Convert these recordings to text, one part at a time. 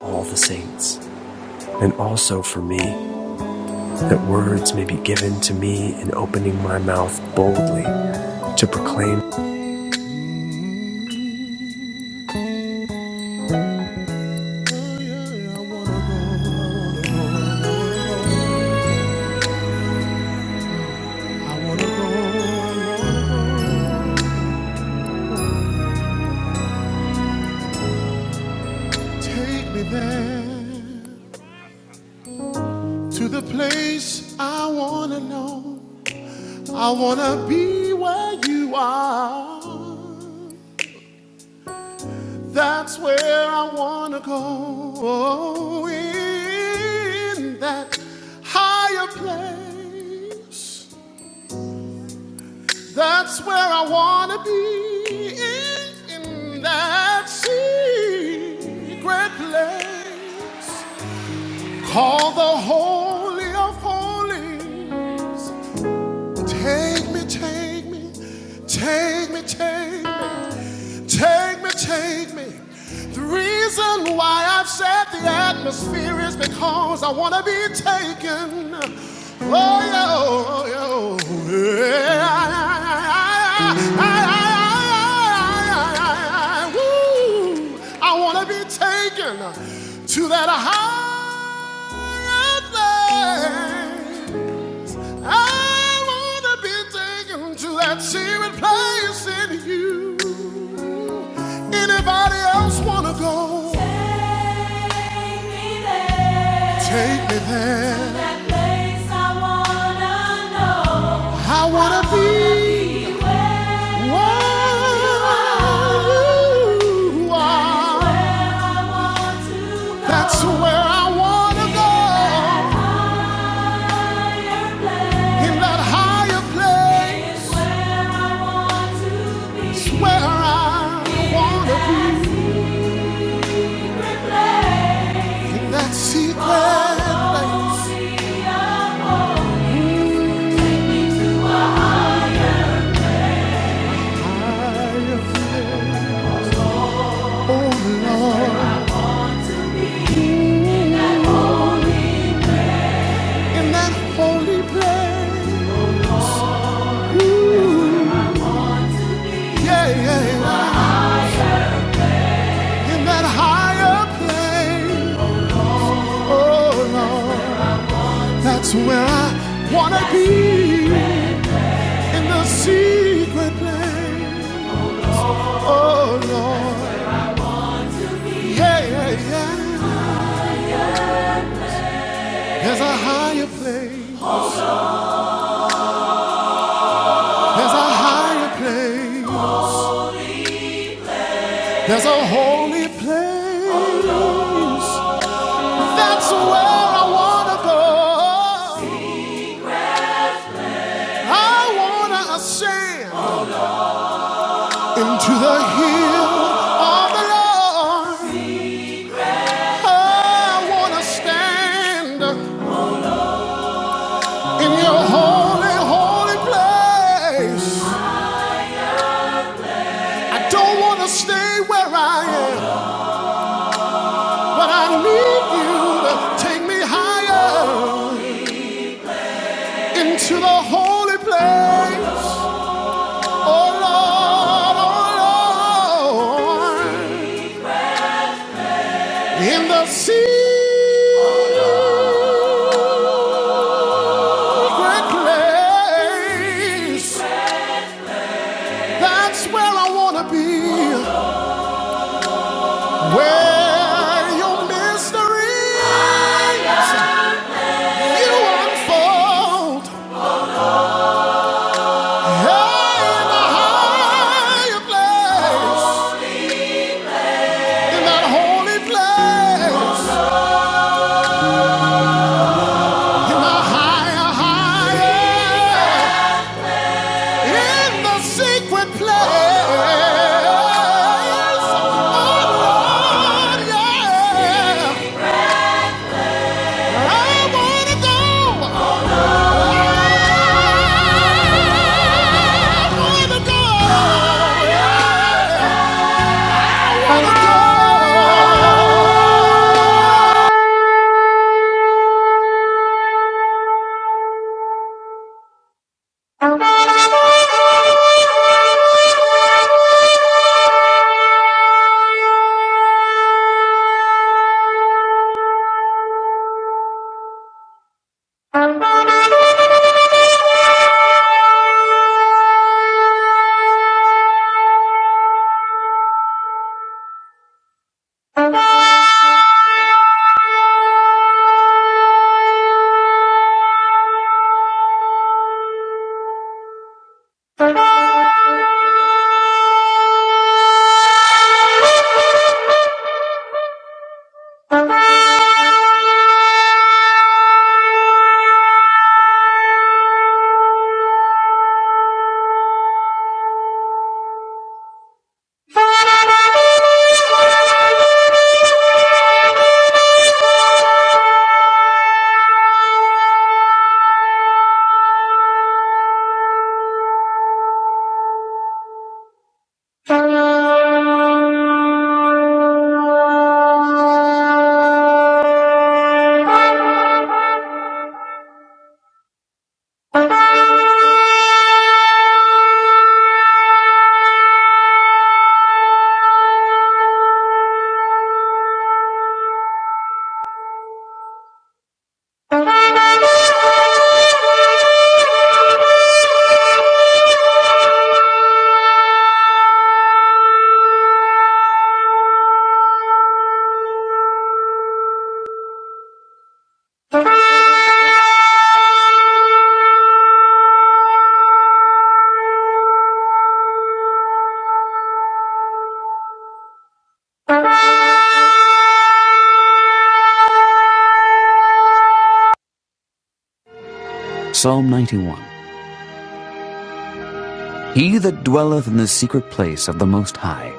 all the saints, and also for me, that words may be given to me in opening my mouth boldly to proclaim. Take me there to the place I wanna know. I wanna be where you are. That's where I wanna go. Oh, in that higher place. That's where I wanna be in, that secret place. called the holy of holies. Take me, take me, take me, take me, take me, take me. The reason why I've set the atmosphere is because I want to be taken. Oh, yo, oh, yo. Yeah. Woo. I want to be taken to that higher thing. I wanna be taken to that secret place in you. Anybody else wanna go? Take me there. Take me there. To that place I wanna know. I wanna, I wanna be. be where you are. That's where I wanna go. In that higher place. It's where I wanna be in that secret place. I feel, oh Lord, in that holy place. Ooh, yeah, yeah, in that higher place. Oh Lord, that's where I wanna be in the secret place. Oh Lord, yeah, yeah, yeah. There's a higher place. There's a higher place. There's a holy place. That's where I wanna go. I wanna ascend into the hill of the Lord. I wanna stand in your holy, holy place. I don't wanna stay where I am, but I need you to take me higher. into the holy place. Oh Lord, oh Lord, in the secret place. That's where I want to be, where your mysteries you unfold. Hey, in the higher place, in that holy place. higher, higher in the secret place. Oh, Lord, yeah. I wanna go, I wanna go. Thank you. Thank you. Psalm 91 He that dwelleth in the secret place of the Most High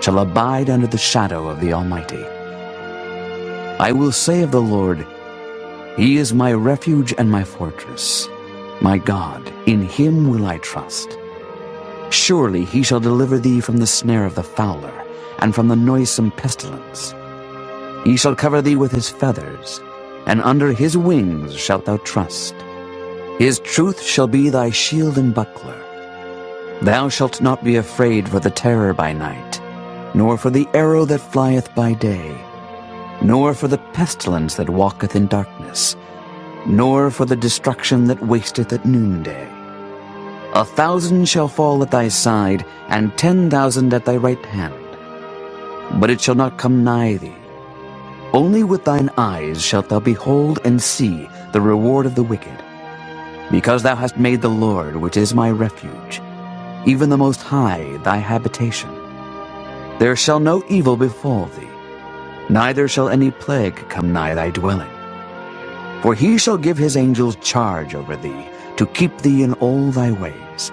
shall abide under the shadow of the Almighty. I will say of the Lord, He is my refuge and my fortress. My God, in him will I trust. Surely he shall deliver thee from the snare of the fowler and from the noisome pestilence. He shall cover thee with his feathers, and under his wings shalt thou trust. His truth shall be thy shield and buckler. Thou shalt not be afraid for the terror by night, nor for the arrow that flieth by day, nor for the pestilence that walketh in darkness, nor for the destruction that wasteth at noonday. A thousand shall fall at thy side, and ten thousand at thy right hand, but it shall not come nigh thee. Only with thine eyes shalt thou behold and see the reward of the wicked, because thou hast made the Lord, which is my refuge, even the Most High, thy habitation. There shall no evil befall thee, neither shall any plague come nigh thy dwelling. For he shall give his angels charge over thee, to keep thee in all thy ways.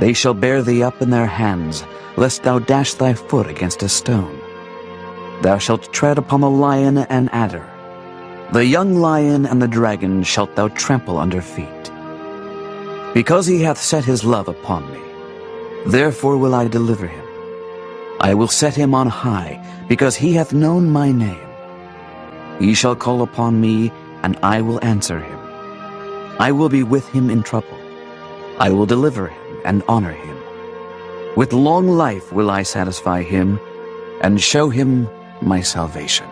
They shall bear thee up in their hands, lest thou dash thy foot against a stone. Thou shalt tread upon the lion and adder. The young lion and the dragon shalt thou trample under feet, because he hath set his love upon me. Therefore will I deliver him. I will set him on high, because he hath known my name. He shall call upon me, and I will answer him. I will be with him in trouble. I will deliver him and honor him. With long life will I satisfy him, and show him my salvation.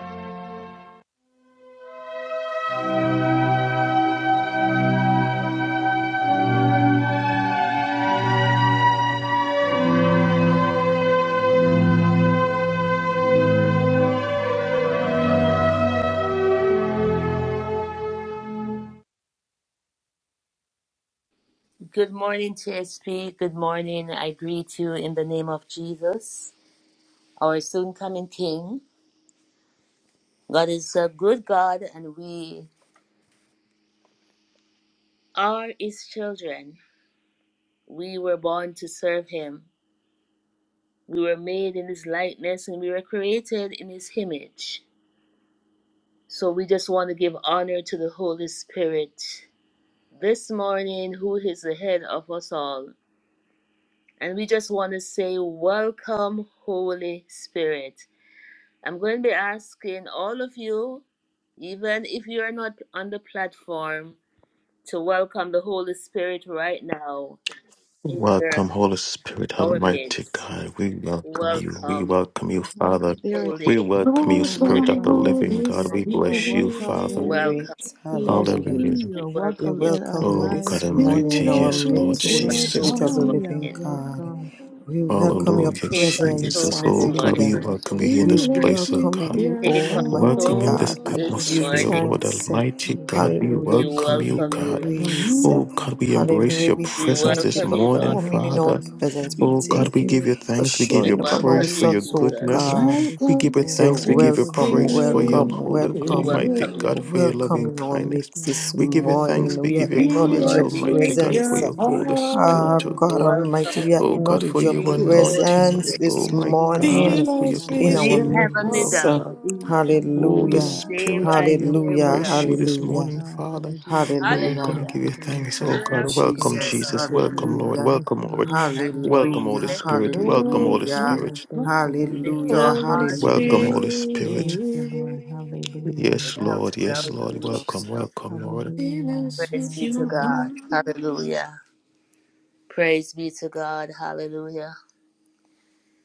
Good morning, TSP. Good morning. I greet you in the name of Jesus, our soon coming King. God is a good God, and we are His children. We were born to serve Him. We were made in His likeness, and we were created in His image. So we just want to give honor to the Holy Spirit this morning, who is the head of us all. And we just want to say, Welcome, Holy Spirit. I'm going to be asking all of you, even if you are not on the platform, to welcome the Holy Spirit right now in Welcome, your Holy Spirit, our Almighty midst. God. We welcome you. We Welcome, welcome you, Welcome, Holy Father. Spirit. We Holy welcome you, Oh, Come, Spirit of Spirit. Welcome, the welcome, Holy Living Holy God. Spirit. We You are bless Holy you, welcome Spirit. Father. in Welcome. Spirit, ESP. hallelujah. Hallelujah. You We are We welcome welcome you. in our welcome you Oh, God this lives. morning Almighty. in Fill our Oh, us Yes, thank with Lord midst, you, Take Holy your Lord. control Jesus. Spirit of this the power. Hallelujah. living morning. God. Welcome, We welcome Holy your Hallelujah, Take Spirit. presence, control Jesus. this Oh, God, morning. we hallelujah. welcome you Welcome, here in We this Holy Fill us place, Spirit. oh welcome with God. you, your Take Hallelujah. Almighty Welcome Oh, in control we this God. We thank power. you, this give you Lord. atmosphere, morning. Lord thanks. Almighty God. Hallelujah. We Hallelujah. We We Thank you, welcome give you you, welcome Lord. God. you. Hallelujah. praise. Oh God, we Oh, embrace Hallelujah. your We We welcome, presence thank you this welcome for you, Lord. morning, welcome, coming in our Father. welcome, presence. welcome, We Oh Holy God, thank we you give you Spirit. for thanks. We give We you showing up praise welcome amongst for you, your Hallelujah. us, oh goodness. Jesus. Oh, God. just We take Welcome, give you We over say, thanks. We the Holy give you service, Welcome, praise Lord for God. your welcome, Spirit. holy, We Take welcome, almighty welcome you. over God, for my your welcome life, loving in our Lord kindness. mix this God. We give you Oh, lead thanks. morning. We We We give you me, thank you, acknowledge praise, your direct Fill Lord. us We me, almighty thank with God, guide you. for presence. your your me Holy Ah, Spirit, wherever oh power. you God want God. me Almighty, to we Welcome, Oh go, God, acknowledge for your whatever you your sweet want me Holy to anointing, presence do. Spirit. oh this my Hallelujah. morning God, for Fill your us I'm in at with our Sweet blessing and your your your Heavenly love, midst. power. Dove. God. feet. Holy Hallelujah. Hallelujah. I Stay Spirit, right we beckon to here your with Hallelujah. embrace you call, us. this Lord Hallelujah. morning, God. Father. Hallelujah. Oh, Oh, we we're gonna Hallelujah. thank Hallelujah. give you, you Lord. thanks, Thank oh you, Hallelujah Thank God. for you, Welcome, Lord. your Jesus. Jesus. love Welcome, Oh, we Lord. Hallelujah. bless Welcome, your Lord. name, and Lord for Welcome, God. each Holy Hallelujah. blessing. Spirit. Hallelujah. Welcome, Oh, Holy Hallelujah. Oh, Spirit. welcome, thank you, We Lord. lift Hallelujah. our Holy hearts in Welcome, Hallelujah. prayer. Hallelujah. Holy Spirit. Spirit. Thank you, Lord. Hallelujah. Yes, Without Lord. Welcome. Yes, doubt, we Lord. know. Welcome, welcome, Lord. Fill Hallelujah. us Praise with be to your Welcome. God. power. Hallelujah. Praise be to God. Hallelujah.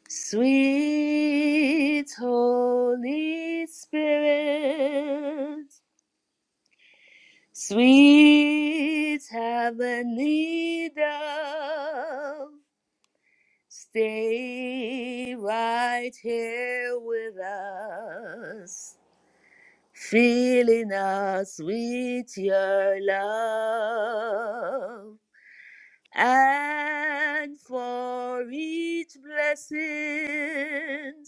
Sweet Holy Spirit. Sweet Avenida, stay right here with us, filling us with your love. And for each blessing,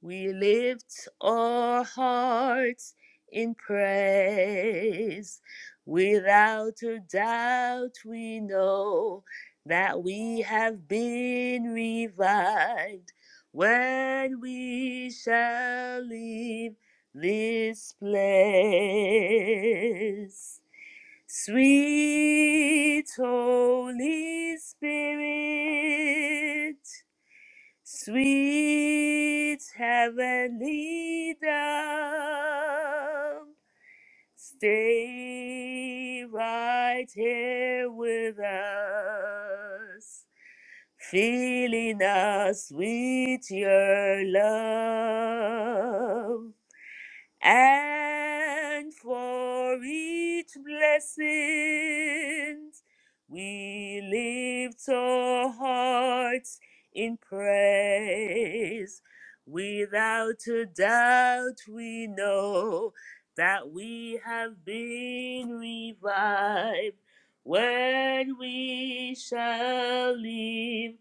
we lift our hearts in praise. Without a doubt, we know that we have been revived when we shall leave this place. Sweet Holy Spirit. Sweet heavenly dove, stay right here with us, filling us with your love and for each blessing we lift our hearts in praise. Without a doubt, we know that we have been revived when we shall leave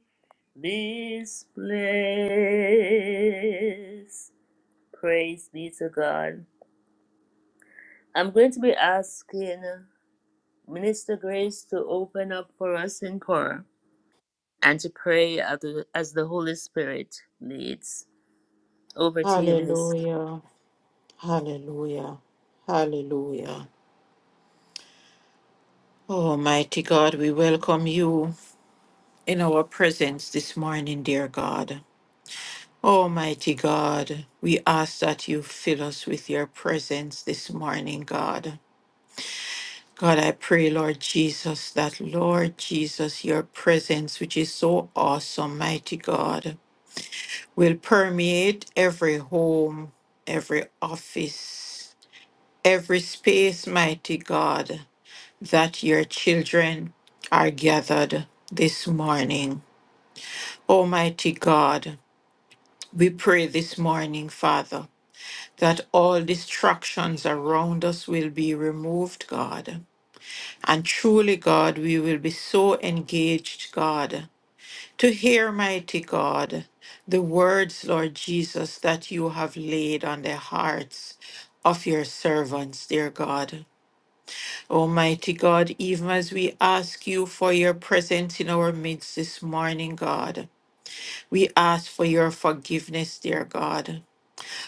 this place. Praise be to God. I'm going to be asking Minister Grace to open up for us in prayer and to pray as the, as the Holy Spirit leads. Over to you, Minister. Hallelujah. Hallelujah. Hallelujah. Almighty God, we welcome you in our presence this morning, dear God. Almighty God, we ask that you fill us with your presence this morning, God. God, I pray, Lord Jesus, that, Lord Jesus, your presence, which is so awesome, mighty God, will permeate every home, every office, every space, mighty God, that your children are gathered this morning. Almighty God, we pray this morning, Father. that all distractions around us will be removed, God. And truly, God, we will be so engaged, God, to hear, mighty God, the words, Lord Jesus, that you have laid on the hearts of your servants, dear God. Almighty God, even as we ask you for your presence in our midst this morning, God, we ask for your forgiveness, dear God.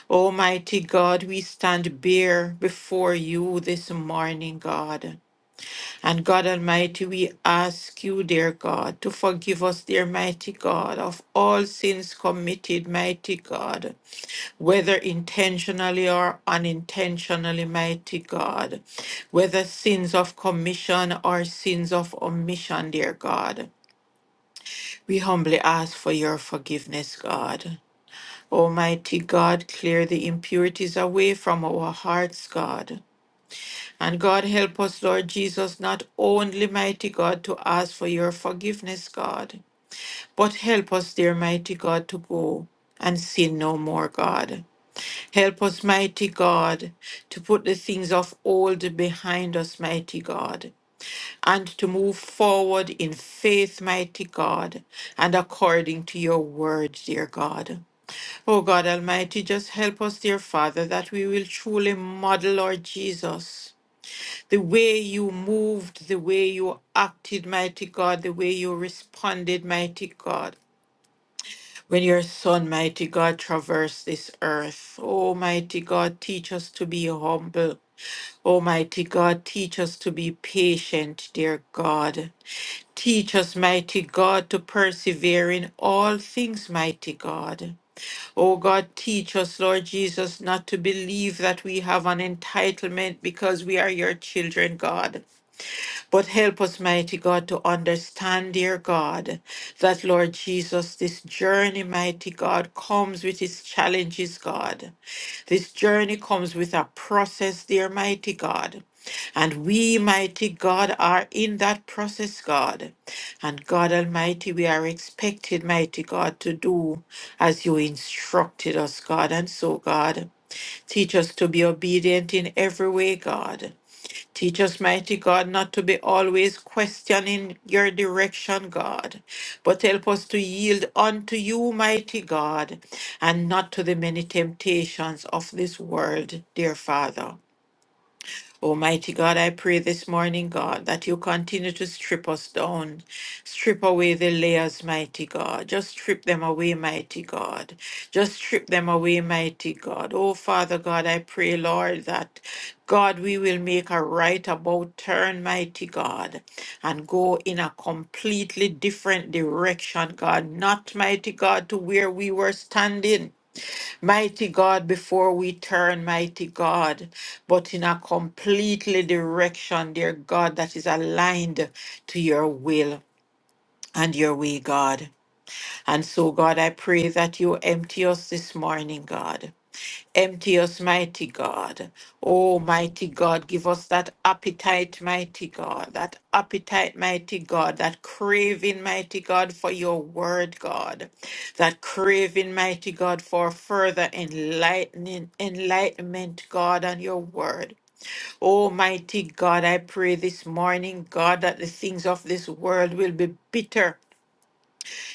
Almighty God, we stand bare before you this morning, God. And God Almighty, we ask you, dear God, to forgive us, dear mighty God, of all sins committed, mighty God, whether intentionally or unintentionally, mighty God, whether sins of commission or sins of omission, dear God. We humbly ask for your forgiveness, God. Almighty God, clear the impurities away from our hearts, God. And God, help us, Lord Jesus, not only, mighty God, to ask for your forgiveness, God, but help us, dear mighty God, to go and sin no more, God. Help us, mighty God, to put the things of old behind us, mighty God, and to move forward in faith, mighty God, and according to your word, dear God. Oh God Almighty, just help us, dear Father, that we will truly model, Lord Jesus, the way you moved, the way you acted, mighty God, the way you responded, mighty God, when your Son, mighty God, traversed this earth. Oh, mighty God, teach us to be humble. Oh, Mighty God, teach us to be patient, dear God. Teach us, mighty God, to persevere in all things, mighty God. Oh God, teach us, Lord Jesus, not to believe that we have an entitlement because we are your children, God. But help us, mighty God, to understand, dear God, that, Lord Jesus, this journey, mighty God, comes with its challenges, God. This journey comes with a process, dear mighty God. And we, mighty God, are in that process, God. And God Almighty, we are expected, mighty God, to do as you instructed us, God. And so, God, teach us to be obedient in every way, God. Teach us, mighty God, not to be always questioning your direction, God, but help us to yield unto you, mighty God, and not to the many temptations of this world, dear Father. Almighty God, I pray this morning, God, that you continue to strip us down. Strip away the layers, mighty God. Just strip them away, mighty God. Just strip them away, mighty God. Oh, Father God, I pray, Lord, that God, we will make a right about turn, mighty God, and go in a completely different direction, God. Not, mighty God, to where we were standing Mighty God, before we turn, mighty God, but in a completely direction, dear God, that is aligned to your will and your way, God. And so, God, I pray that you empty us this morning, God. Empty us, mighty God. Oh, mighty God, give us that appetite, mighty God, that appetite, mighty God, that craving, mighty God, for your word, God, that craving, mighty God, for further enlightening, enlightenment, God, on your word. Oh, mighty God, I pray this morning, God, that the things of this world will be bitter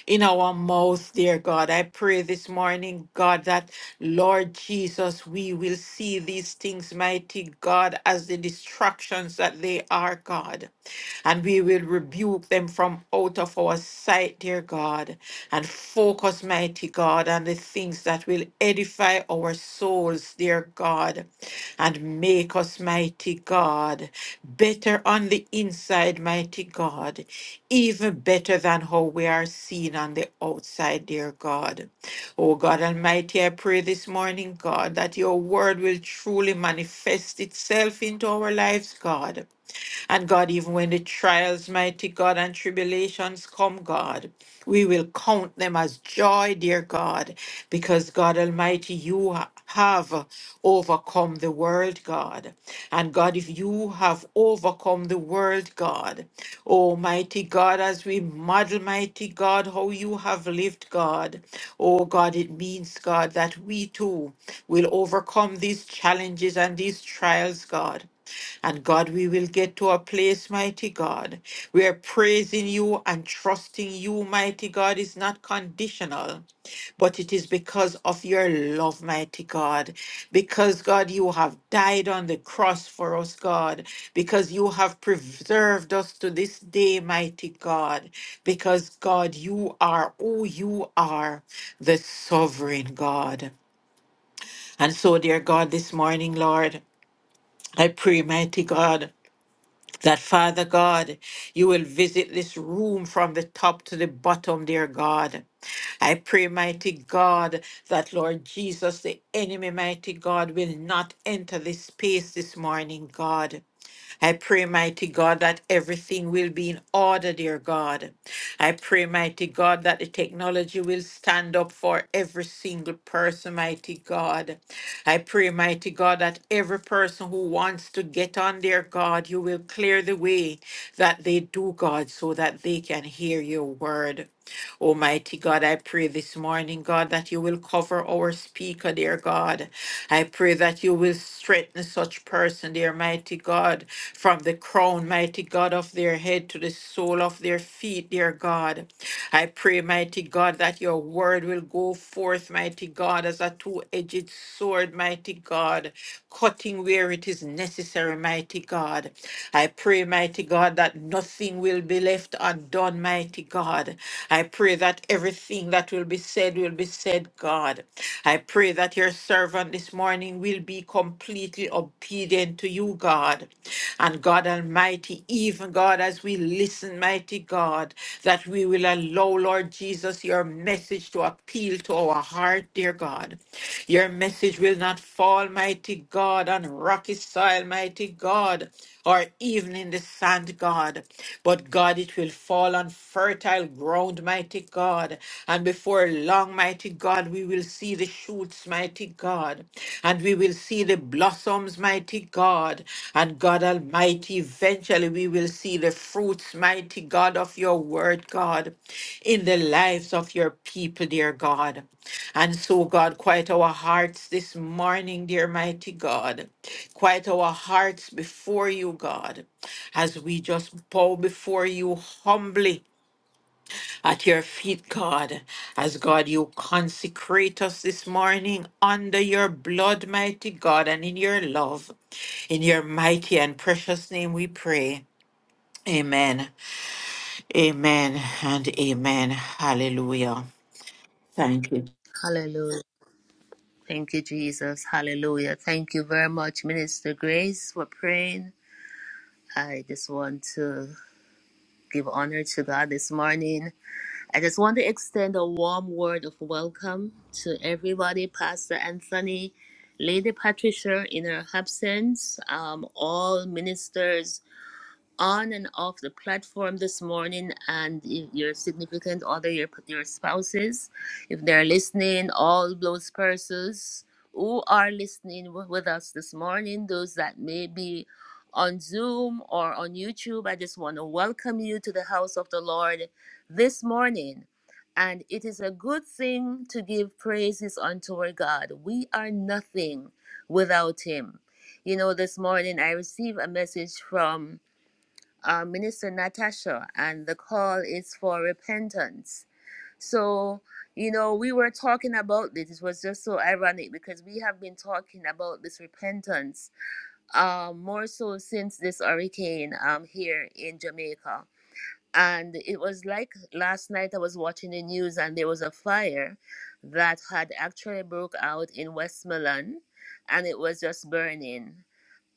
in our mouth, dear God. I pray this morning, God, that Lord Jesus, we will see these things, mighty God, as the distractions that they are, God and we will rebuke them from out of our sight, dear God, and focus, mighty God, on the things that will edify our souls, dear God, and make us, mighty God, better on the inside, mighty God, even better than how we are seen on the outside, dear God. Oh God Almighty, I pray this morning, God, that your word will truly manifest itself into our lives, God. And God, even when the trials, mighty God, and tribulations come, God, we will count them as joy, dear God, because God Almighty, you ha- have overcome the world, God. And God, if you have overcome the world, God, Almighty God, as we model, mighty God, how you have lived, God, oh God, it means, God, that we too will overcome these challenges and these trials, God. And God, we will get to a place, mighty God, where praising you and trusting you, mighty God, is not conditional, but it is because of your love, mighty God. Because, God, you have died on the cross for us, God. Because you have preserved us to this day, mighty God. Because, God, you are who you are, the sovereign God. And so, dear God, this morning, Lord, I pray, mighty God. That Father God, you will visit this room from the top to the bottom, dear God. I pray, mighty God, that Lord Jesus, the enemy, mighty God, will not enter this space this morning, God. I pray, mighty God, that everything will be in order, dear God. I pray, mighty God, that the technology will stand up for every single person, mighty God. I pray, mighty God, that every person who wants to get on, dear God, you will clear the way that they do, God, so that they can hear your word. Almighty God, I pray this morning, God, that you will cover our speaker, dear God. I pray that you will strengthen such person, dear mighty God, from the crown, mighty God, of their head to the sole of their feet, dear God. I pray, mighty God, that your word will go forth, mighty God, as a two edged sword, mighty God, cutting where it is necessary, mighty God. I pray, mighty God, that nothing will be left undone, mighty God. I pray that everything that will be said will be said, God. I pray that your servant this morning will be completely obedient to you, God. And God Almighty, even God, as we listen, mighty God, that we will allow, Lord Jesus, your message to appeal to our heart, dear God. Your message will not fall, mighty God, on rocky soil, mighty God, or even in the sand, God. But God, it will fall on fertile ground, mighty God. And before long, mighty God, we will see the shoots, mighty God. And we will see the blossoms, mighty God. And God Almighty, eventually we will see the fruits, mighty God, of your word, God, in the lives of your people, dear God. And so, God, quiet our hearts this morning, dear mighty God. Quiet our hearts before you, God, as we just bow before you humbly at your feet, God. As God, you consecrate us this morning under your blood, mighty God, and in your love. In your mighty and precious name we pray. Amen. Amen and amen. Hallelujah. Thank you, Hallelujah. Thank you, Jesus. Hallelujah. Thank you very much, Minister Grace, for praying. I just want to give honor to God this morning I just want to extend a warm word of welcome to everybody, Pastor Anthony, Lady Patricia in her absence, um, all ministers on and off the platform this morning and if your significant other your your spouses if they're listening all those persons who are listening wi- with us this morning those that may be on zoom or on youtube i just want to welcome you to the house of the lord this morning and it is a good thing to give praises unto our god we are nothing without him you know this morning i received a message from uh, Minister Natasha, and the call is for repentance. So, you know, we were talking about this. It was just so ironic because we have been talking about this repentance um, more so since this hurricane um, here in Jamaica. And it was like last night I was watching the news and there was a fire that had actually broke out in Westmoreland and it was just burning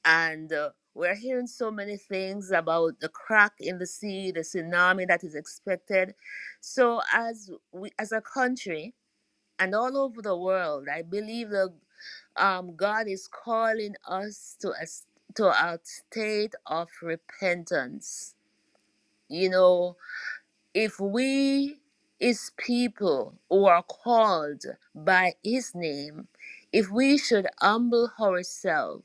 and uh, we're hearing so many things about the crack in the sea, the tsunami that is expected. So, as we, as a country and all over the world, I believe that um, God is calling us to a s- to a state of repentance. You know, if we, his people, who are called by his name, if we should humble ourselves,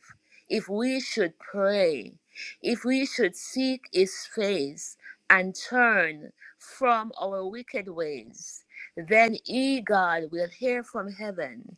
if we should pray, if we should seek his face and turn from our wicked ways, then he, God, will hear from heaven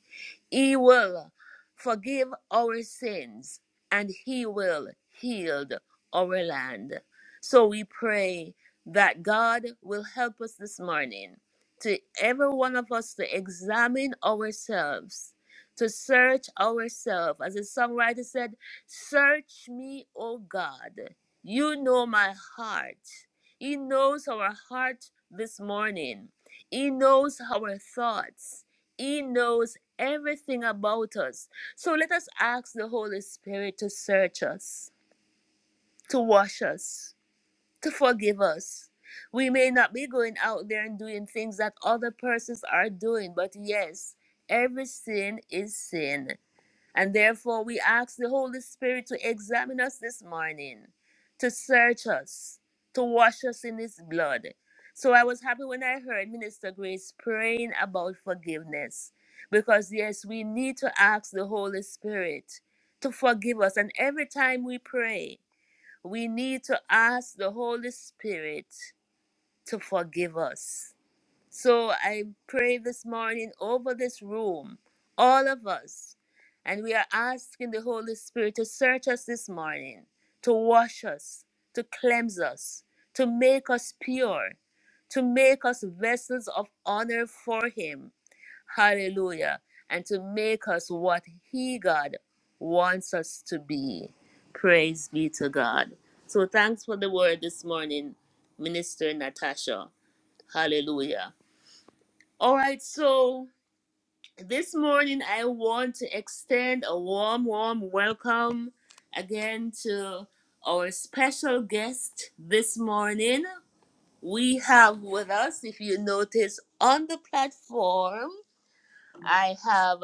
he will forgive our sins and He will heal our land. So we pray that God will help us this morning to every one of us to examine ourselves, to search ourselves. As the songwriter said, Search me, O God. You know my heart. He knows our heart this morning. He knows our thoughts. He knows everything about us. So let us ask the Holy Spirit to search us, to wash us, to forgive us. We may not be going out there and doing things that other persons are doing, but yes, every sin is sin. And therefore, we ask the Holy Spirit to examine us this morning, to search us, to wash us in His blood. So I was happy when I heard Minister Grace praying about forgiveness. Because, yes, we need to ask the Holy Spirit to forgive us. And every time we pray, we need to ask the Holy Spirit to forgive us. So I pray this morning over this room, all of us, and we are asking the Holy Spirit to search us this morning, to wash us, to cleanse us, to make us pure, to make us vessels of honor for Him. Hallelujah. And to make us what He, God, wants us to be. Praise be to God. So thanks for the word this morning, Minister Natasha. Hallelujah. All right, so this morning I want to extend a warm, warm welcome again to our special guest this morning. We have with us, if you notice on the platform, I have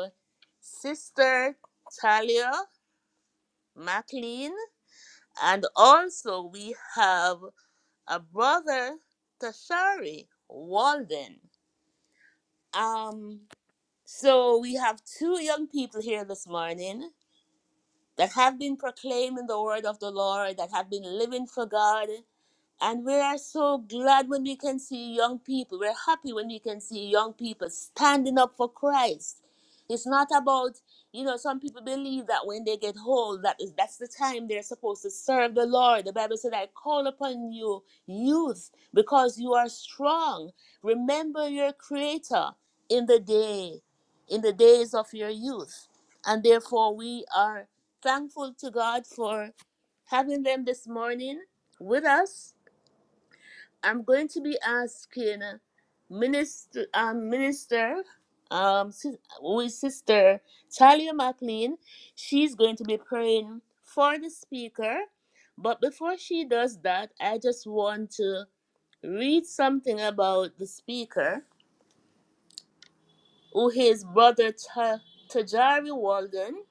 Sister Talia McLean, and also we have a brother, Tashari Walden. Um, So we have two young people here this morning that have been proclaiming the word of the Lord, that have been living for God. And we are so glad when we can see young people. We're happy when we can see young people standing up for Christ. It's not about, you know, some people believe that when they get old, that is that's the time they're supposed to serve the Lord. The Bible said, I call upon you, youth, because you are strong. Remember your creator in the day, in the days of your youth. And therefore we are thankful to God for having them this morning with us I'm going to be asking Minister, um, Minister, um, sis- with Sister Talia McLean. She's going to be praying for the speaker. But before she does that, I just want to read something about the speaker, who is brother Ta- Tajari Walden.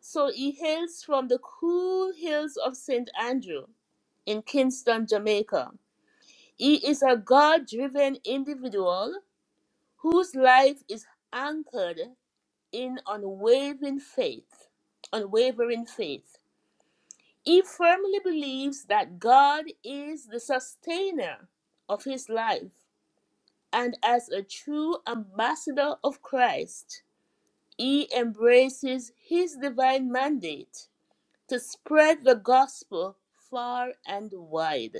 So he hails from the cool hills of St. Andrew in Kingston, Jamaica. He is a God driven individual whose life is anchored in unwavering faith, unwavering faith. He firmly believes that God is the sustainer of his life, and as a true ambassador of Christ, he embraces his divine mandate to spread the gospel far and wide,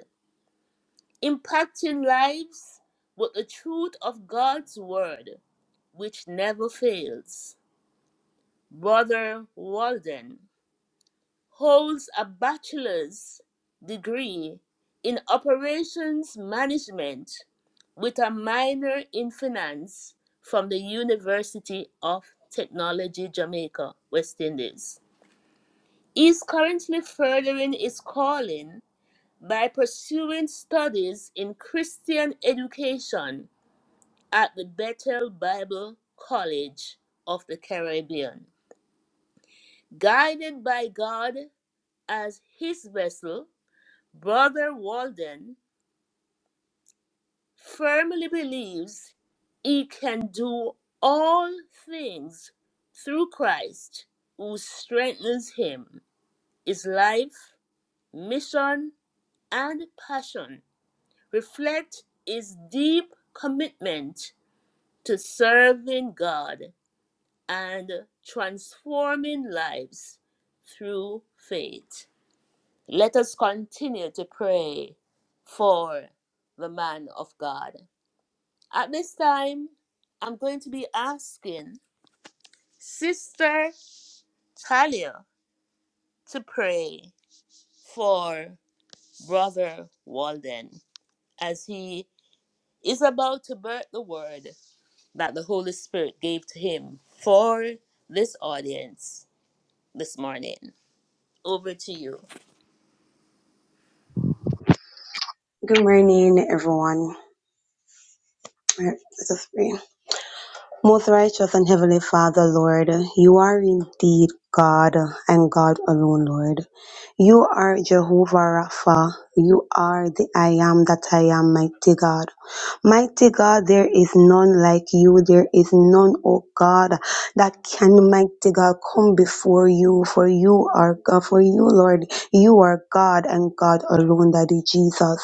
impacting lives with the truth of God's word, which never fails. Brother Walden holds a bachelor's degree in operations management with a minor in finance from the University of Technology Jamaica, West Indies. He is currently furthering his calling by pursuing studies in Christian education at the Bethel Bible College of the Caribbean. Guided by God as his vessel, Brother Walden firmly believes he can do all things through Christ who strengthens him. His life, mission, and passion reflect his deep commitment to serving God and transforming lives through faith. Let us continue to pray for the man of God. At this time, I'm going to be asking Sister Talia to pray for Brother Walden as he is about to birth the word that the Holy Spirit gave to him for this audience this morning. Over to you. Good morning, everyone. Let us pray. Most righteous and heavenly Father, Lord, you are indeed God and God alone, Lord. You are Jehovah Rapha. You are the I am that I am, mighty God. Mighty God, there is none like you. There is none, oh God, that can, mighty God, come before you. For you are God. For you, Lord, you are God and God alone, Daddy Jesus.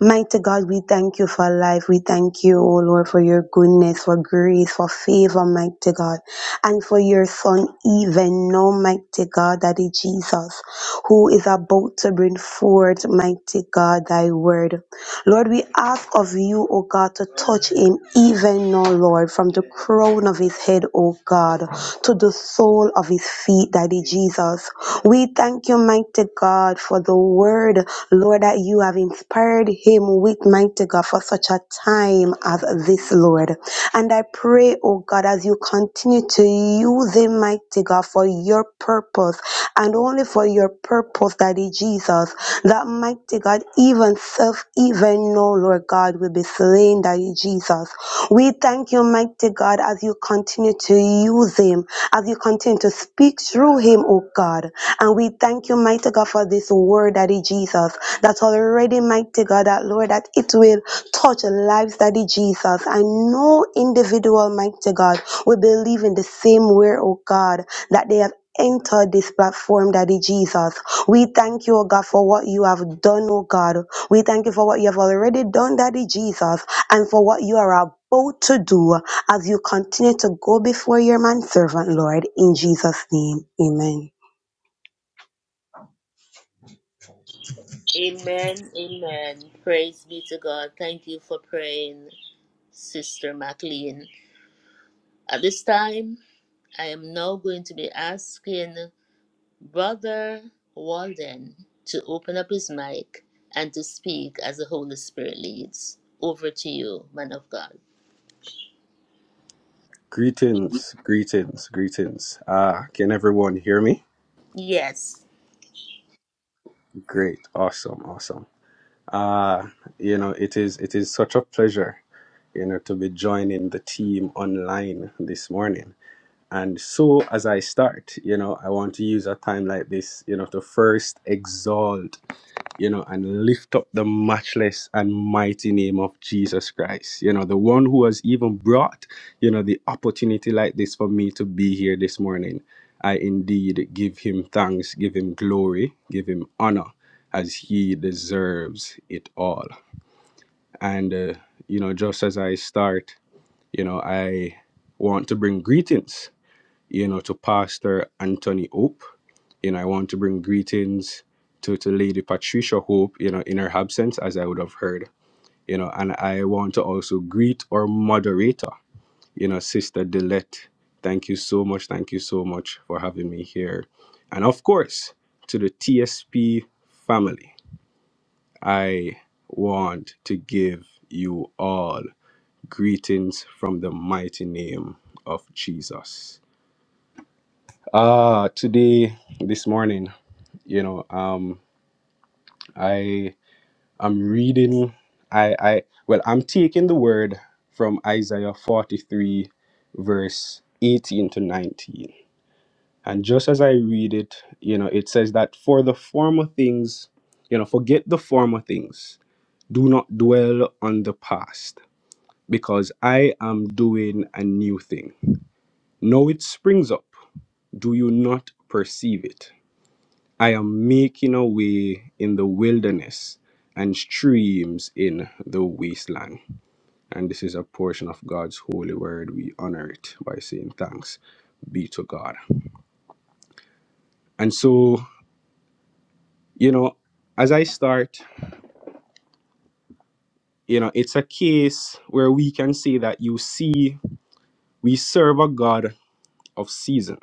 Mighty God, we thank you for life. We thank you, O Lord, for your goodness, for grace, for favor, mighty God, and for your son, even now, mighty God, Daddy Jesus, who is about to bring forth, mighty God, thy word. Lord, we ask of you, O God, to touch him even now, Lord, from the crown of his head, O God, to the sole of his feet, Daddy Jesus. We thank you, mighty God, for the word, Lord, that you have inspired him with, mighty God, for such a time as this, Lord. And I pray, oh God, as you continue to use him, mighty God, for your purpose and only for your purpose, Daddy Jesus, that mighty God, even self, even know, Lord God, will be slain, Daddy Jesus. We thank you, mighty God, as you continue to use him, as you continue to speak through him, oh God. And we thank you, mighty God, for this word, Daddy Jesus, that already, mighty God, that Lord, that it will touch lives, Daddy Jesus. I know individual, mighty God, will believe in the same way, oh God, that they have entered this platform, Daddy Jesus. We thank you, oh God, for what you have done, oh God. We thank you for what you have already done, Daddy Jesus, and for what you are about to do as you continue to go before your man servant, Lord, in Jesus' name. Amen. Amen. Amen. Praise be to God. Thank you for praying. Sister MacLean. At this time, I am now going to be asking Brother Walden to open up his mic and to speak as the Holy Spirit leads. Over to you, man of God. Greetings, greetings, greetings. Uh, can everyone hear me? Yes. Great, awesome, awesome. Uh, you know, it is it is such a pleasure, you know, to be joining the team online this morning. And so as I start, you know, I want to use a time like this, you know, to first exalt you know, and lift up the matchless and mighty name of Jesus Christ, you know, the one who has even brought, you know, the opportunity like this for me to be here this morning. I indeed give him thanks, give him glory, give him honor as he deserves it all. And, uh, you know, just as I start, you know, I want to bring greetings, you know, to Pastor Anthony Hope. You know, I want to bring greetings to, to Lady Patricia Hope, you know, in her absence, as I would have heard, you know, and I want to also greet our moderator, you know, Sister Delette. Thank you so much. Thank you so much for having me here. And of course, to the TSP family, I want to give you all greetings from the mighty name of Jesus. Uh, today, this morning, you know, um, I. I'm reading. I I well, I'm taking the word from Isaiah 43 verse 18 to 19. And just as I read it, you know, it says that for the former things, you know, forget the former things. Do not dwell on the past, because I am doing a new thing. Now it springs up. Do you not perceive it? I am making a way in the wilderness and streams in the wasteland. and this is a portion of God's holy word. We honor it by saying thanks be to God. And so, you know, as I start, you know, it's a case where we can say that you see, we serve a God of season,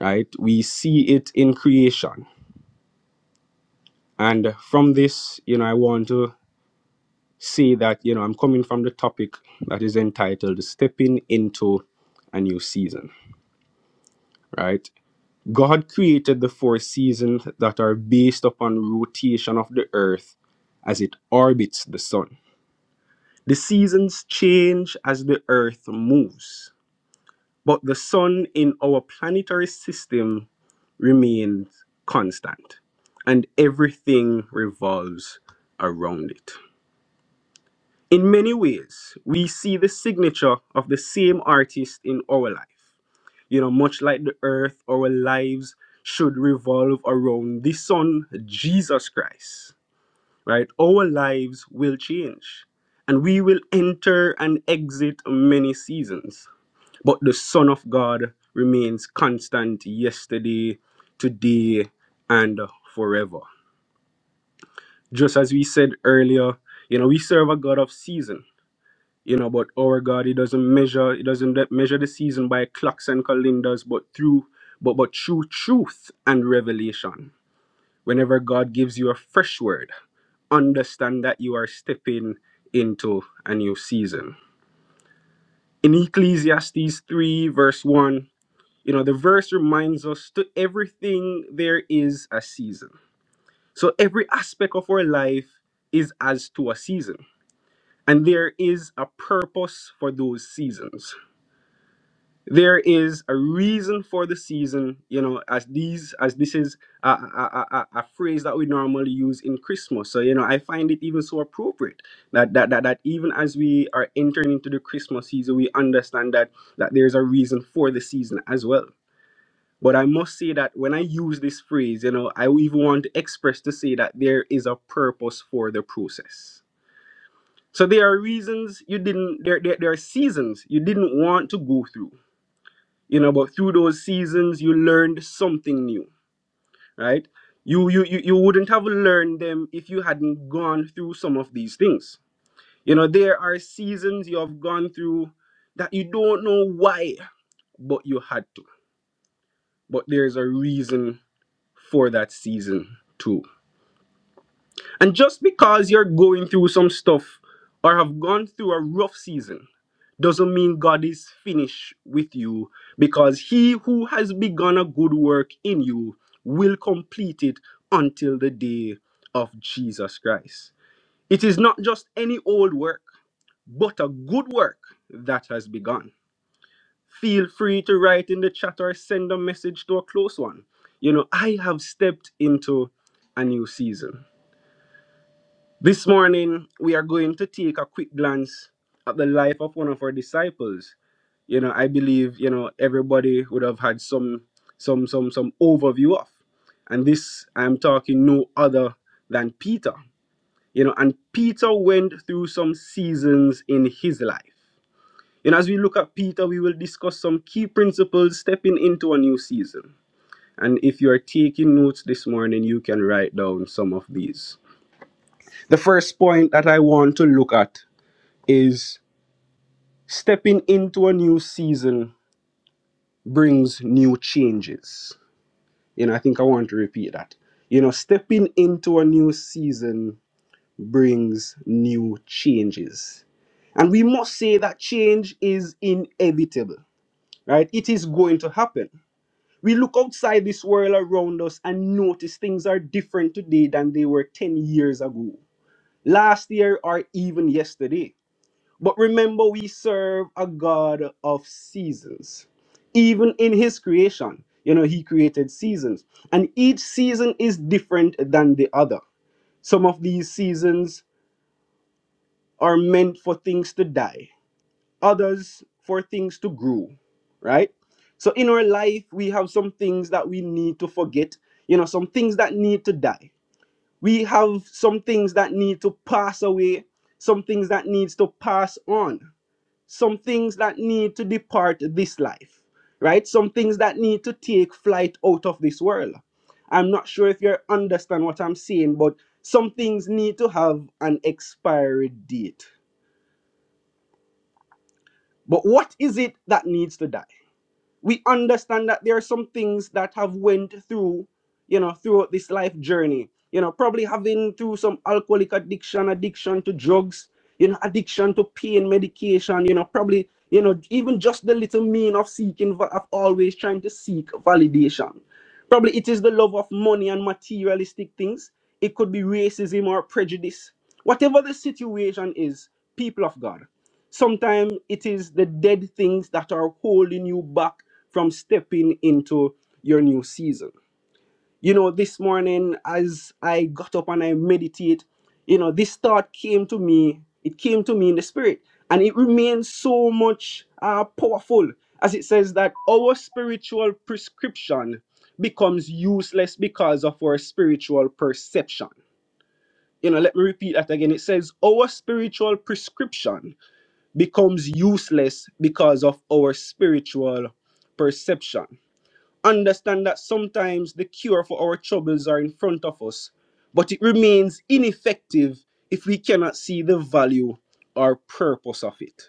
right? We see it in creation. And from this, you know, I want to say that, you know, I'm coming from the topic that is entitled Stepping into a New Season, right? God created the four seasons that are based upon rotation of the earth as it orbits the sun. The seasons change as the earth moves, but the sun in our planetary system remains constant and everything revolves around it. In many ways, we see the signature of the same artist in our life. You know, much like the earth, our lives should revolve around the Son, Jesus Christ, right? Our lives will change and we will enter and exit many seasons. But the Son of God remains constant yesterday, today, and forever. Just as we said earlier, you know, we serve a God of season you know but our god he doesn't measure he doesn't de- measure the season by clocks and calendars but through but but through truth and revelation whenever god gives you a fresh word understand that you are stepping into a new season in ecclesiastes 3 verse 1 you know the verse reminds us to everything there is a season so every aspect of our life is as to a season and there is a purpose for those seasons there is a reason for the season you know as these as this is a, a, a, a a phrase that we normally use in christmas so you know i find it even so appropriate that, that that that even as we are entering into the christmas season we understand that that there's a reason for the season as well but i must say that when i use this phrase you know i even want to express to say that there is a purpose for the process so there are reasons you didn't there, there, there are seasons you didn't want to go through you know but through those seasons you learned something new right you you you, you wouldn't have learned them if you hadn't gone through some of these things you know there are seasons you have gone through that you don't know why but you had to but there's a reason for that season too And just because you're going through some stuff or have gone through a rough season doesn't mean God is finished with you because he who has begun a good work in you will complete it until the day of Jesus Christ. It is not just any old work, but a good work that has begun. Feel free to write in the chat or send a message to a close one. You know, I have stepped into a new season. This morning, we are going to take a quick glance at the life of one of our disciples. You know, I believe, you know, everybody would have had some some some some overview of. And this I'm talking no other than Peter. You know, and Peter went through some seasons in his life. You know, as we look at Peter, we will discuss some key principles stepping into a new season. And if you are taking notes this morning, you can write down some of these. The first point that I want to look at is stepping into a new season brings new changes. You know, I think I want to repeat that. You know, stepping into a new season brings new changes. And we must say that change is inevitable, right? It is going to happen. We look outside this world around us and notice things are different today than they were 10 years ago, last year, or even yesterday. But remember, we serve a God of seasons. Even in His creation, you know, He created seasons, and each season is different than the other. Some of these seasons are meant for things to die, others for things to grow, right? So in our life, we have some things that we need to forget, you know, some things that need to die. We have some things that need to pass away, some things that needs to pass on some things that need to depart this life, right? Some things that need to take flight out of this world. I'm not sure if you understand what I'm saying, but some things need to have an expiry date. But what is it that needs to die? we understand that there are some things that have went through you know throughout this life journey you know probably having through some alcoholic addiction addiction to drugs you know addiction to pain medication you know probably you know even just the little mean of seeking va- of always trying to seek validation probably it is the love of money and materialistic things it could be racism or prejudice whatever the situation is people of god Sometimes it is the dead things that are holding you back from stepping into your new season. You know, this morning as I got up and I meditate, you know, this thought came to me. It came to me in the spirit, and it remains so much uh, powerful as it says that our spiritual prescription becomes useless because of our spiritual perception. You know, let me repeat that again. It says our spiritual prescription becomes useless because of our spiritual perception. Understand that sometimes the cure for our troubles are in front of us, but it remains ineffective if we cannot see the value or purpose of it.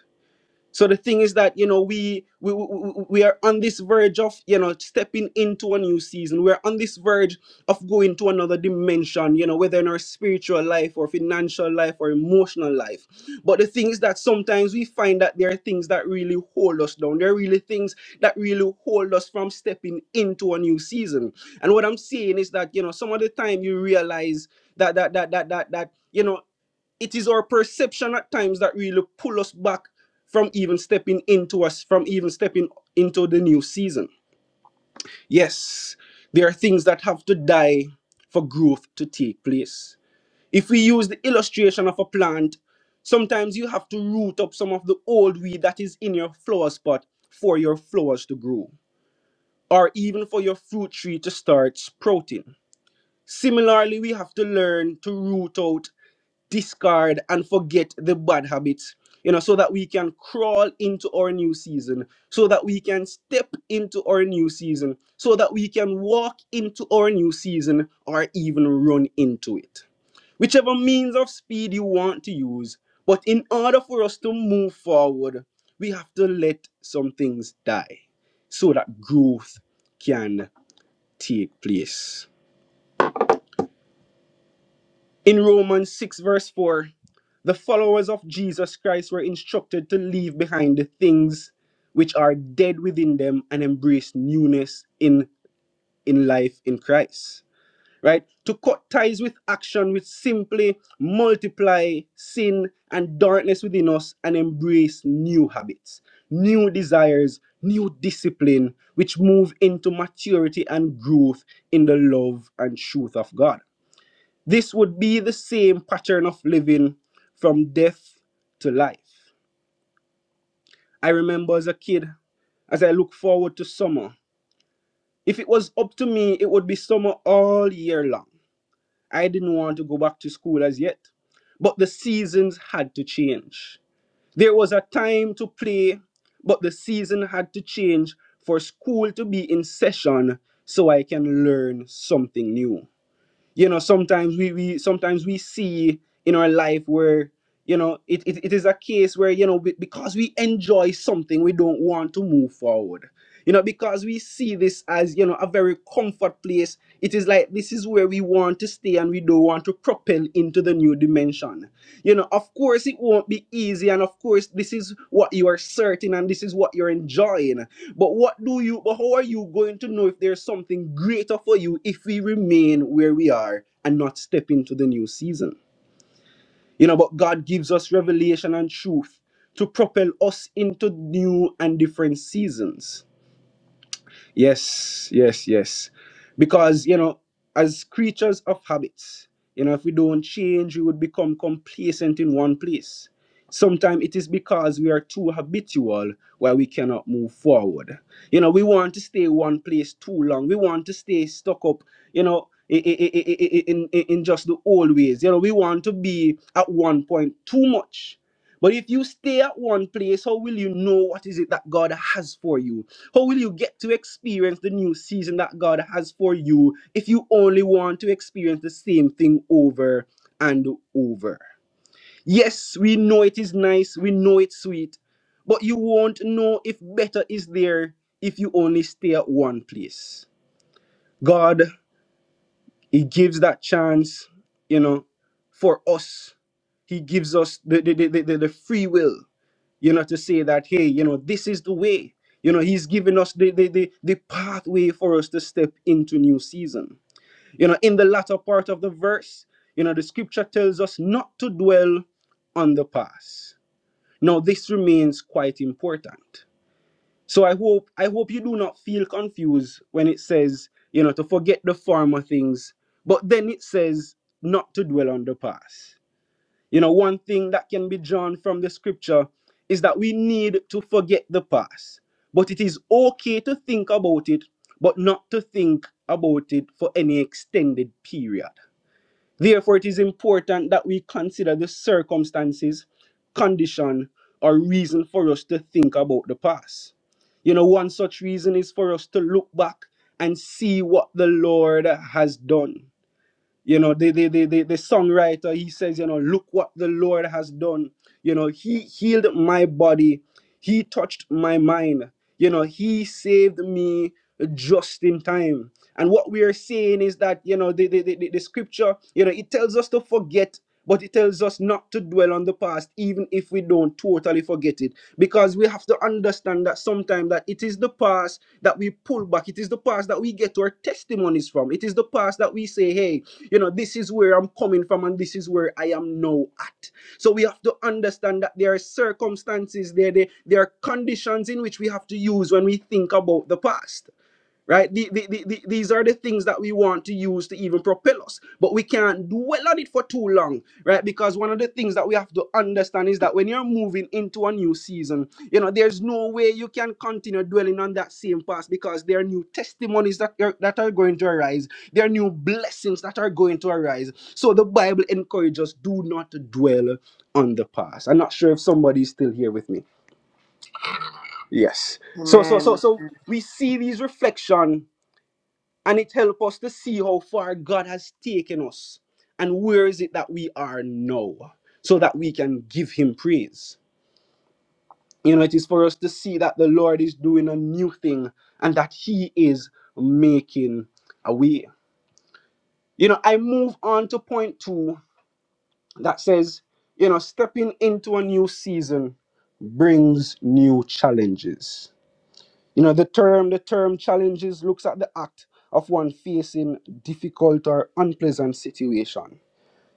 So the thing is that you know we we we, we are on this verge of you know stepping into a new season. We're on this verge of going to another dimension. You know whether in our spiritual life or financial life or emotional life. But the thing is that sometimes we find that there are things that really hold us down. There are really things that really hold us from stepping into a new season. And what I'm saying is that you know some of the time you realize that that that that that that you know it is our perception at times that really pull us back from even stepping into us from even stepping into the new season yes there are things that have to die for growth to take place if we use the illustration of a plant sometimes you have to root up some of the old weed that is in your flower spot for your flowers to grow or even for your fruit tree to start sprouting similarly we have to learn to root out discard and forget the bad habits, you know, so that we can crawl into our new season, so that we can step into our new season, so that we can walk into our new season or even run into it. Whichever means of speed you want to use, but in order for us to move forward, we have to let some things die so that growth can take place. In Romans 6, verse 4, the followers of Jesus Christ were instructed to leave behind the things which are dead within them and embrace newness in, in life in Christ. Right? To cut ties with action which simply multiply sin and darkness within us and embrace new habits, new desires, new discipline, which move into maturity and growth in the love and truth of God this would be the same pattern of living from death to life. I remember as a kid, as I look forward to summer, if it was up to me, it would be summer all year long. I didn't want to go back to school as yet, but the seasons had to change. There was a time to play, but the season had to change for school to be in session so I can learn something new. you know sometimes we, we sometimes we see in our life where you know it, it, it is a case where you know be- because we enjoy something we don't want to move forward you know because we see this as you know a very comfort place it is like this is where we want to stay and we don't want to propel into the new dimension you know of course it won't be easy and of course this is what you are certain and this is what you're enjoying but what do you but how are you going to know if there's something greater for you if we remain where we are and not step into the new season? You know, but God gives us revelation and truth to propel us into new and different seasons Yes, yes, yes. Because, you know, as creatures of habits, you know, if we don't change, we would become complacent in one place. Sometimes it is because we are too habitual where we cannot move forward. You know, we want to stay one place too long. We want to stay stuck up, you know, i- i- i- i- i- i- in, in, in just the old ways. You know, we want to be at one point too much. But if you stay at one place, how will you know what is it that God has for you? How will you get to experience the new season that God has for you if you only want to experience the same thing over and over? Yes, we know it is nice, we know it's sweet, but you won't know if better is there if you only stay at one place. God, He gives that chance, you know, for us. He gives us the, the, the, the, the free will you know, to say that, hey, you know, this is the way. You know, he's given us the, the, the, the pathway for us to step into new season. You know, in the latter part of the verse, you know, the scripture tells us not to dwell on the past. Now, this remains quite important. So I hope I hope you do not feel confused when it says, you know, to forget the former things, but then it says not to dwell on the past. You know, one thing that can be drawn from the scripture is that we need to forget the past. But it is okay to think about it, but not to think about it for any extended period. Therefore, it is important that we consider the circumstances, condition, or reason for us to think about the past. You know, one such reason is for us to look back and see what the Lord has done you know the the, the the the songwriter he says you know look what the lord has done you know he healed my body he touched my mind you know he saved me just in time and what we are saying is that you know the the, the, the scripture you know it tells us to forget but it tells us not to dwell on the past even if we don't totally forget it because we have to understand that sometimes time that it is the past that we pull back. It is the past that we get our testimonies from. It is the past that we say, hey, you know, this is where I'm coming from and this is where I am now at. So we have to understand that there are circumstances, there, there, there are conditions in which we have to use when we think about the past right? The, the, the, the- these are the things that we want to use to even propel us, but we can't dwell on it for too long, right? Because one of the things that we have to understand is that when you're moving into a new season, you know, there's no way you can continue dwelling on that same past because there are new testimonies that are, that are going to arise, there are new blessings that are going to arise. So the Bible encourages do not dwell on the past. I'm not sure if somebody's still here with me. Yes. So so so Amen. so we see these reflection and it helps us to see how far God has taken us and where is it that we are now so that we can give Him praise. You know, it is for us to see that the Lord is doing a new thing and that He is making a way. You know, I move on to point two that says, you know, stepping into a new season brings new challenges You know, the term the term challenges looks at the act of one facing difficult or unpleasant situation.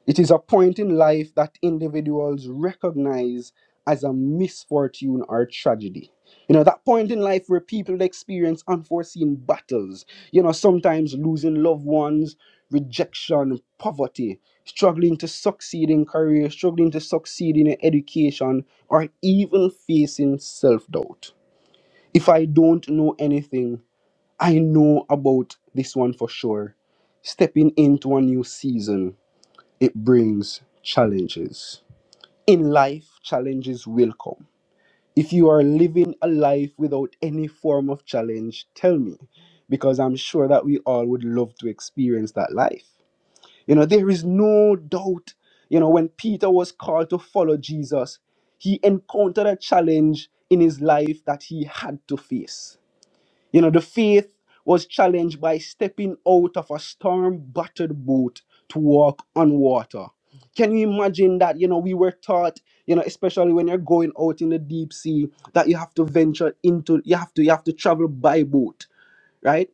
It is a point in life that individuals recognize as a misfortune or tragedy. You know, that point in life where people experience unforeseen battles, you know, sometimes losing loved ones, rejection, poverty, struggling to succeed in career, struggling to succeed in education, or even facing self doubt. If I don't know anything, I know about this one for sure. Stepping into a new season, it brings challenges. In life, challenges will come. If you are living a life without any form of challenge, tell me, because I'm sure that we all would love to experience that life. You know, there is no doubt, you know, when Peter was called to follow Jesus, he encountered a challenge in his life that he had to face you know, the faith was challenged by stepping out of a storm battered boat to walk on water. Can you imagine that? You know, we were taught, you know, especially when you're going out in the deep sea, that you have to venture into, you have to, you have to travel by boat, right?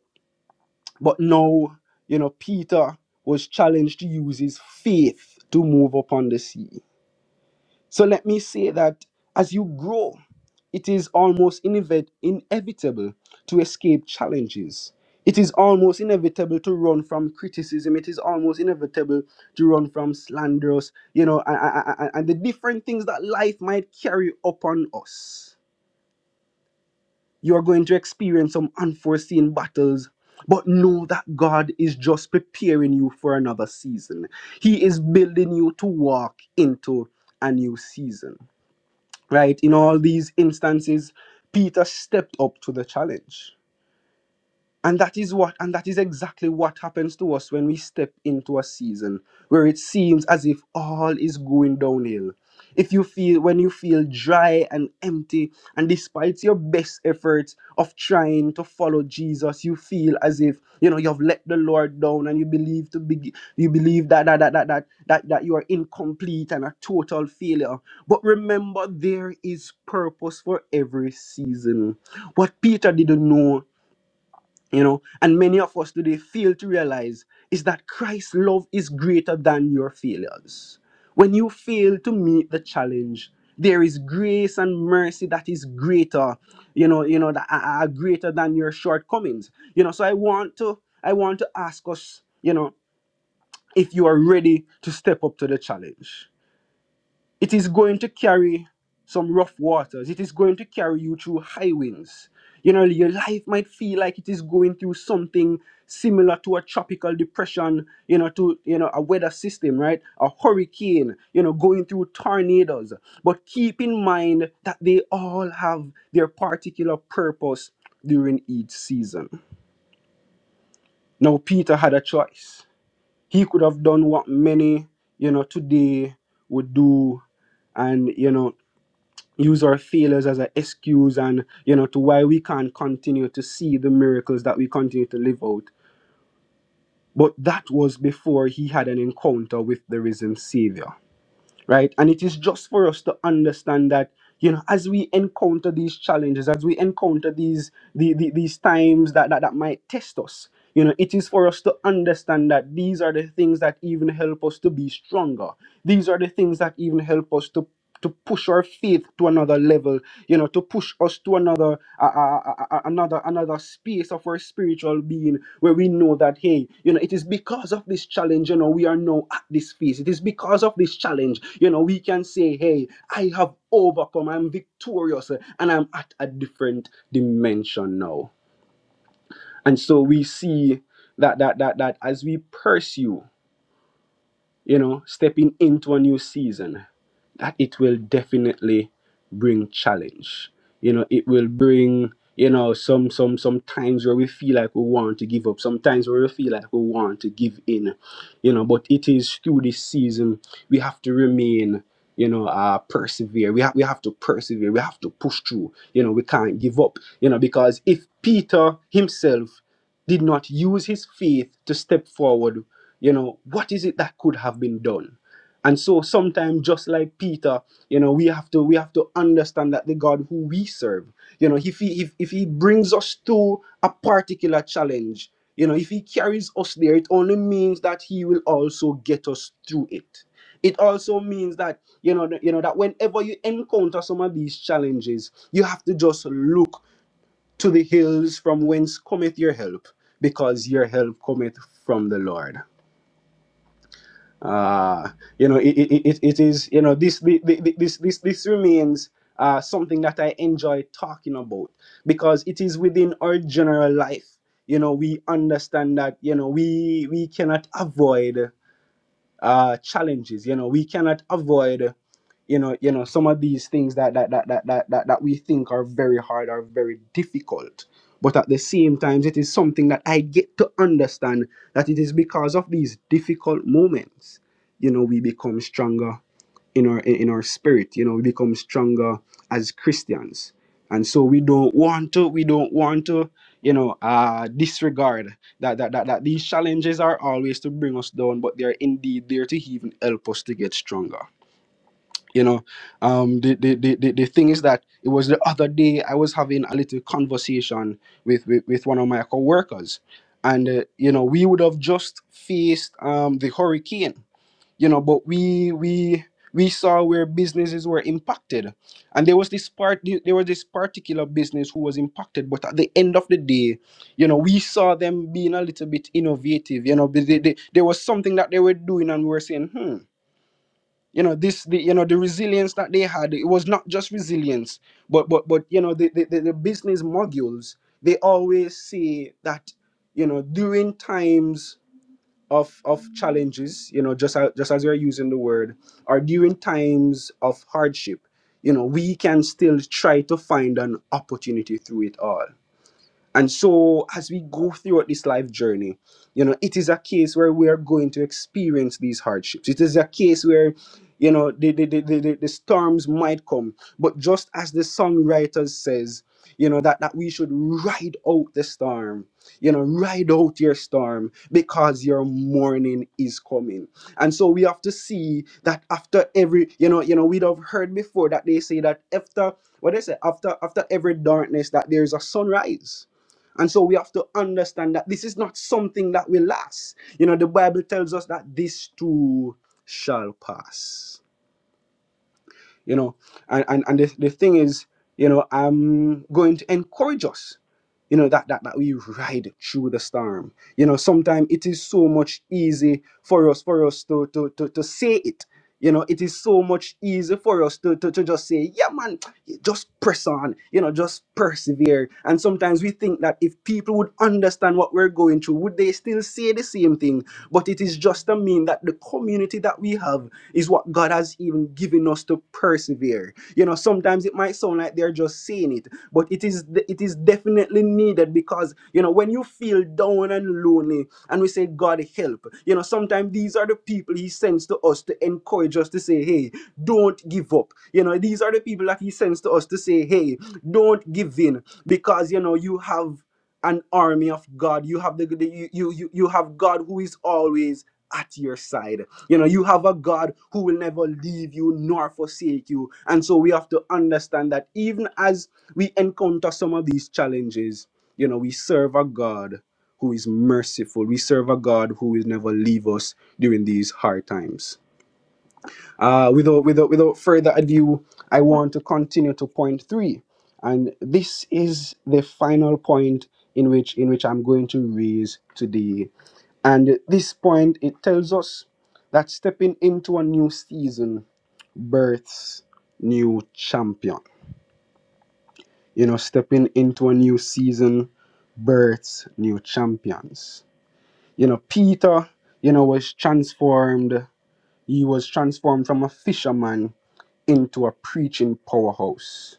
But now, you know, Peter was challenged to use his faith to move upon the sea. So let me say that as you grow, it is almost inevit- inevitable to escape challenges. It is almost inevitable to run from criticism. It is almost inevitable to run from slanders. you know, a- a- and the different things that life might carry upon us. You are going to experience some unforeseen battles, but know that God is just preparing you for another season. He is building you to walk into a new season right? In all these instances, Peter stepped up to the challenge. And that is what, and that is exactly what happens to us when we step into a season where it seems as if all is going downhill. If you feel, when you feel dry and empty, and despite your best efforts of trying to follow Jesus, you feel as if you know you've let the Lord down, and you believe to be, you believe that that that that that that, that you are incomplete and a total failure. But remember, there is purpose for every season. What Peter didn't know you know and many of us today fail to realize is that christ's love is greater than your failures when you fail to meet the challenge there is grace and mercy that is greater you know you know that are are greater than your shortcomings you know so i want to i want to ask us you know if you are ready to step up to the challenge it is going to carry some rough waters. It is going to carry you through high winds. You know, your life might feel like it is going through something similar to a tropical depression, you know, to you know, a weather system, right? A hurricane, you know, going through tornadoes. But keep in mind that they all have their particular purpose during each season. Now Peter had a choice. He could have done what many, you know, today would do and you know use our failures as an excuse and you know to why we can't continue to see the miracles that we continue to live out but that was before he had an encounter with the risen savior right and it is just for us to understand that you know as we encounter these challenges as we encounter these the, the, these times that, that that might test us you know it is for us to understand that these are the things that even help us to be stronger these are the things that even help us to to push our faith to another level you know to push us to another uh, uh, uh, another another space of our spiritual being where we know that hey you know it is because of this challenge you know we are now at this phase it is because of this challenge you know we can say hey i have overcome i'm victorious and i'm at a different dimension now and so we see that that that that as we pursue you know, stepping into a new season, that it will definitely bring challenge. You know, it will bring, you know, some some some times where we feel like we want to give up, sometimes where we feel like we want to give in, you know, but it is through this season we have to remain you know, uh, persevere. We, have we have to persevere. We have to push through. You know, we can't give up. You know, because if Peter himself did not use his faith to step forward you know what is it that could have been done and so sometimes just like peter you know we have to we have to understand that the god who we serve you know if he if, if he brings us to a particular challenge you know if he carries us there it only means that he will also get us through it it also means that you know that- you know that whenever you encounter some of these challenges you have to just look to the hills from whence cometh your help because your help cometh from the lord uh, you know, it, it, it, it is, you know, this, the- the- this, this, this remains uh, something that I enjoy talking about because it is within our general life. You know, we understand that, you know, we, we cannot avoid uh, challenges. You know, we cannot avoid, you know, you know, some of these things that that that that that that, that we think are very hard are very difficult. But at the same time, it is something that I get to understand that it is because of these difficult moments, you know, we become stronger in our in our spirit you know we become stronger as christians and so we don't want to we don't want to you know uh disregard that that, that that these challenges are always to bring us down but they're indeed there to even help us to get stronger you know um the the, the, the the thing is that it was the other day i was having a little conversation with with, with one of my coworkers and uh, you know we would have just faced um the hurricane you know but we we we saw where businesses were impacted and there was this part there was this particular business who was impacted but at the end of the day you know we saw them being a little bit innovative you know they, they, they- there was something that they were doing and we were saying hmm you know this the you know the resilience that they had it was not just resilience but but but you know the the, the the business modules they always say that you know during times of of challenges you know just as, just as you're using the word or during times of hardship you know we can still try to find an opportunity through it all and so, as we go throughout this life journey, you know, it is a case where we are going to experience these hardships. It is a case where, you know, the, the, the, the, the the storms might come. But just as the songwriter says, you know, that, that we should ride out the storm, you know, ride out your storm because your morning is coming. And so we have to see that after every, you know, you know, we'd have heard before that they say that after what they say, after after every darkness, that there's a sunrise and so we have to understand that this is not something that will last. You know, the Bible tells us that this too shall pass you know and and, and the, the thing is you know i'm going to encourage us you know that, that that we ride through the storm you know sometimes it is so much easy for us for us to to to, to say it you know it is so much easy for us to, to to just say yeah man just press on you know just persevere and sometimes we think that if people would understand what we're going through would they still say the same thing but it is just to mean that the community that we have is what God has even given us to persevere. You know, sometimes it might sound like they're just saying it, but it is it is definitely needed because you know when you feel down and lonely and we say God help, you know, sometimes these are the people He sends to us to encourage us to say, hey, don't give up. You know, these are the people that He sends to us to say, hey, don't give in because you know you have an army of God. You have the, the- you, you you you have God who is always at your side. You know, you have a God who will never leave you nor forsake you. And so we have to understand that even as we encounter some of these challenges, you know, we serve a God who is merciful. We serve a God who will never leave us during these hard times. Uh, without, without, without further ado, I want to continue to point three, and this is the final point in which in which I'm going to raise today. And this point it tells us that stepping into a new season births new champion. You know, stepping into a new season births new champions. You know, Peter, you know, was transformed. He was transformed from a fisherman into a preaching powerhouse.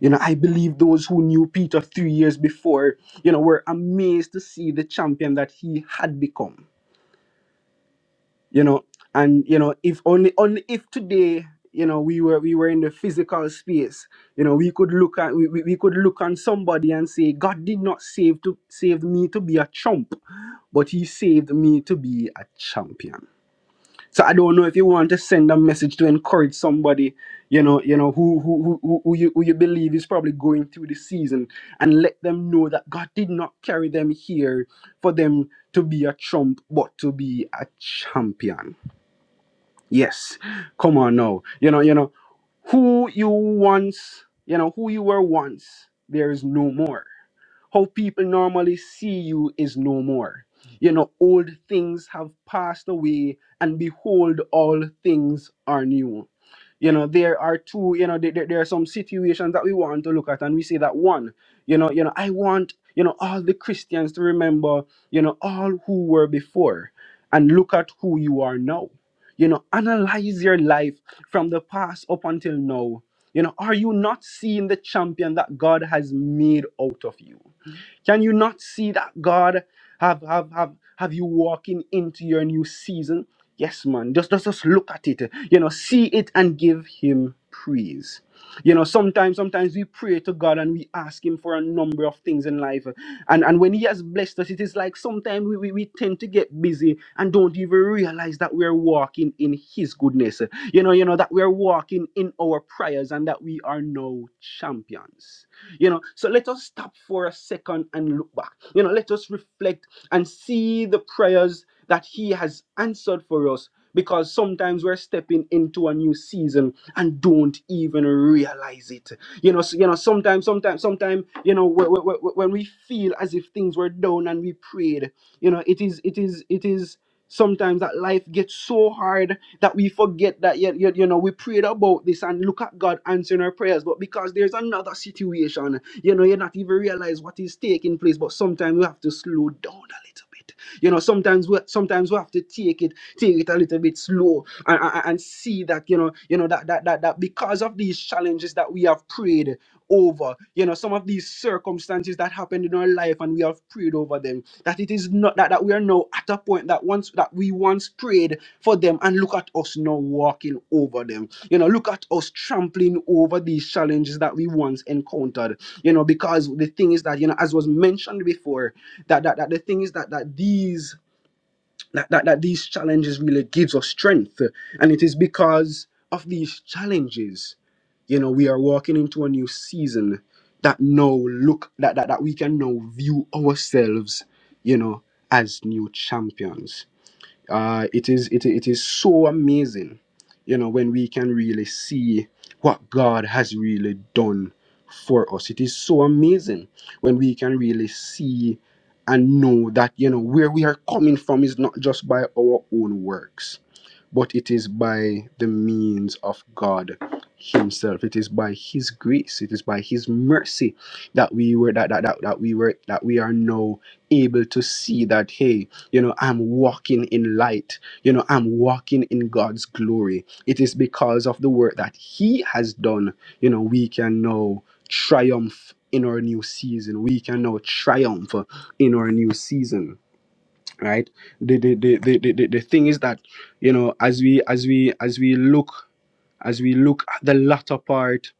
You know, I believe those who knew Peter three years before, you know, were amazed to see the champion that he had become. You know, and you know, if only only if today, you know, we were we were in the physical space, you know, we could look at we, we, we could look on somebody and say, God did not save to save me to be a chump, but he saved me to be a champion so I don't know if you want to send a message to encourage somebody, you know, you know who who who, who you who you believe is probably going through the season, and let them know that God did not carry them here for them to be a trump, but to be a champion. Yes, come on now, you know, you know who you once, you know who you were once. There is no more. How people normally see you is no more. You know, old things have passed away, and behold, all things are new. You know, there are two, you know, there, there there are some situations that we want to look at, and we say that one, you know, you know, I want, you know, all the Christians to remember, you know, all who were before, and look at who you are now. You know, analyze your life from the past up until now. You know, are you not seeing the champion that God has made out of you? Can you not see that God have have have have you walking into your new season? Yes, man. Just just just look at it. You know, see it and give him praise. You know, sometimes sometimes we pray to God and we ask him for a number of things in life. And and when he has blessed us, it is like sometimes we, we, we tend to get busy and don't even realize that we're walking in his goodness. You know, you know, that we're walking in our prayers and that we are now champions. You know, so let us stop for a second and look back. You know, let us reflect and see the prayers that He has answered for us because sometimes we're stepping into a new season and don't even realize it. You know, so, you know, sometimes, sometimes, sometimes, you know, wh- wh- wh- when we feel as if things were done and we prayed, you know, it is, it is, it is. Sometimes that life gets so hard that we forget that yet you, you know we prayed about this and look at God answering our prayers, but because there's another situation, you know, you're not even realize what is taking place. But sometimes we have to slow down a little bit. You know, sometimes we sometimes we have to take it take it a little bit slow and, and, and see that you know you know that, that that that because of these challenges that we have prayed over you know some of these circumstances that happened in our life and we have prayed over them that it is not that, that we are now at a point that once that we once prayed for them and look at us now walking over them you know look at us trampling over these challenges that we once encountered you know because the thing is that you know as was mentioned before that that, that the thing is that that these that, that that these challenges really gives us strength and it is because of these challenges you know, we are walking into a new season that now look that, that that we can now view ourselves, you know, as new champions. Uh it is it, it is so amazing, you know, when we can really see what God has really done for us. It is so amazing when we can really see and know that, you know, where we are coming from is not just by our own works but it is by the means of God Himself. It is by His grace. It is by His mercy that we were that that, that, that we were that we are now able to see that hey, you know, I'm walking in light. You know, I'm walking in God's glory. It is because of the work that He has done, you know, we can now triumph in our new season. We can now triumph in our new season right the the, the the the the thing is that you know as we as we as we look as we look at the latter part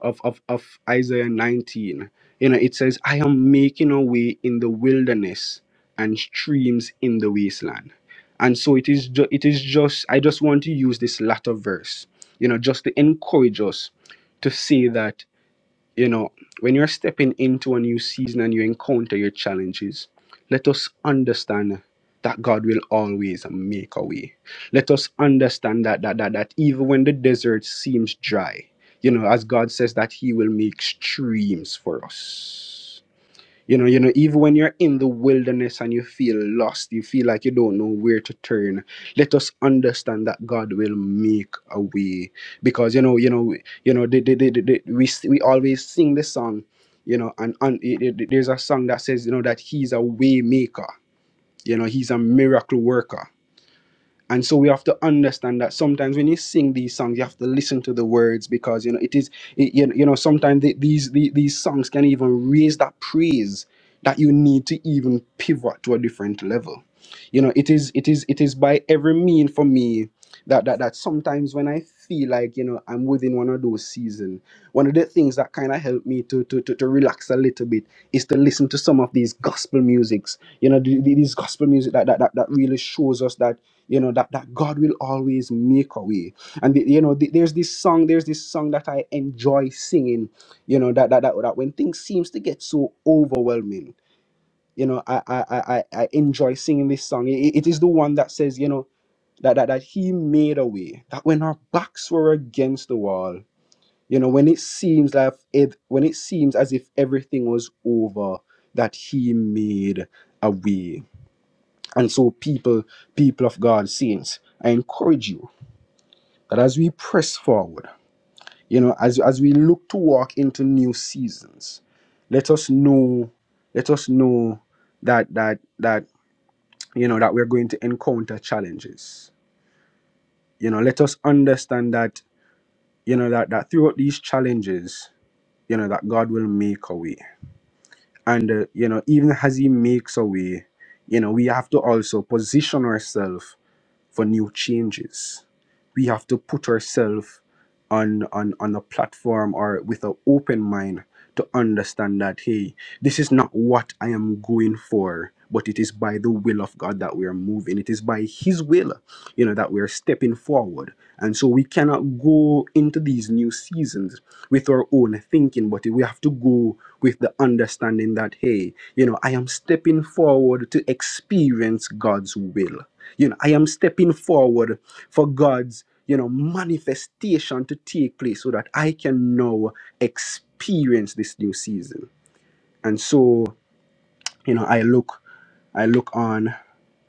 of of, of isaiah 19 you know it says i am making a way in the wilderness and streams in the wasteland and so it is ju- it is just i just want to use this latter verse you know just to encourage us to say that you know, when you're stepping into a new season and you encounter your challenges, let us understand that God will always make a way. Let us understand that that that, that even when the desert seems dry, you know, as God says that He will make streams for us. You know, you know, even when you're in the wilderness and you feel lost, you feel like you don't know where to turn. Let us understand that God will make a way, because you know, you know, you know, the, the, the, the, the- we s- we always sing this song, you know, and, and it, it- there's a song that says, you know, that He's a way maker. You know, He's a miracle worker and so we have to understand that sometimes when you sing these songs, you have to listen to the words because you know it is it, you, know, you know sometimes the, these, the- these songs can even raise that praise that you need to even pivot to a different level. You know, it is it is it is by every mean for me that that that sometimes when I feel like you know I'm within one of those seasons, one of the things that kind of helped me to, to to to relax a little bit is to listen to some of these gospel musics. You know, the- the- these gospel music that that that, that really shows us that you know that, that god will always make a way and the- you know the- there's this song there's this song that i enjoy singing you know that that, that, that when things seems to get so overwhelming you know i i i, I I enjoy singing this song it, it is the one that says you know that, that that he made a way that when our backs were against the wall you know when it seems like it when it seems as if everything was over that he made a way and so people people of god saints i encourage you that as we press forward, you know, as, as we look to walk into new seasons, let us know, let us know that that that you know that we're going to encounter challenges. You know, let us understand that, you know, that that throughout these challenges, you know, that God will make a way. And uh, you know, even as He makes a way, you know, we have to also position ourselves for new changes. We have to put ourselves on, on, on a platform or with an open mind to understand that, hey, this is not what I am going for, but it is by the will of God that we are moving. It is by His will, you know, that we are stepping forward. And so we cannot go into these new seasons with our own thinking, but we have to go with the understanding that, hey, you know, I am stepping forward to experience God's will. You know, I am stepping forward for God's, you know, manifestation to take place so that I can now experience this new season. And so you know i look i look on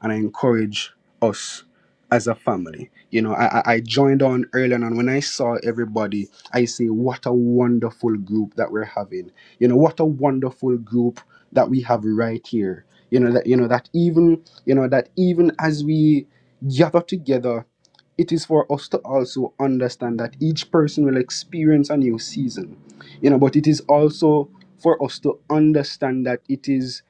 and i encourage us as a family you know i i I joined on early on and when i saw everybody i say what a wonderful group that we're having you know what a wonderful group that we have right here you know that you know that even you know that even as we gather together it is for us to also understand that each person will experience a new season you know but it is also for us to understand that it is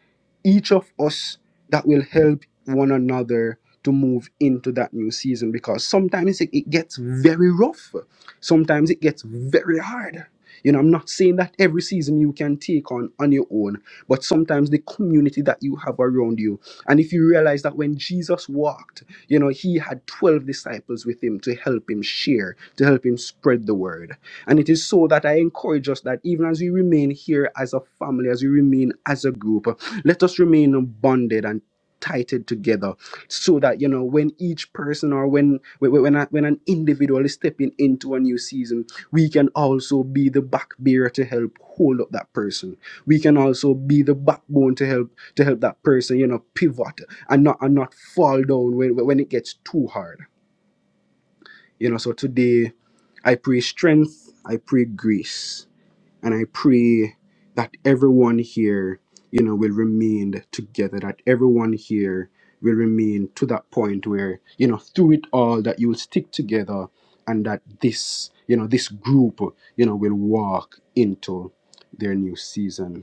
each of us that will help one another to move into that new season because sometimes it, it gets very rough. Sometimes it gets very hard. You know, I'm not saying that every season you can take on on your own, but sometimes the community that you have around you. And if you realize that when Jesus walked, you know, he had 12 disciples with him to help him share, to help him spread the word. And it is so that I encourage us that even as we remain here as a family, as we remain as a group, let us remain bonded and tighted together so that you know when each person or when when when, a- when an individual is stepping into a new season we can also be the back bearer to help hold up that person we can also be the backbone to help to help that person you know pivot and not and not fall down when when it gets too hard you know, so today I pray strength, I pray grace, and I pray that everyone here, you know, will remain together, that everyone here will remain to that point where, you know, through it all, that you will stick together and that this, you know, this group, you know, will walk into their new season.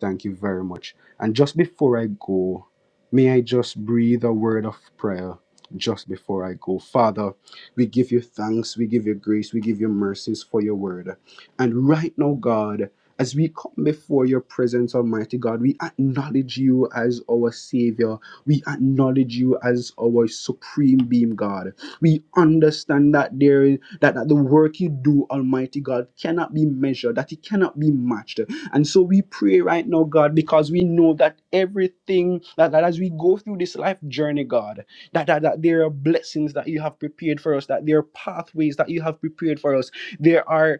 Thank you very much. And just before I go, may I just breathe a word of prayer just before I go. Father, we give you thanks, we give you grace, we give you mercies for your word. And right now, God, as we come before your presence, Almighty God, we acknowledge you as our Savior. We acknowledge you as our supreme being, God. We understand that there is that, that the work you do, Almighty God, cannot be measured, that it cannot be matched. And so we pray right now, God, because we know that everything that, that as we go through this life journey, God, that, that that there are blessings that you have prepared for us, that there are pathways that you have prepared for us. There are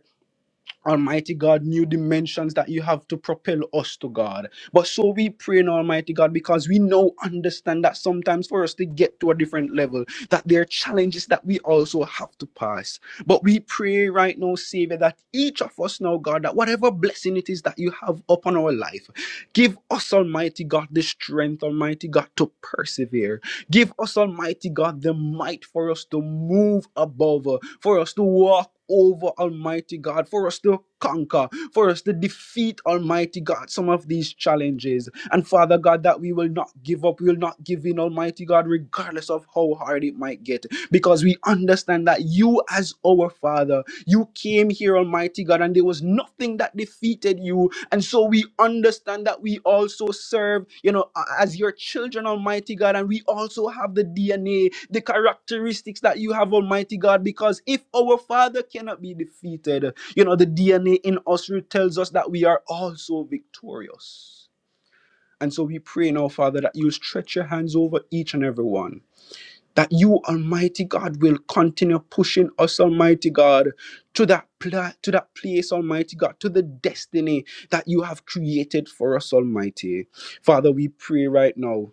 Almighty God, new dimensions that you have to propel us to God. But so we pray in Almighty God because we know, understand that sometimes for us to get to a different level, that there are challenges that we also have to pass. But we pray right now, Savior, that each of us now, God, that whatever blessing it is that you have upon our life, give us, Almighty God, the strength, Almighty God, to persevere Give us, Almighty God, the might for us to move above, uh, for us to walk over, Almighty God, for us to conquer, for us to defeat, Almighty God, some of these challenges. And Father God, that we will not give up, we will not give in, Almighty God, regardless of how hard it might get, because we understand that you, as our Father, you came here, Almighty God, and there was nothing that defeated you and so we understand that we also serve, you know, a- as your children, Almighty God, and we also have the DNA, the characteristics that you have, Almighty God, because if our Father cannot be defeated, you know, the DNA in us re- tells us that we are also victorious. And so we pray now, Father, that you'll stretch your hands over each and every one that you, Almighty God, will continue pushing us, Almighty God, to that pla- to that place, Almighty God, to the destiny that you have created for us, Almighty. Father, we pray right now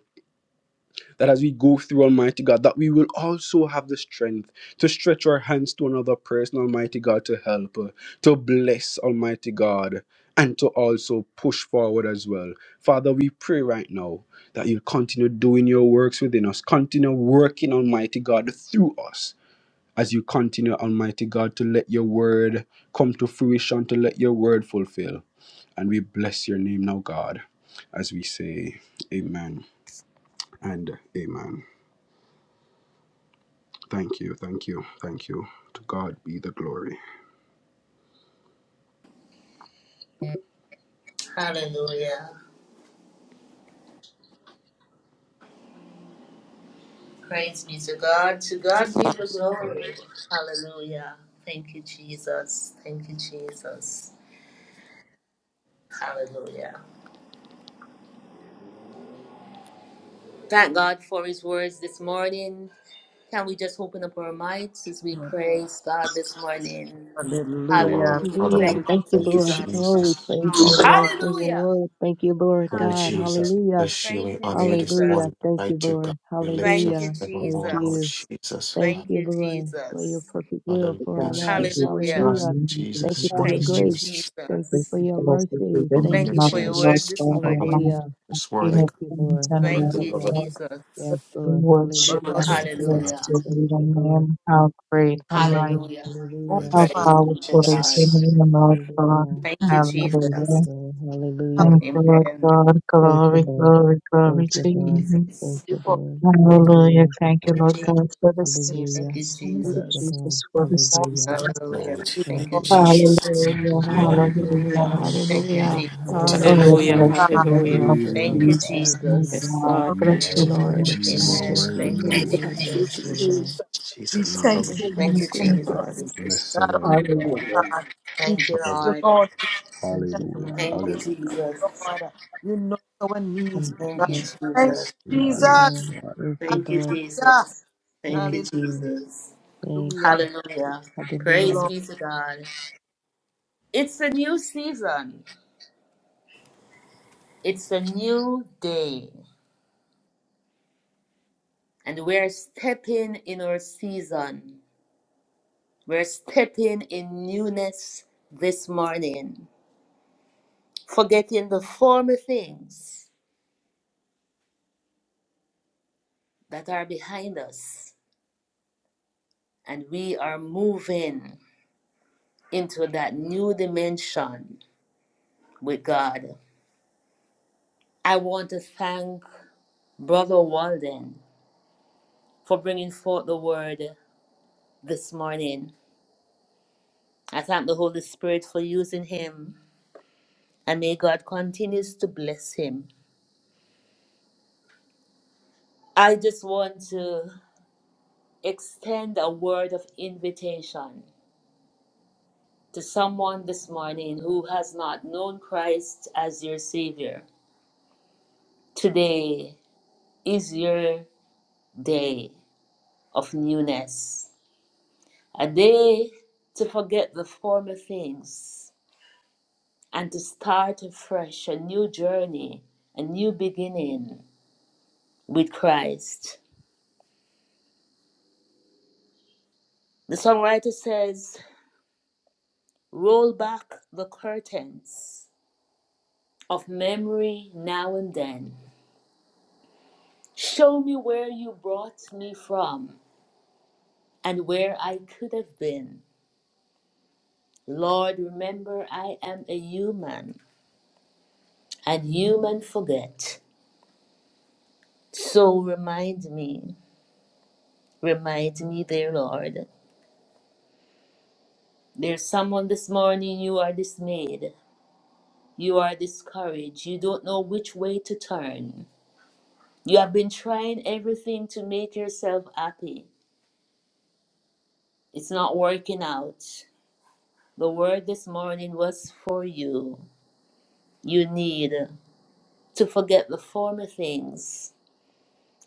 that as we go through Almighty God, that we will also have the strength to stretch our hands to another person, Almighty God, to help, uh, to bless, Almighty God, and to also push forward as well. Father, we pray right now that you'll continue doing your works within us, continue working, Almighty God, through us. As you continue, Almighty God, to let your word come to fruition, to let your word fulfill. And we bless your name now, God, as we say, Amen and Amen. Thank you, thank you, thank you. To God be the glory. Hallelujah. Praise be to God. To God be the Lord, glory. Hallelujah. Thank you, Jesus. Thank you, Jesus. Hallelujah. Thank God for his words this morning. Can we just open up our minds as we praise God this morning? Dear Lord, Hallelujah. Hallelujah. Hallelujah. hallelujah. Thank you, Thank you, Thank you, Lord. Jesus. Oh, we Jesus. praise Thank you, you, Hallelujah. Lord, Lord. for your Hallelujah. word. Thank you, Lord Lord God. Hallelujah. Jesus, we Hallelujah. bless you. Thank We you, honor you this Jesus. Hallelujah. morning. Thank you, Mighty God, Lord. we lift you up Thank you, Hallelujah. Thank evermore. Lord you. Jesus. Jesus. Thank Thank you, you, Lord, for your Jesus. perfect will for Hallelujah, our God, the lives. Jesus, gift of God, Hallelujah. Jesus, Hallelujah. meaning Thank you and Jesus, for Oh, your Thank Jesus, honor, you, grace. Jesus. Thank you great Jesus. for and your blessed mercy. within Thank Hallelujah, Thank you, you not for the your Lord. Lord words Jesus. this God and morning. Hallelujah. mine, Hallelujah. It's King worthy, of Thank you, kings Lord. and worthy Lord Thank of you, of Hallelujah. it. lords, Jesus. Yes, we Lord. worship Lord, Hallelujah. Worthy, and of the bless Father, Hallelujah. your Thank holy you, Lord. name. How great, Thank how you, mighty, Lord. Hallelujah. Hallelujah. worthy, how Father, Praise be to powerful is God. your Jesus. name, Lord God. Hallelujah. Thank you, Thank you, Jesus. Hallelujah. Lord. Hallelujah. Thank Amen. you, Lord Thank God. Thank you, Glory, Lord. glory, glory Thank you, you, to Lord. you. Thank Jesus. we you, over. Lord. Hallelujah. Hallelujah. Thank you, Lord God, for the Thank Hallelujah. you, seasons. Thank Thank you, you, Jesus. Lord. Jesus, for the Hallelujah. seasons. Hallelujah. Hallelujah. Glory to Thank your Thank you, name, you. Jesus. Jesus. Jesus. Thank Hallelujah, you, God, Lord, Lord. we give Lord. you hallelujah, hallelujah, Thank you, thanks. Thank you, Glory hallelujah, Lord. to We your Jesus. give you Hallelujah. Oh, hallelujah, bless thanks. the We God. name Thank of hallelujah. praise you, your Thank Lord. name, you, God. Jesus, my Hallelujah. Yes, Jesus. God. God, Bless You Lord, thank are you, the we name, name bless of Lord. worthy, you, you are Thank you, Lord. Jesus. Jesus. Amen. worthy, Thank you you, are Jesus. Hallelujah. worthy. Thank you, Thank Jesus. you, Lord. Jesus. We Jesus, thank Bless Thank hallelujah, Mm. you, the Thank Holy you, you, Yes, name dear of Spirit, Jesus. God. Jesus. Blessed God are you, Almighty God. Lord. Hallelujah. God. We Thank you, thank you, Lord. hallelujah. Lord, for Thank you, you, Hallelujah, Lord. Thank you, hallelujah. Lord. Jesus. Lord. You know our needs, Thank oh you, Thank God. you, Lord. Thank Jesus. Yes, you, Thank Lord, you, Jesus. yes, Lord. Lord. Thank you, Thank you, Lord. Hallelujah. Jesus. Thank Thank you, you. Jesus. Thank Hallelujah. you. Hallelujah. The Hallelujah. Praise Lord. be to God. It's a new season. It's a new day. And we're stepping in our season. We're stepping in newness this morning, forgetting the former things that are behind us, and we are moving into that new dimension with God. I want to thank Brother Walden for bringing forth the word this morning. I thank the Holy Spirit for using him, and may God continues to bless him. I just want to extend a word of invitation to someone this morning who has not known Christ as your Savior, today is your day of newness, a day to forget the former things and to start afresh a new journey, a new beginning with Christ. The songwriter says, Roll back the curtains of memory now and then. Show me where you brought me from and where I could have been. Lord, remember I am a human, and human forget. So remind me, remind me, dear Lord. There's someone this morning you are dismayed, you are discouraged, you don't know which way to turn. You have been trying everything to make yourself happy. It's not working out. The word this morning was for you. You need to forget the former things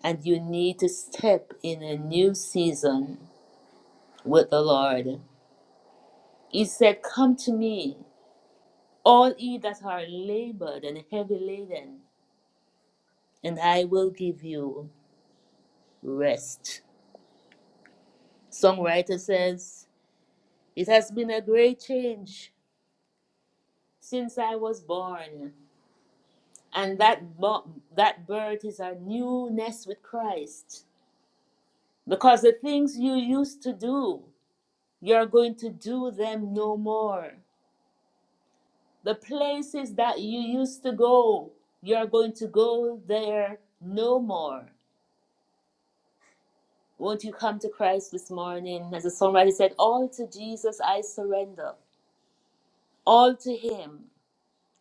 and you need to step in a new season with the Lord. He said, Come to me, all ye that are labored and heavy laden, and I will give you rest. Songwriter says, It has been a great change since I was born, and that, bo- that birth is a newness with Christ. Because the things you used to do, you're going to do them no more. The places that you used to go, you are going to go there no more. Won't you come to Christ this morning? As the songwriter said, All to Jesus I surrender, all to Him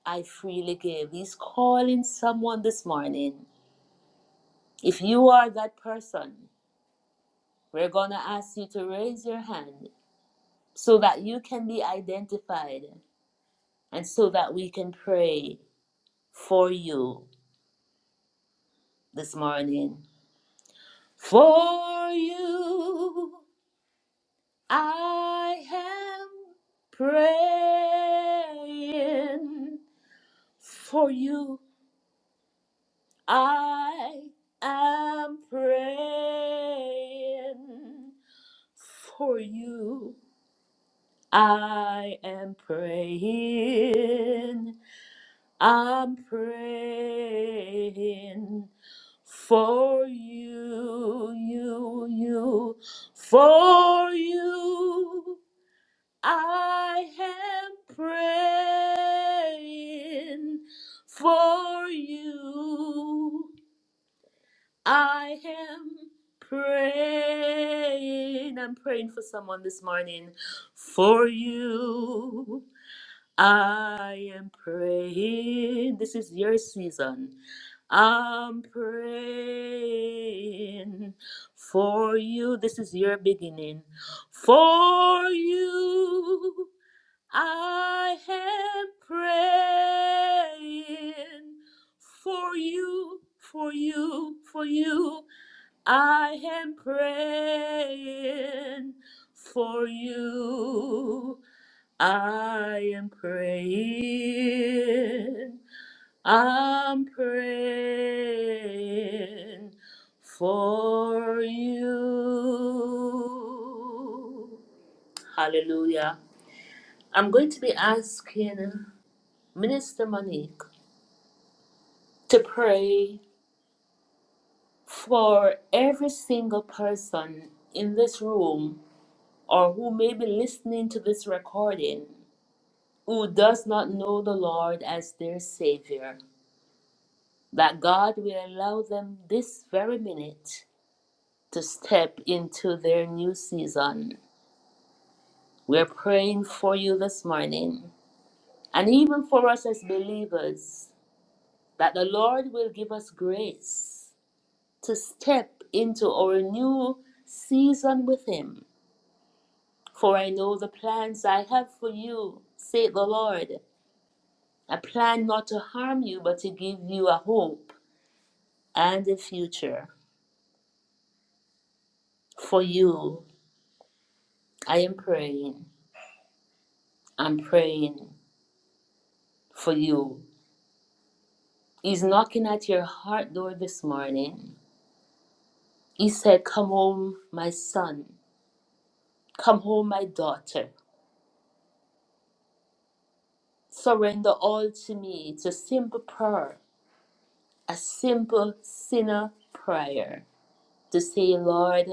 I freely give. He's calling someone this morning. If you are that person, we're going to ask you to raise your hand so that you can be identified and so that we can pray for you this morning. For you I am praying. For you I am praying. For you I am praying. I'm praying for you, you, you, for you. I am praying for you. I am praying. I'm praying for someone this morning. For you, I am praying. This is your season. I'm praying for you. This is your beginning. For you. I am praying for you, for you, for you. I am praying for you. I am praying. I'm praying for you. Hallelujah. I'm going to be asking. Minister Monique, to pray for every single person in this room or who may be listening to this recording who does not know the Lord as their Savior, that God will allow them this very minute to step into their new season. We're praying for you this morning and even for us as believers that the Lord will give us grace to step into our new season with Him. For I know the plans I have for you, saith the Lord. A plan not to harm you, but to give you a hope and a future. For you, I am praying. I'm praying for you. He's knocking at your heart door this morning. He said, Come home, my son. Come home, my daughter. Surrender all to me. It's a simple prayer a simple sinner prayer to say, Lord,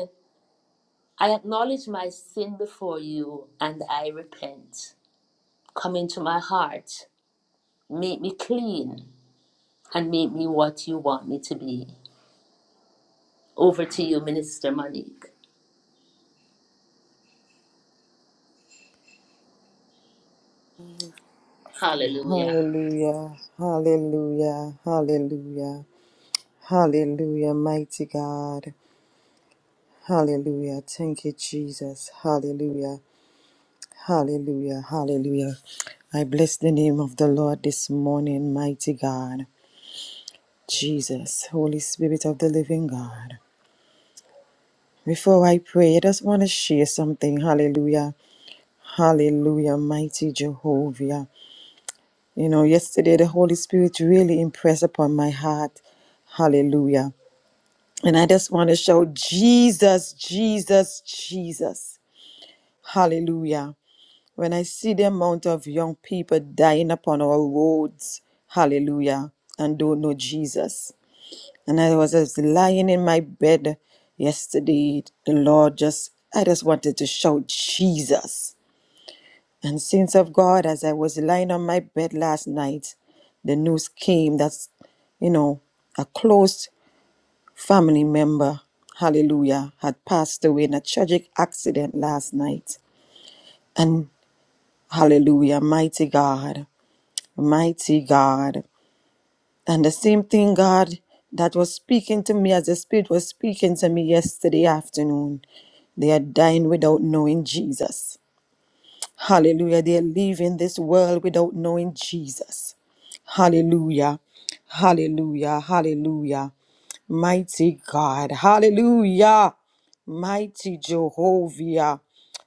I acknowledge my sin before you and I repent. Come into my heart, make me clean, and make me what you want me to be. Over to you, Minister Monique. Hallelujah. Hallelujah, hallelujah, hallelujah, hallelujah, mighty God. Hallelujah. Thank you, Jesus. Hallelujah. Hallelujah, hallelujah. I bless the name of the Lord this morning, mighty God, Jesus, Holy Spirit of the living God. Before I pray, I just want to share something. Hallelujah, hallelujah, mighty Jehovah. You know, yesterday the Holy Spirit really impressed upon my heart. Hallelujah. And I just want to shout, Jesus, Jesus, Jesus. Hallelujah. When I see the amount of young people dying upon our roads, hallelujah, and don't know Jesus. And I was just lying in my bed yesterday. The Lord just, I just wanted to shout, Jesus. And saints of God, as I was lying on my bed last night, the news came that, you know, a close family member, hallelujah, had passed away in a tragic accident last night. And hallelujah, mighty God. mighty God. And the same thing, God, that was speaking to me as the Spirit was speaking to me yesterday afternoon. They are dying without knowing Jesus. Hallelujah. They are leaving this world without knowing Jesus. Hallelujah. Hallelujah. Hallelujah. Mighty God. Hallelujah. Mighty Jehovah.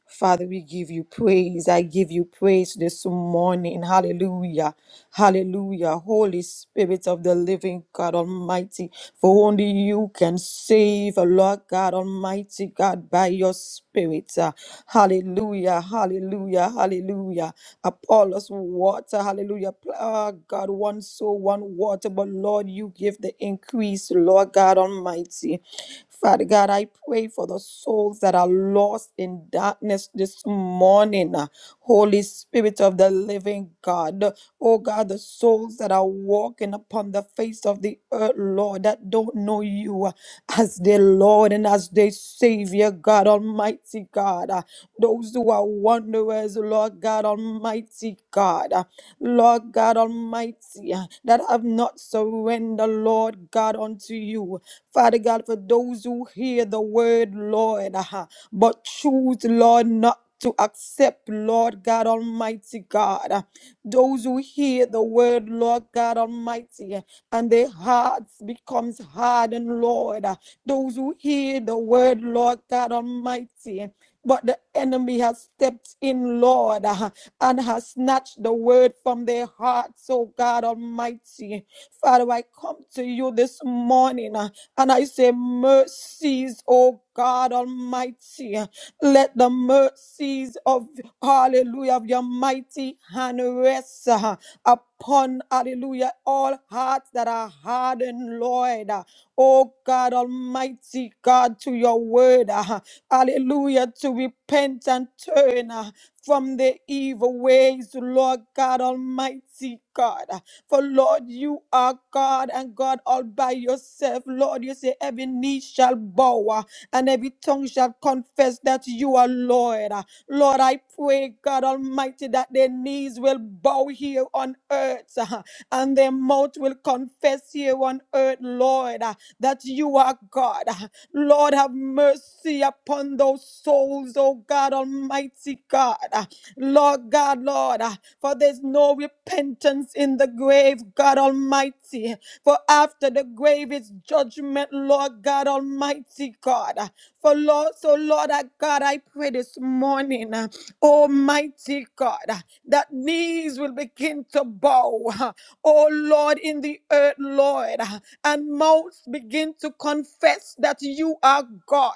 Father, we give you praise. I give you praise this morning. Hallelujah. Hallelujah. Holy Spirit of the living God Almighty, for only you can save, Lord God Almighty, God, by your Spirit. Uh, Hallelujah. Hallelujah. Hallelujah. Apollos water. Hallelujah. Pl- ah, God, one soul, one water. But Lord, you give the increase, Lord God Almighty. Father God, I pray for the souls that are lost in darkness this morning. uh, Holy Spirit of the living God. Oh God, the souls that are walking upon the face of the earth, Lord, that don't know you uh, as their Lord and as their Savior, God Almighty God. Uh, Those who are wanderers, Lord God Almighty God. Uh, Lord God Almighty, uh, that have not surrendered, Lord God, unto you. Father God, for those who hear the word, Lord, uh, but choose, Lord, not to accept, Lord God Almighty God. uh, Those who hear the word, Lord God Almighty, uh, and their hearts becomes hardened, Lord. uh, Those who hear the word, Lord God Almighty, uh, but the enemy has stepped in, Lord, uh, and has snatched the word from their hearts, oh God Almighty. Father, I come to you this morning. uh, and I say, Mercies, O God Almighty. Let the mercies of, hallelujah, of your mighty hand rest uh, upon, hallelujah, all hearts that are hardened, Lord. Oh God Almighty, God, to your word. uh, Hallelujah, to repent and turn. uh, from the evil ways, Lord God Almighty God. For Lord, you are God and God all by yourself. Lord, you say every knee shall bow uh, and every tongue shall confess that you are Lord. Uh, Lord, I pray, God Almighty, that their knees will bow here on earth uh, and their mouth will confess here on earth, Lord, uh, that you are God. Uh, Lord, have mercy upon those souls, oh God Almighty God. Uh, Lord God, Lord, uh, for there's no repentance in the grave, God Almighty. For after the grave is judgment, Lord God Almighty, God. uh, For Lord, so Lord, uh, God, I pray this morning, uh, Almighty God, uh, that knees will begin to bow, uh, oh Lord, in the earth, Lord, and mouths begin to confess that you are God,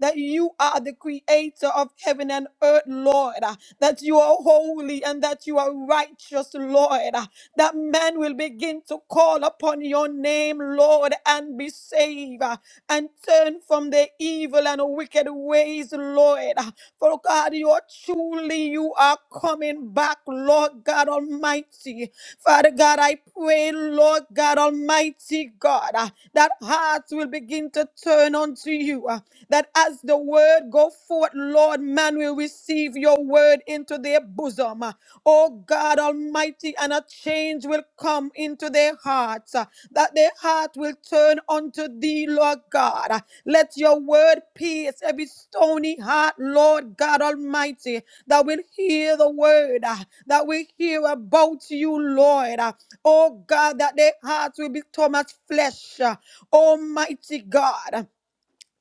that you are the creator of heaven and earth, Lord, that you are holy and that you are righteous, Lord, that man will begin to call upon your name, Lord, and be saved and turn from their evil and wicked ways, Lord. For God, you are truly, you are coming back, Lord God Almighty. Father God, I pray, Lord God Almighty God, uh, that hearts will begin to turn unto you. uh, That as the word go forth, Lord, man will receive your word into their bosom. uh, Oh God Almighty, and a change change will come into their hearts, uh, that their heart will turn unto thee, Lord God. Uh, Let your word pierce every stony heart, Lord God Almighty, that will hear the word, uh, that will hear about you, Lord. Uh, Oh God, that their hearts will become as flesh, uh, Almighty God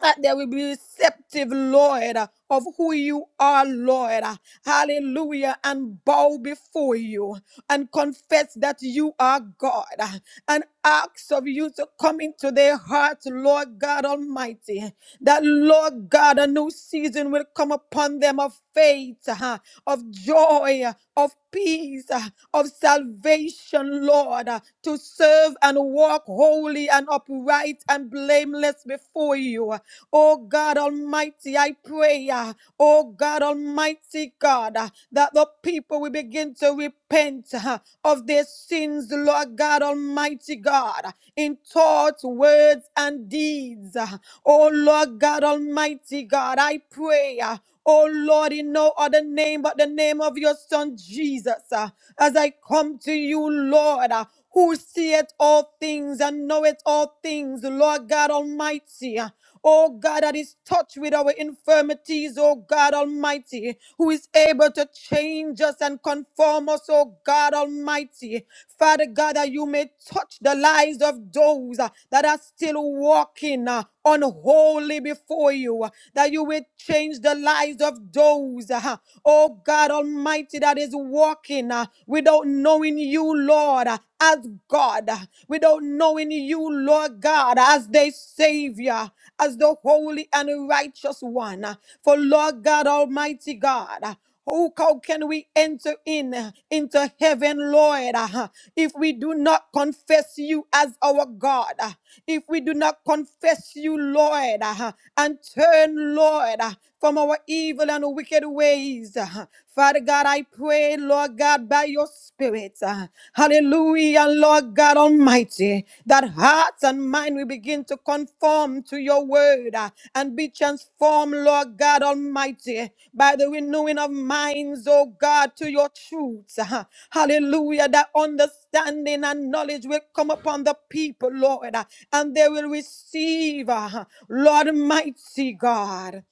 that they will be receptive, Lord, uh, of who you are, Lord. uh, Hallelujah. And bow before you and confess that you are God uh, and ask of you to come into their hearts, Lord God Almighty. That, Lord God, a new season will come upon them of faith, uh, of joy, uh, of peace, uh, of salvation, Lord, uh, to serve and walk holy and upright and blameless before you. Oh God Almighty, I pray, uh, oh God Almighty God, uh, that the people will begin to repent uh, of their sins, Lord God Almighty God, uh, in thoughts, words, and deeds. uh. Oh Lord God Almighty God, I pray. uh, Oh Lord, in no other name but the name of your Son Jesus, uh, as I come to you, Lord, uh, who seeth all things and knoweth all things, Lord God Almighty. uh, Oh God, that is touched with our infirmities, oh God Almighty, who is able to change us and conform us, oh God Almighty. Father God, that you may touch the lives of those uh, that are still walking uh, unholy before you, uh, that you will change the lives of those, uh, oh God Almighty, that is walking uh, without knowing you, Lord, uh, as God, uh, without knowing you, Lord God, as their Savior, as the holy and righteous one. uh, For Lord God Almighty God, uh, Oh, how can we enter in uh, into heaven, Lord, uh, if we do not confess you as our God? uh, If we do not confess you, Lord, uh, and turn, Lord, uh, from our evil and wicked ways. uh, Father God, I pray, Lord God, by your Spirit. uh, Hallelujah, Lord God Almighty. Almighty, that hearts and mind will begin to conform to your word uh, and be transformed, Lord God Almighty, by the renewing of minds, oh God, to your truths. uh, Hallelujah. That understanding and knowledge will come upon the people, Lord, uh, and they will receive, uh, Lord, mighty God.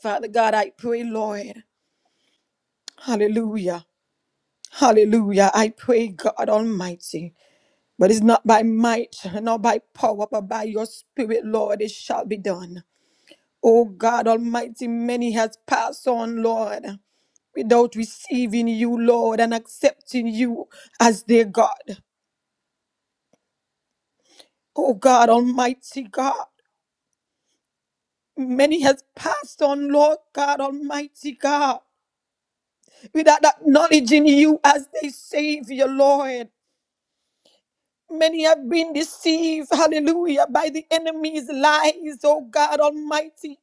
Father God, I pray, Lord. Hallelujah. Hallelujah. I pray, God Almighty. But it's not by might, not by power, but by your spirit, Lord, it shall be done. Oh God Almighty, many has passed on, Lord, without receiving you, Lord, and accepting you as their God. Oh God Almighty God, many has passed on, Lord God Almighty God, without acknowledging you as their Savior, Lord. Many have been deceived, hallelujah, by the enemy's lies, oh God Almighty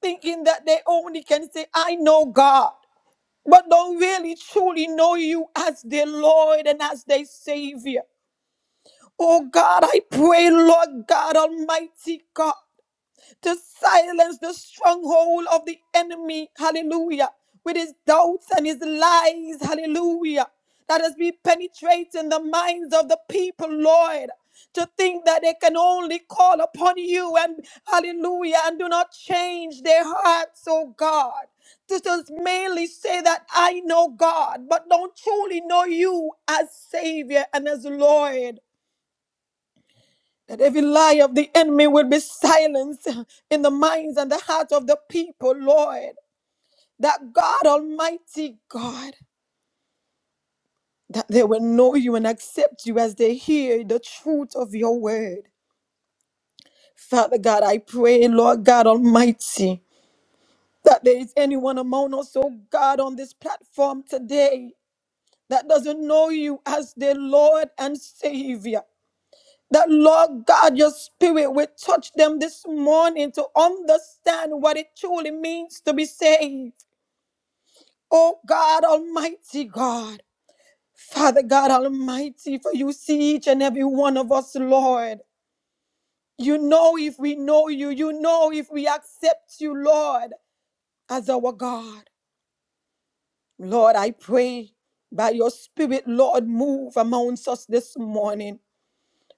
thinking that they only can say, I know God, but don't really truly know you as their Lord and as their Savior. Oh God, I pray, Lord God Almighty God to silence the stronghold of the enemy. Hallelujah. With his doubts and his lies. Hallelujah. That has been penetrating the minds of the people, Lord. To think that they can only call upon you and hallelujah and do not change their hearts, oh God. To just mainly say that I know God, but don't truly know you as Savior and as Lord. That every lie of the enemy will be silenced in the minds and the hearts of the people, Lord. That God, Almighty God, that they will know you and accept you as they hear the truth of your word. Father God, I pray, Lord God Almighty, that there is anyone among us, oh God, on this platform today that doesn't know you as their Lord and Savior. That Lord God, your spirit will touch them this morning to understand what it truly means to be saved. Oh God, Almighty God, Father God Almighty, for you see each and every one of us, Lord. You know if we know you, you know if we accept you, Lord, as our God. Lord, I pray by your spirit, Lord, move amongst us this morning.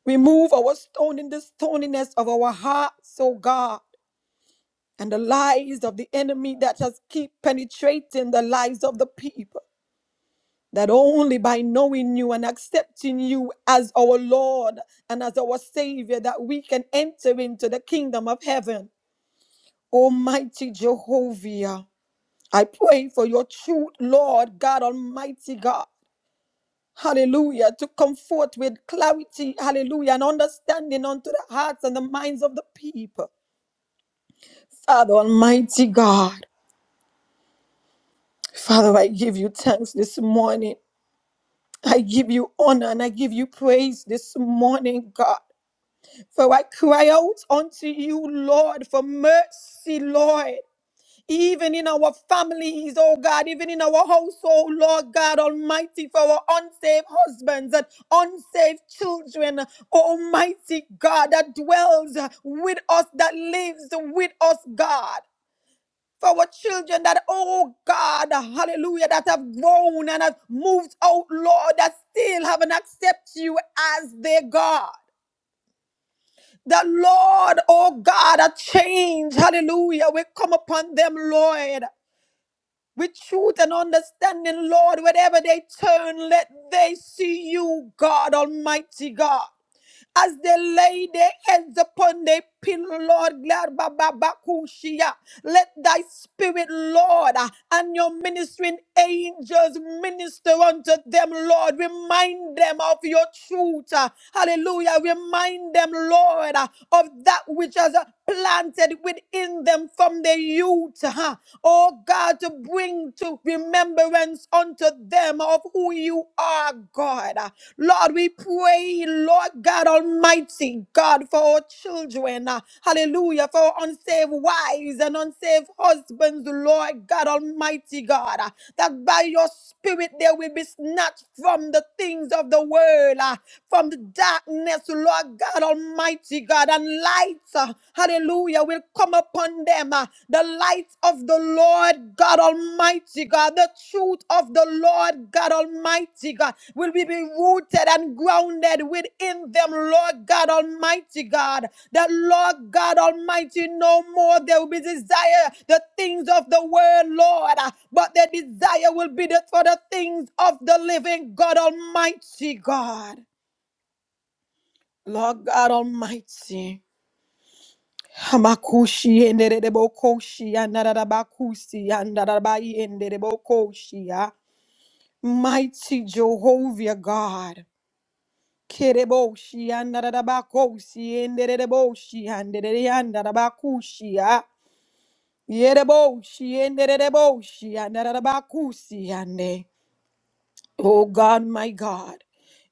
Remove our stone in the stoniness of our hearts, oh God. and the lies of the enemy that has keep penetrating the lives of the people that only by knowing you and accepting you as our lord and as our savior that we can enter into the kingdom of heaven almighty jehovah i pray for your truth lord god almighty god Hallelujah, to come forth with clarity, hallelujah, and understanding unto the hearts and the minds of the people. Father Almighty God. Father, I give you thanks this morning. I give you honor and I give you praise this morning, God. For I cry out unto you, Lord, for mercy, Lord. Even in our families, oh God, even in our household, Lord God Almighty, for our unsaved husbands and unsaved children, Almighty God that dwells with us, that lives with us, God for our children that, oh God, hallelujah, that have grown and have moved out, Lord, that still haven't accepted you as their God. The Lord, oh God, a change, hallelujah, will come upon them, Lord with truth and understanding, Lord. Wherever they turn, let they see you, God Almighty God. As they lay their heads upon their pillow, Lord, glad ba- ba- ba- kushia. let thy spirit, Lord, uh, and your ministering angels minister unto them, Lord. Remind them of your truth. uh, Hallelujah. Remind them, Lord, uh, of that which has uh, planted within them from their youth, huh? oh God, to bring to remembrance unto them of who you are, God. Lord, we pray, Lord God Almighty, God, for our children, uh, hallelujah, for our unsaved wives and unsaved husbands, Lord God Almighty, God, uh, that by your spirit they will be snatched from the things of the world, uh, from the darkness, Lord God Almighty, God, and light, uh, hallelujah, will come upon them. uh, The light of the Lord God Almighty, God, the truth of the Lord God Almighty, God, will be be rooted and grounded within them, Lord God Almighty, God. That Lord God Almighty, no more there will be desire the things of the world, Lord, uh, but their desire will be the, for the things of the living God Almighty, God. Lord God Almighty. Hamakushi enderere bokoshi anarabakusi andarabai endere bokoshi ya. Mighty Jehovah God. Kereboshi anarabakosi enderere boshi andere andarabakushi ya. Yereboshi enderere boshi andarabakusi ande. Oh God, my God.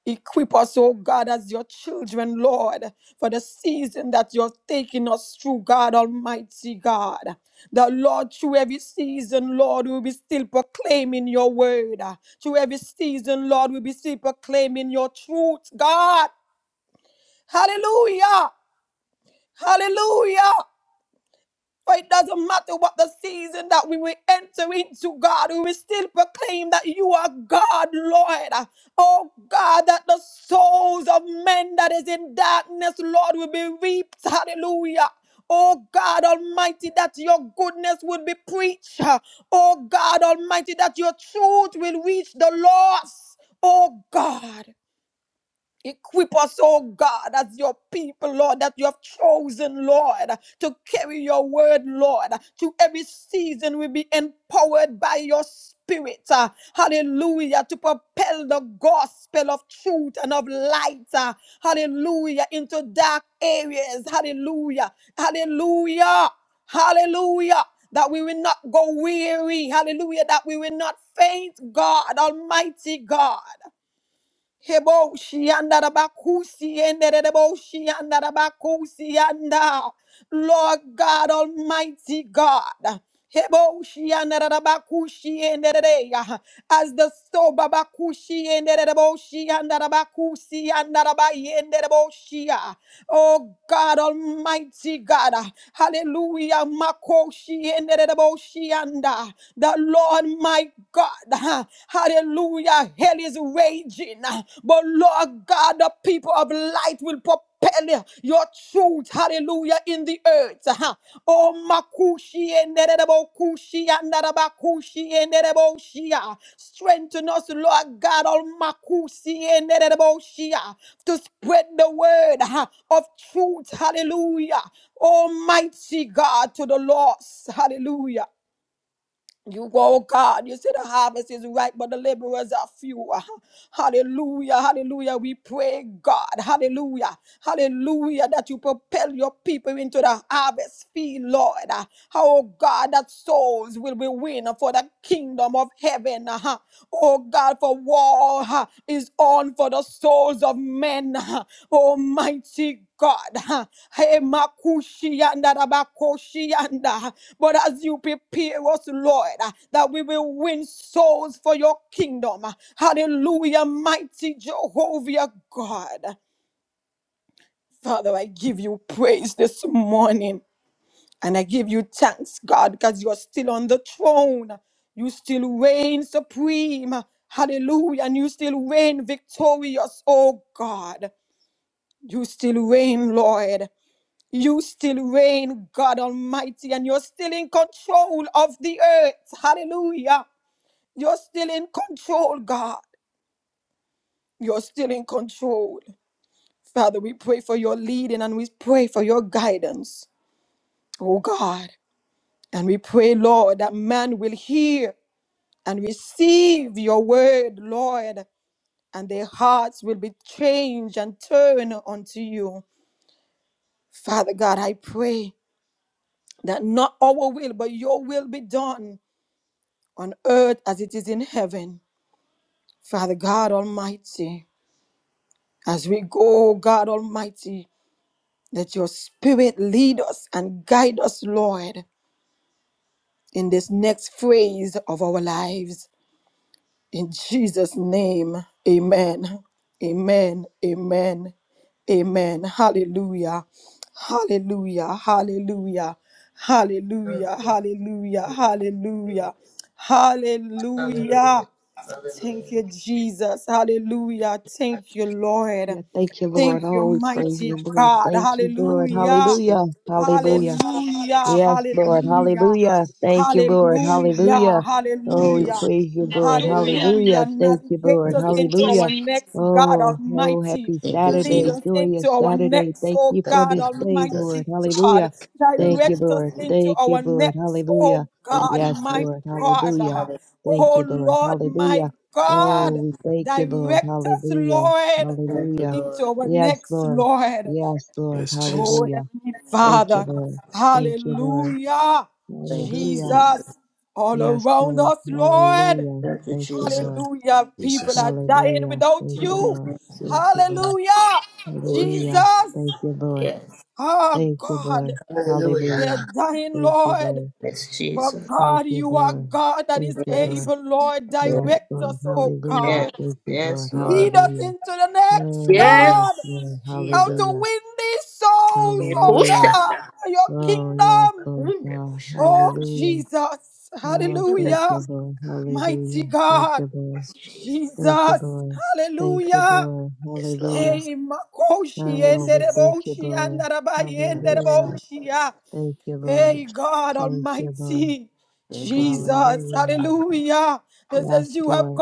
Equip us, oh God, as your children, Lord, for the season that you're taking us through, God Almighty God. the Lord, through every season, Lord, we'll be still proclaiming your word. Through every season, Lord, we'll be still proclaiming your truth, God. Hallelujah! Hallelujah! For it doesn't matter what the season that we will enter into, God, we will still proclaim that you are God, Lord. Oh God, that the souls of men that is in darkness, Lord, will be reaped. Hallelujah. Oh God Almighty, that your goodness will be preached. Oh God Almighty, that your truth will reach the lost. Oh God. Equip us, oh God, as your people, Lord, that you have chosen, Lord, to carry your word, Lord. To every season we be empowered by your spirit. uh, Hallelujah. To propel the gospel of truth and of light. uh, Hallelujah. Into dark areas. Hallelujah. Hallelujah. Hallelujah. That we will not go weary. Hallelujah. That we will not faint, God, Almighty God. Hebo shianda da bakusi ende de debo shianda da bakusi anda. Lord God Almighty God. Hebo shianda da da bakushi ende de de ya. As the soba bakushi ende de debo shianda da bakusi anda da ba yende debo shia. Oh God Almighty God. Hallelujah. Makoshi endereboshianda. The Lord my God. Hallelujah. Hell is raging. But Lord God, the people of light will propel your truth. Hallelujah. In the earth ha. Oh makushi enderebo kushi andaraba kushi enderebo shia. Strengthen us, Lord God, all makusi enderebo shia to spread the word ah, of truth. Hallelujah. Almighty God to the lost. Hallelujah. You go, God. You say the harvest is ripe, but the laborers are few. Ah, Hallelujah. Hallelujah. We pray, God. Hallelujah. Hallelujah. That you propel your people into the harvest field, Lord. Ah, Oh, God, that souls will be win for the kingdom of heaven. Ah, Oh, God, for war uh, is on for the souls of men. uh, Almighty God. uh, Hey, Makushianda, Rabakoshianda, But as you prepare us, Lord, uh, that we will win souls for your kingdom. uh, Hallelujah, mighty Jehovah God. Father, I give you praise this morning. And I give you thanks, God, because you're still on the throne. You still reign supreme. Hallelujah. And you still reign victorious, oh God. You still reign, Lord. You still reign, God Almighty, and you're still in control of the earth. Hallelujah. You're still in control, God. You're still in control. Father, we pray for your leading and we pray for your guidance, oh God. And we pray, Lord, that man will hear. and receive your word, Lord, and their hearts will be changed and turn unto you. Father God, I pray that not our will, but your will be done on earth as it is in heaven. Father God Almighty, as we go, God Almighty, let your spirit lead us and guide us, Lord, in this next phase of our lives. In Jesus' name, amen. Amen. Amen. Amen. Hallelujah. Hallelujah. Hallelujah. Hallelujah. Hallelujah. Hallelujah. Hallelujah. Hallelujah. Thank Hallelujah. you, Jesus. Hallelujah. Thank you, Lord. Yeah, thank you, Lord. Thank you, Oh, we praise you, mighty Lord. God. Thank you, Lord. Hallelujah. Hallelujah. Lord, Hallelujah. Hallelujah. Yes, Lord. Hallelujah. Hallelujah. Thank you, Lord. Hallelujah. Hallelujah. yes, Oh, we Lord. Hallelujah. praise you, Lord. Hallelujah. Hallelujah. Thank you, Navigate Lord. us Thank you, into Jesus. Hallelujah. our next, God Oh, oh, Almighty. happy Thank you, Lead Saturday. Jesus. us into Joyous our Saturday. next, Thank you oh Thank for God you, this day, Jesus. Lord. Almighty God. Hallelujah. Thank Thank you, you, Direct us Lord. Jesus. into Thank you, our Lord. next, Hallelujah. oh Thank you, Jesus. Thank God, Yes, my you, Lord. God. Jesus. Hallelujah. Hallelujah. Thank Oh you, Lord. Lord, my Hallelujah. Oh, God. we thank you, Lord. Direct us, Hallelujah. Lord, Thank you, Hallelujah. into Lord. our Yes, next, Lord. Lord. Yes, Lord. yes, Jesus, Oh Hallelujah. Heavenly Thank you, Father. Lord. Thank you, Lord. Hallelujah. Thank you, Hallelujah. Jesus. Jesus, all Yes, around Lord. us, Lord. Hallelujah. Thank you, Thank you, Jesus. Lord. Hallelujah. Yes, People Jesus, are dying Hallelujah. without Thank Thank you, you, you. Lord. Thank Jesus. you, Lord. Hallelujah. Oh, Jesus. Hallelujah. Jesus. Thank you, Lord. Yes. Oh Thank you, God. Lord. Hallelujah. They are Hallelujah. dying, Thank you, Lord. Lord. Yes, But Jesus. Thank God, you, you are Lord. God that Thank is you, Yes. Lord. able, Lord. Yes. Yes, Direct Lord. us, oh Hallelujah. God. Yes, Thank you, Lord. yes Lord. Lead us Hallelujah. into the next, Oh, Yes, yes, God. Lord. How to Jesus. Hallelujah. win these souls, oh Hallelujah. God, Ekushanda. for your Oh, yes, kingdom. Lord Kunde God. kushanda. Oh Hallelujah. Jesus. Oh, thank Ekunda. Hallelujah. you, Lord. Mighty Hallelujah. Thank God. you, Lord. Yes, Jesus. Thank you, Jesus. Lord. Thank you, Hallelujah. Lord. Yes, Lord. Hallelujah. Hey, Makoshi Thank you, Oh, and we Jesus. thank you, Dereboshi and Lord. Darabai and Thank you, Jesus. Hallelujah. Thank you, Dereboshia. Thank you, Lord. Hey, Jesus. God Thank you, Lord. Almighty, Thank you, Jesus. Jesus, Hallelujah. Hallelujah. hallelujah. Just Yes, as you have Lord.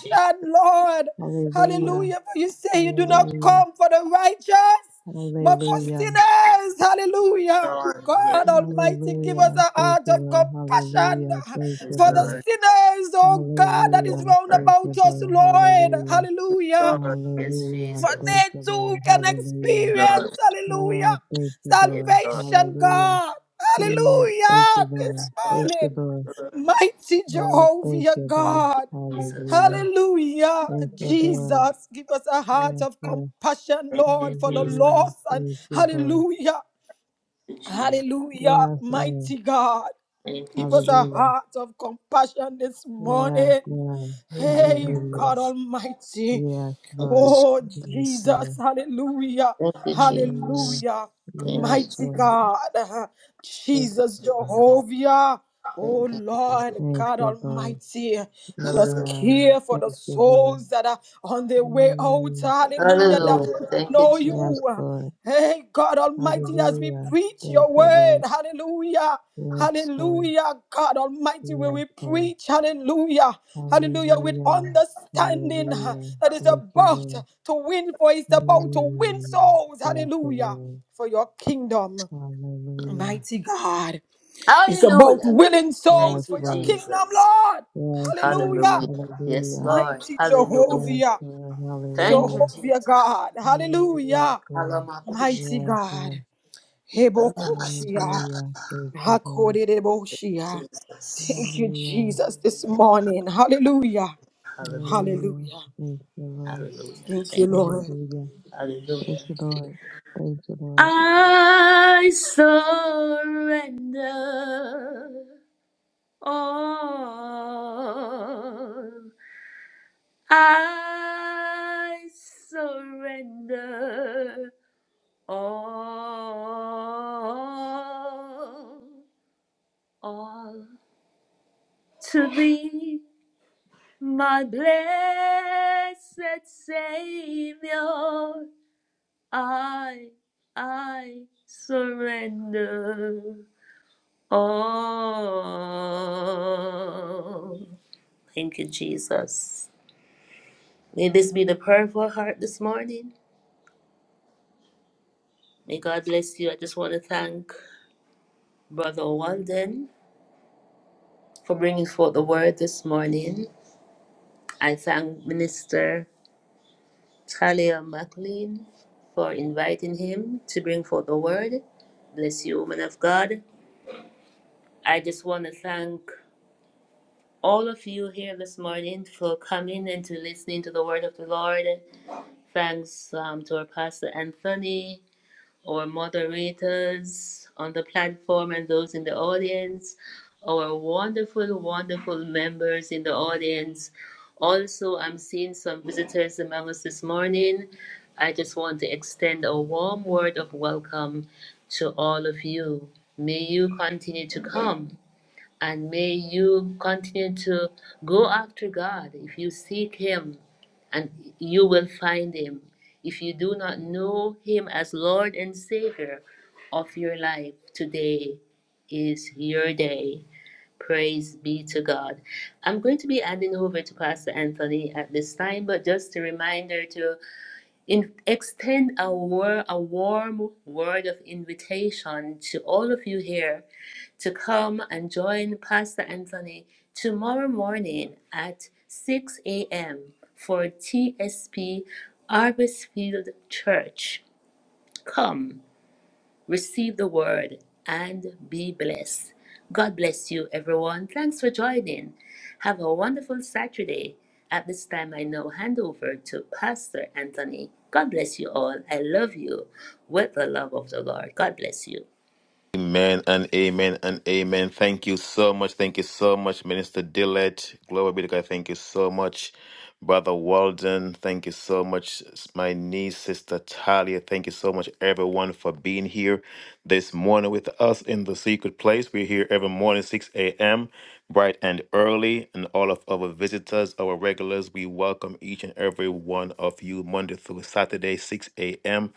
Jesus, Lord, Hallelujah. hallelujah. For you say you do not Hallelujah. come for the righteous, but for Hallelujah. sinners, hallelujah. Lord. God Yes, Almighty, give us Hallelujah. a Thank heart you, of Lord. compassion Hallelujah. Thank you, yes, for the Lord. Lord. sinners, oh God, that is Yes, Hallelujah. round Lord. Thank about you, us, Lord. Lord, Hallelujah. hallelujah Lord. Yes, Hallelujah. for Thank Jesus. they you, too Lord. can Hallelujah. experience, Lord. hallelujah, Oh, thank you, Yes, Lord. Lord. salvation, Hallelujah. God, Mm, thank hallelujah, you, Lord. this Yes, Lord. Thank you, morning. Lord. Mighty Oh, thank Jehovah you, Lord. God, Jesus, uh, Hallelujah. hallelujah, Thank thank you, Lord. Jesus, give us a heart Yes, of Lord. compassion, you, Lord, thank for the you, Jesus, Hallelujah. lost, and Thank you, Lord. hallelujah, thank hallelujah, Yes, Lord. mighty God. you, Give us a Jesus, Hallelujah. heart of compassion this Yes, morning. Lord. thank you, Hey, Hallelujah. God Jesus, Almighty. Yes, Thank you, Lord. Oh, Yes, Jesus. Lord. Jesus. Hallelujah. thank you, Jesus, Yeah, yes, Hallelujah. thank you, yes, Jesus, Mighty Lord. God. Jesus Jehovah. thank you, Jesus, Oh, Thank you, Jesus. thank you, Jesus, Lord Thank God you, Lord. Almighty. Let us Hallelujah. Yeah, care for the thank you, Lord. souls that are on their way out. Mm, Hallelujah. That hallelujah, yes, doesn't thank you, know Jesus, yes, you. Lord. Hey, God Almighty, as we Hallelujah. preach Thank your you, word. Lord. Hallelujah. Yes, Lord. Hallelujah, God Almighty, where Yes, we Lord. preach, hallelujah, hallelujah, with Hallelujah. understanding uh, Hallelujah. that is Thank you, about Lord. to win, for it's about to win Mm, souls, thank you, hallelujah, Lord. for your kingdom, Hallelujah. mighty God. It's about hallelujah, winning thank Yes, souls you, for your Lord. kingdom, Jesus, Lord, Yes, Lord. hallelujah, hallelujah, yes, Hallelujah. Lord, mighty hallelujah, Yes, Jehovah, Lord. thank you, Hallelujah. Jehovah Jesus, God, Mm, Yes, hallelujah, Lord. hallelujah, mighty Yes, Lord. God, Hebokoshia. Hallelujah. Thank you, Lord. Hakoredeboshia. Thank Jesus, you, Hallelujah. Jesus, this morning. Hallelujah. hallelujah. Hallelujah. Hallelujah. Thank you, Lord. Hallelujah. Thank you, Thank you. Lord. Hallelujah. Thank Hallelujah. you, Lord. Thank you, Lord. I surrender all. I surrender all. All to thee, my blessed Savior. I, I surrender all. Thank you, Jesus. May this be the prayer of our heart this morning. May God bless you. I just want to thank Brother Walden for bringing forth the word this morning. I thank Minister Talia McLean for inviting him to bring forth the word. Bless you, woman of God. I just want to thank all of you here this morning for coming and to listening to the word of the Lord. Thanks um, to our Pastor Anthony, our moderators on the platform, and those in the audience, our wonderful, wonderful members in the audience. Also, I'm seeing some visitors among us this morning. I just want to extend a warm word of welcome to all of you. May you continue to come. And may you continue to go after God. If you seek Him, and you will find Him. If you do not know Him as Lord and Savior of your life, today is your day. Praise be to God. I'm going to be handing over to Pastor Anthony at this time, but just a reminder to in, extend a, wor- a warm word of invitation to all of you here to come and join Pastor Anthony tomorrow morning at 6 a.m. for TSP Arbisfield Church. Come receive the word, and be blessed. God bless you, everyone. Thanks for joining. Have a wonderful Saturday. At this time, I now hand over to Pastor Anthony. God bless you all. I love you with the love of the Lord. God bless you. Amen and amen and amen. Thank you so much. Thank you so much, Minister Dillett. Glory be to God. Thank you so much, Brother Walden. Thank you so much, my niece, Sister Talia. Thank you so much, everyone, for being here this morning with us in the secret place. We're here every morning, 6 a.m., bright and early. And all of our visitors, our regulars, we welcome each and every one of you Monday through Saturday, 6 a.m.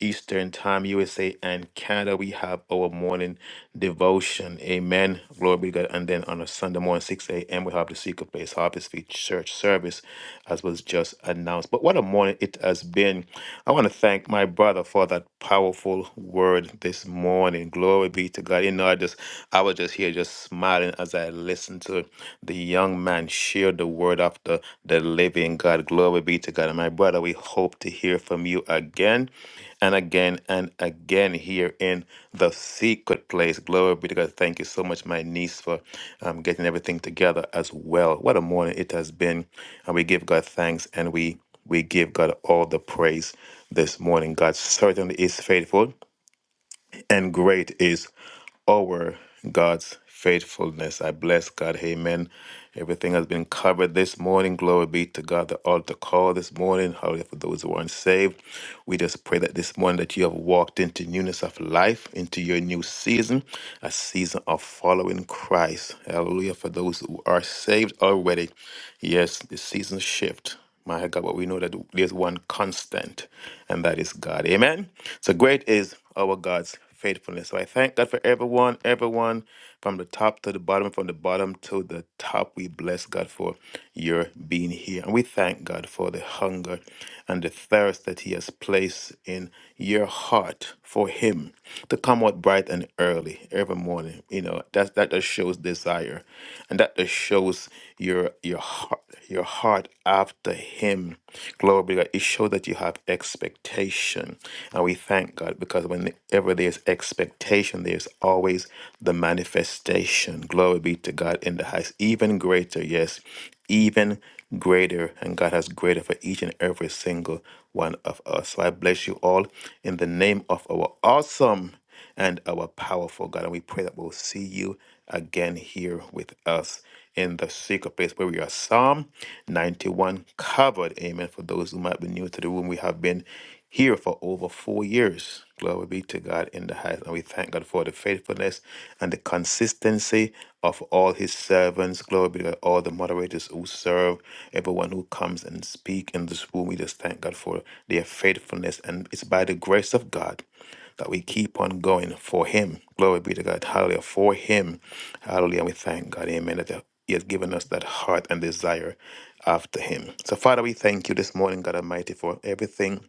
Eastern Time, USA, and Canada. We have our morning devotion. Amen. Glory be to God. And then on a Sunday morning, 6 a.m., we have the Secret Place Harvest Field Church service, as was just announced. But what a morning it has been. I want to thank my brother for that powerful word this morning. Glory be to God. You know, I just I was just here just smiling as I listened to the young man shared the word of the, the living God. Glory be to God. And my brother, we hope to hear from you again and again and again here in the secret place. Glory be to God. Thank you so much, my niece, for um, getting everything together as well. What a morning it has been. And we give God thanks and we we give God all the praise this morning. God certainly is faithful and great is our God's faithfulness. I bless God. Amen. Everything has been covered this morning. Glory be to God. The altar call this morning. Hallelujah. For those who aren't saved, we just pray that this morning that you have walked into newness of life, into your new season, a season of following Christ. Hallelujah. For those who are saved already, yes, the season shift my God, but we know that there's one constant, and that is God. Amen. So great is our God's faithfulness. So I thank God for everyone, everyone from the top to the bottom, from the bottom to the top. We bless God for your being here. And we thank God for the hunger and the thirst that He has placed in your heart for Him to come out bright and early every morning. You know, that, that just shows desire and that just shows your your heart your heart after him glory be to god it shows that you have expectation and we thank god because whenever there's expectation there's always the manifestation glory be to god in the highest even greater yes even greater and god has greater for each and every single one of us so i bless you all in the name of our awesome and our powerful God. And we pray that we'll see you again here with us in the secret place where we are. Psalm 91 covered. Amen. For those who might be new to the room, we have been here for over four years. Glory be to God in the highest. And we thank God for the faithfulness and the consistency of all his servants. Glory be to God, all the moderators who serve, everyone who comes and speak in this room. We just thank God for their faithfulness. And it's by the grace of God that we keep on going for Him. Glory be to God. Hallelujah. For Him. Hallelujah. And we thank God. Amen. That He has given us that heart and desire after Him. So, Father, we thank you this morning, God Almighty, for everything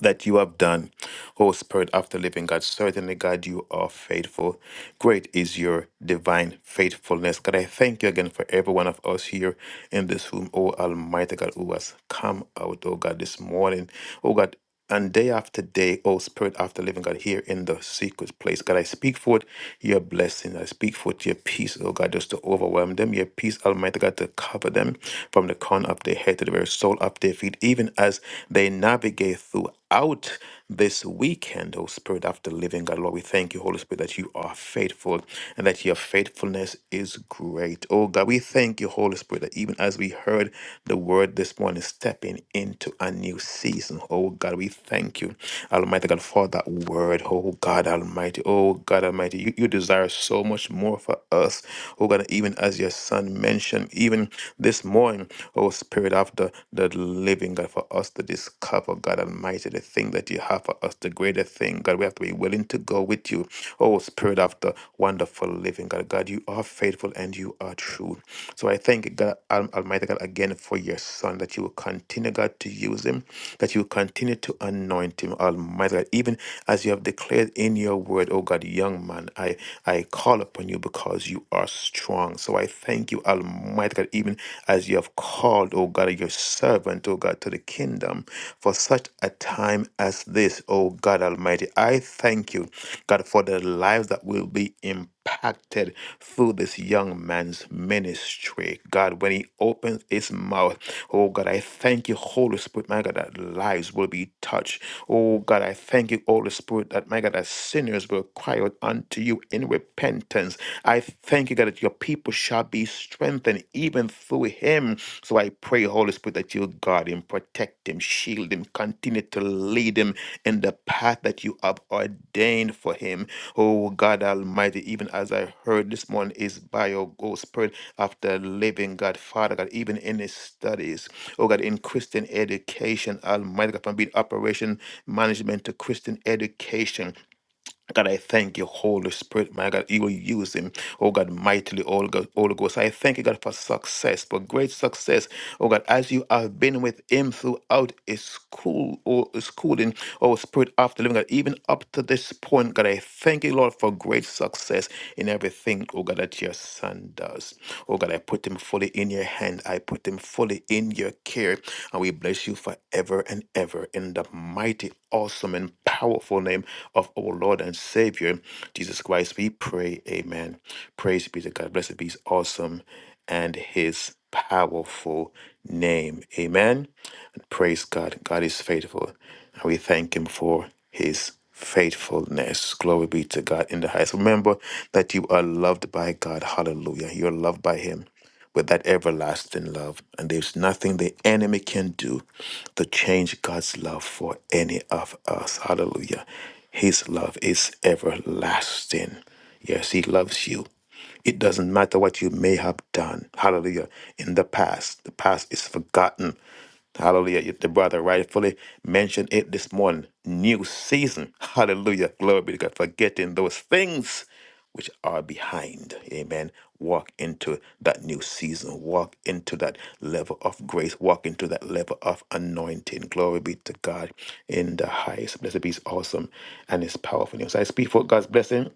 that you have done. Oh, Spirit of the living God, certainly, God, you are faithful. Great is your divine faithfulness. God, I thank you again for every one of us here in this room. Oh, Almighty God, who has come out, oh God, this morning. Oh God, and day after day, oh Spirit, after living God, here in the secret place, God, I speak forth your blessing. I speak forth your peace, oh God, just to overwhelm them. Your peace, Almighty God, to cover them from the crown of their head to the very sole of their feet, even as they navigate throughout this weekend, oh Spirit, after living God. Lord, we thank you, Holy Spirit, that you are faithful and that your faithfulness is great. Oh God, we thank you, Holy Spirit, that even as we heard the word this this morning, stepping into a new season. Oh God, we thank you, Almighty God, for that word. Oh God Almighty, oh God Almighty, you, you desire so much more for us. Oh God, even as your son mentioned, even this morning, oh Spirit of the, the living God, for us to discover, God Almighty, the thing that you have for us, the greater thing. God, we have to be willing to go with you. Oh Spirit of the wonderful living God, God, you are faithful and you are true. So I thank God, Al- Almighty God, again for your son, that you will continue, God, to use him, that you will continue to anoint him, Almighty God, even as you have declared in your word, oh God, young man, I, I call upon you because you are strong. So I thank you, Almighty God, even as you have called, oh God, your servant, oh God, to the kingdom for such a time as this, oh God Almighty. I thank you. God, for the lives that will be impacted through this young man's ministry. God, when he opens his mouth, oh God, I thank you, Holy Spirit, my God, that lives will be touched. Oh God, I thank you, Holy Spirit, that my God, that sinners will cry out unto you in repentance. I thank you, God, that your people shall be strengthened even through him. So I pray, Holy Spirit, that you guard him, protect him, shield him, continue to lead him in the path that you have ordained for him. Oh God Almighty, even as I heard this morning is by your Ghost Spirit after living God, Father God, even in his studies. Oh God, in Christian education, Almighty God, from being operation management to Christian education. God, I thank you, Holy Spirit, my God. You will use him, oh God, mightily, oh God, Holy Ghost. I thank you, God, for success, for great success, oh God, as you have been with him throughout his school, or his schooling, oh Spirit, after living, God, even up to this point, God, I thank you, Lord, for great success in everything, oh God, that your son does. Oh God, I put him fully in your hand. I put him fully in your care. And we bless you forever and ever in the mighty, awesome, and powerful name of our Lord and Savior, Jesus Christ. We pray, Amen. Praise be to God. Blessed be His awesome and His powerful name. Amen. And praise God. God is faithful. And we thank Him for His faithfulness. Glory be to God in the highest. Remember that you are loved by God. Hallelujah. You're loved by Him with that everlasting love. And there's nothing the enemy can do to change God's love for any of us. Hallelujah. His love is everlasting. Yes, He loves you. It doesn't matter what you may have done. Hallelujah. In the past, the past is forgotten. Hallelujah. You- The brother rightfully mentioned it this morning. New season. Hallelujah. Glory be to God. Forgetting those things which are behind. Amen. Walk into that new season. Walk into that level of grace. Walk into that level of anointing. Glory be to God in the highest. Blessed be his awesome and his powerful name. So I speak for God's blessing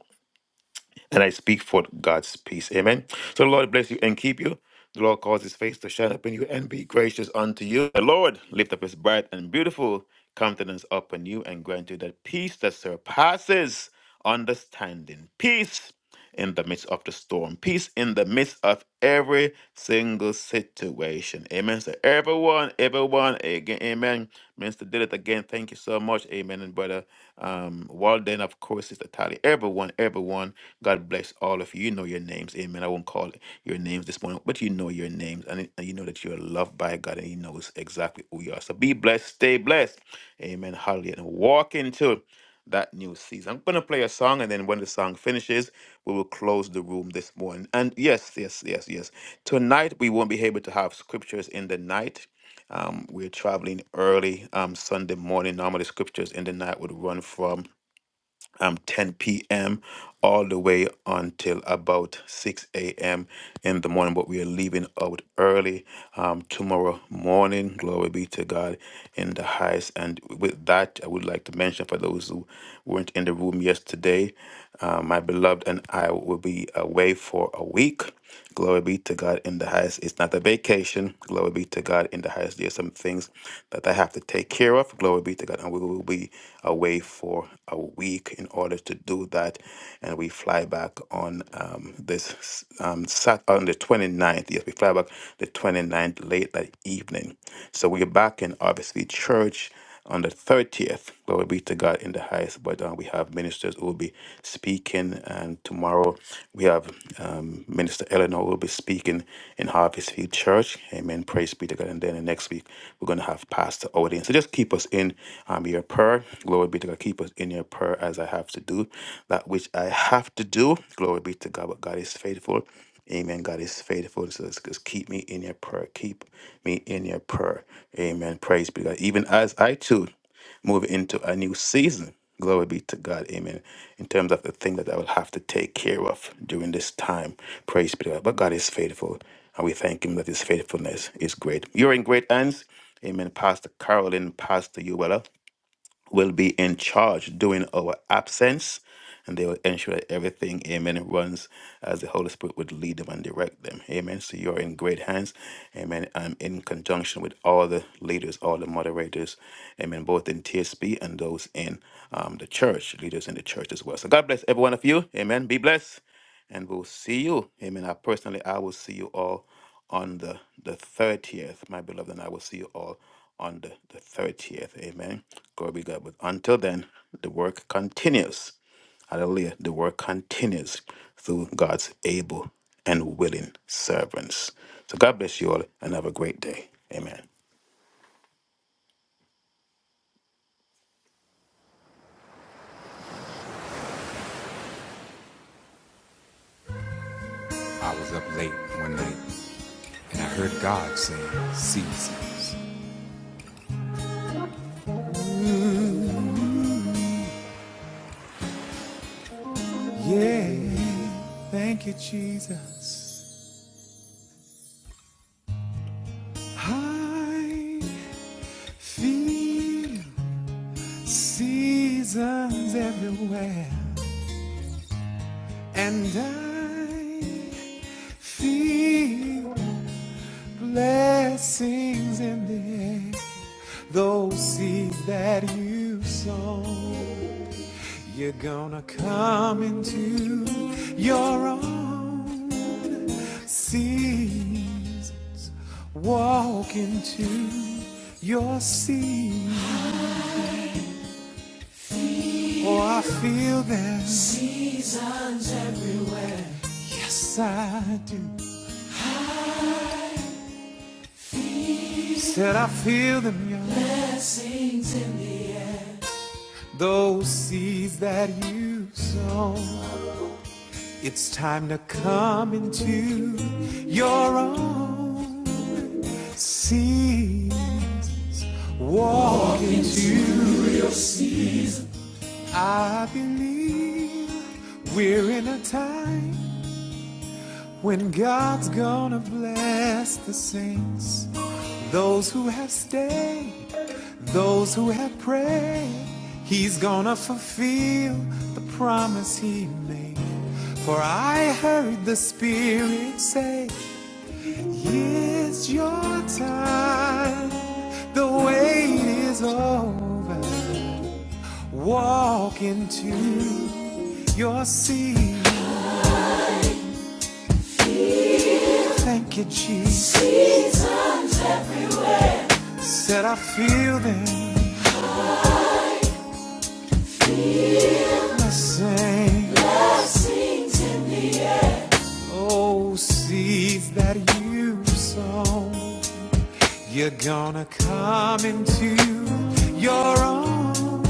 and I speak for God's peace. Amen. So the Lord bless you and keep you. The Lord cause his face to shine upon you and be gracious unto you. The Lord lift up his bright and beautiful countenance upon you and grant you that peace that surpasses understanding. Peace in the midst of the storm. Peace in the midst of every single situation. Amen. So everyone, everyone, again, amen. Minister did it again. Thank you so much. Amen. And brother um Walden, of course, Sister Tally. Everyone, everyone. God bless all of you. You know your names. Amen. I won't call your names this morning, but you know your names. And, and you know that you're loved by God and He knows exactly who you are. So be blessed. Stay blessed. Amen. Hallelujah. And walk into that new season. I'm going to play a song. And then when the song finishes, we will close the room this morning. And yes, yes, yes, yes. Tonight, we won't be able to have scriptures in the night. Um, we're traveling early um, Sunday morning. Normally, scriptures in the night would run from um, 10 p.m. all the way until about 6 a.m. in the morning. But we are leaving out early um, tomorrow morning. Glory be to God in the highest. And with that, I would like to mention for those who weren't in the room yesterday, uh, my beloved and I will be away for a week. Glory be to God in the highest. It's not a vacation. Glory be to God in the highest. There's some things that I have to take care of. Glory be to God. And we will be away for a week in order to do that. And we fly back on um, this um, sat on the 29th. Yes, we fly back the 29th late that evening. So we're back in RBC Church on the 30th. Glory be to God in the highest. But uh, we have ministers who will be speaking. And tomorrow we have um, Minister Eleanor who will be speaking in Harvest Field Church. Amen. Praise be to God. And then the next week we're going to have Pastor Odin. So just keep us in um, your prayer. Glory be to God. Keep us in your prayer as I have to do that which I have to do. Glory be to God. But God is faithful. Amen. God is faithful. So let's just keep me in your prayer. Keep me in your prayer. Amen. Praise be to God. Even as I too move into a new season. Glory be to God. Amen. In terms of the thing that I will have to take care of during this time. Praise be to God. But God is faithful. And we thank Him that His faithfulness is great. You're in great hands. Amen. Pastor Carolyn, Pastor Uwella will be in charge during our absence, and they will ensure that everything, amen, runs as the Holy Spirit would lead them and direct them. Amen. So you're in great hands, amen. I'm in conjunction with all the leaders, all the moderators, amen, both in TSB and those in um, the church, leaders in the church as well. So God bless every one of you, amen. Be blessed, and we'll see you, amen. I personally, I will see you all on the, the 30th, my beloved, and I will see you all on the, the 30th. Amen. Glory be to God. But until then, the work continues. Hallelujah. The work continues through God's able and willing servants. So God bless you all and have a great day. Amen. I was up late one night and I heard God saying, Yeah, thank you, Jesus. I feel seasons everywhere, and I feel blessings in the air. Those seeds that you sown, you're gonna come into your own seeds. Walk into your seed. Oh, I feel them. Yes, I do. Said I feel them, yeah. Those seeds that you sow. It's time to come into your own seeds. I believe we're in a time when God's gonna bless the saints, those who have stayed Those who have prayed, he's gonna fulfill the promise he made. For I heard the Spirit say, It's your time, the wait is over. Walk into your seat. Thank you, Jesus. Said I feel them the same. Oh, seeds that you sown. You're gonna come into your own.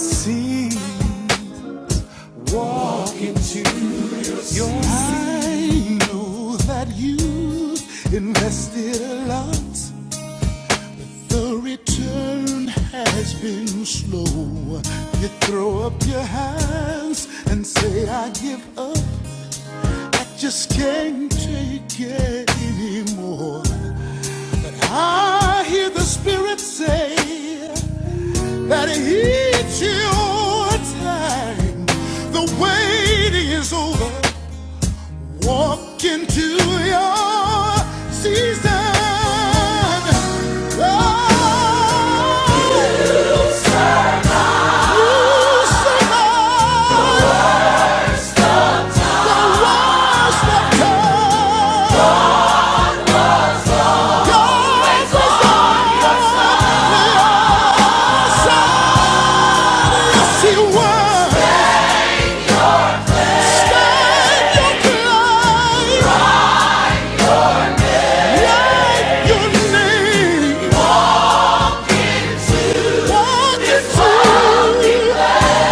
See your time that you invested a lot. Return has been slow. You throw up your hands and say, Give up, can't take it anymore. I hear the Spirit say that it's your time. The waiting is over. Walk into your season. Walk into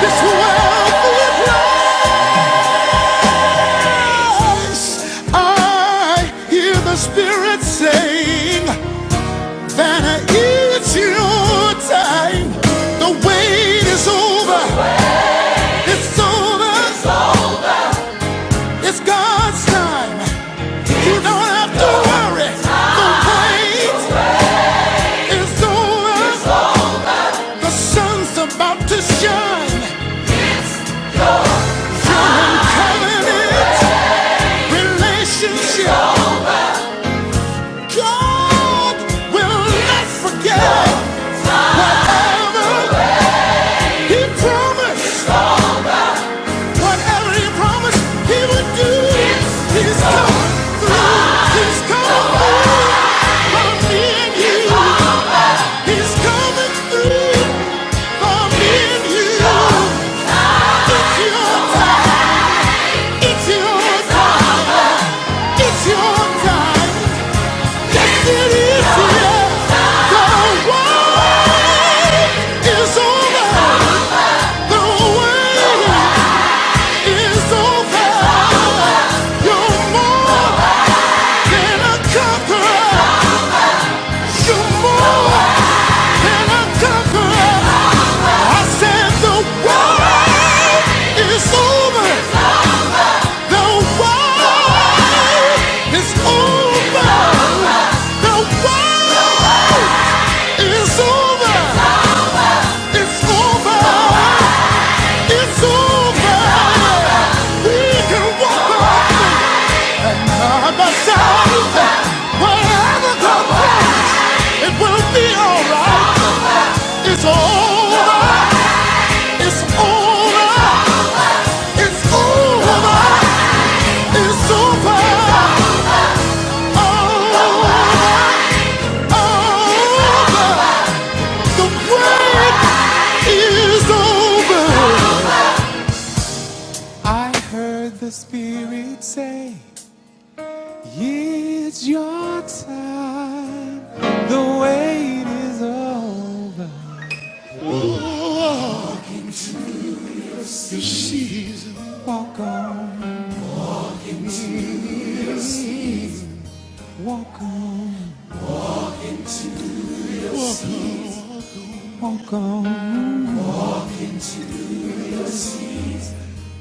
this world full of lies. Yes, I hear the Spirit saying that it's your time. The wait is over. It's over. It's God's time. You don't have to worry. The wait is over. The sun's about to shine. Covenant relationship. God will not forget ever. He promised. Whatever he promised he would do, he's come through. He's coming through for me and you. He's coming through for me and you. It's your time. It's your time. It's your time. Yes, it is. Yeah. The wait is over. The wait is over. You're more than a conqueror. You're more than I said the war is over. The war is over. The war is over. It's over. It's over. We can walk on by side. Whatever comes, it will be alright. It's over. It's over. It's over. It's over. Oh, over. The wait is over. I heard the Spirit say, It's your time. The wait is over. Walk on, walk on, walk on.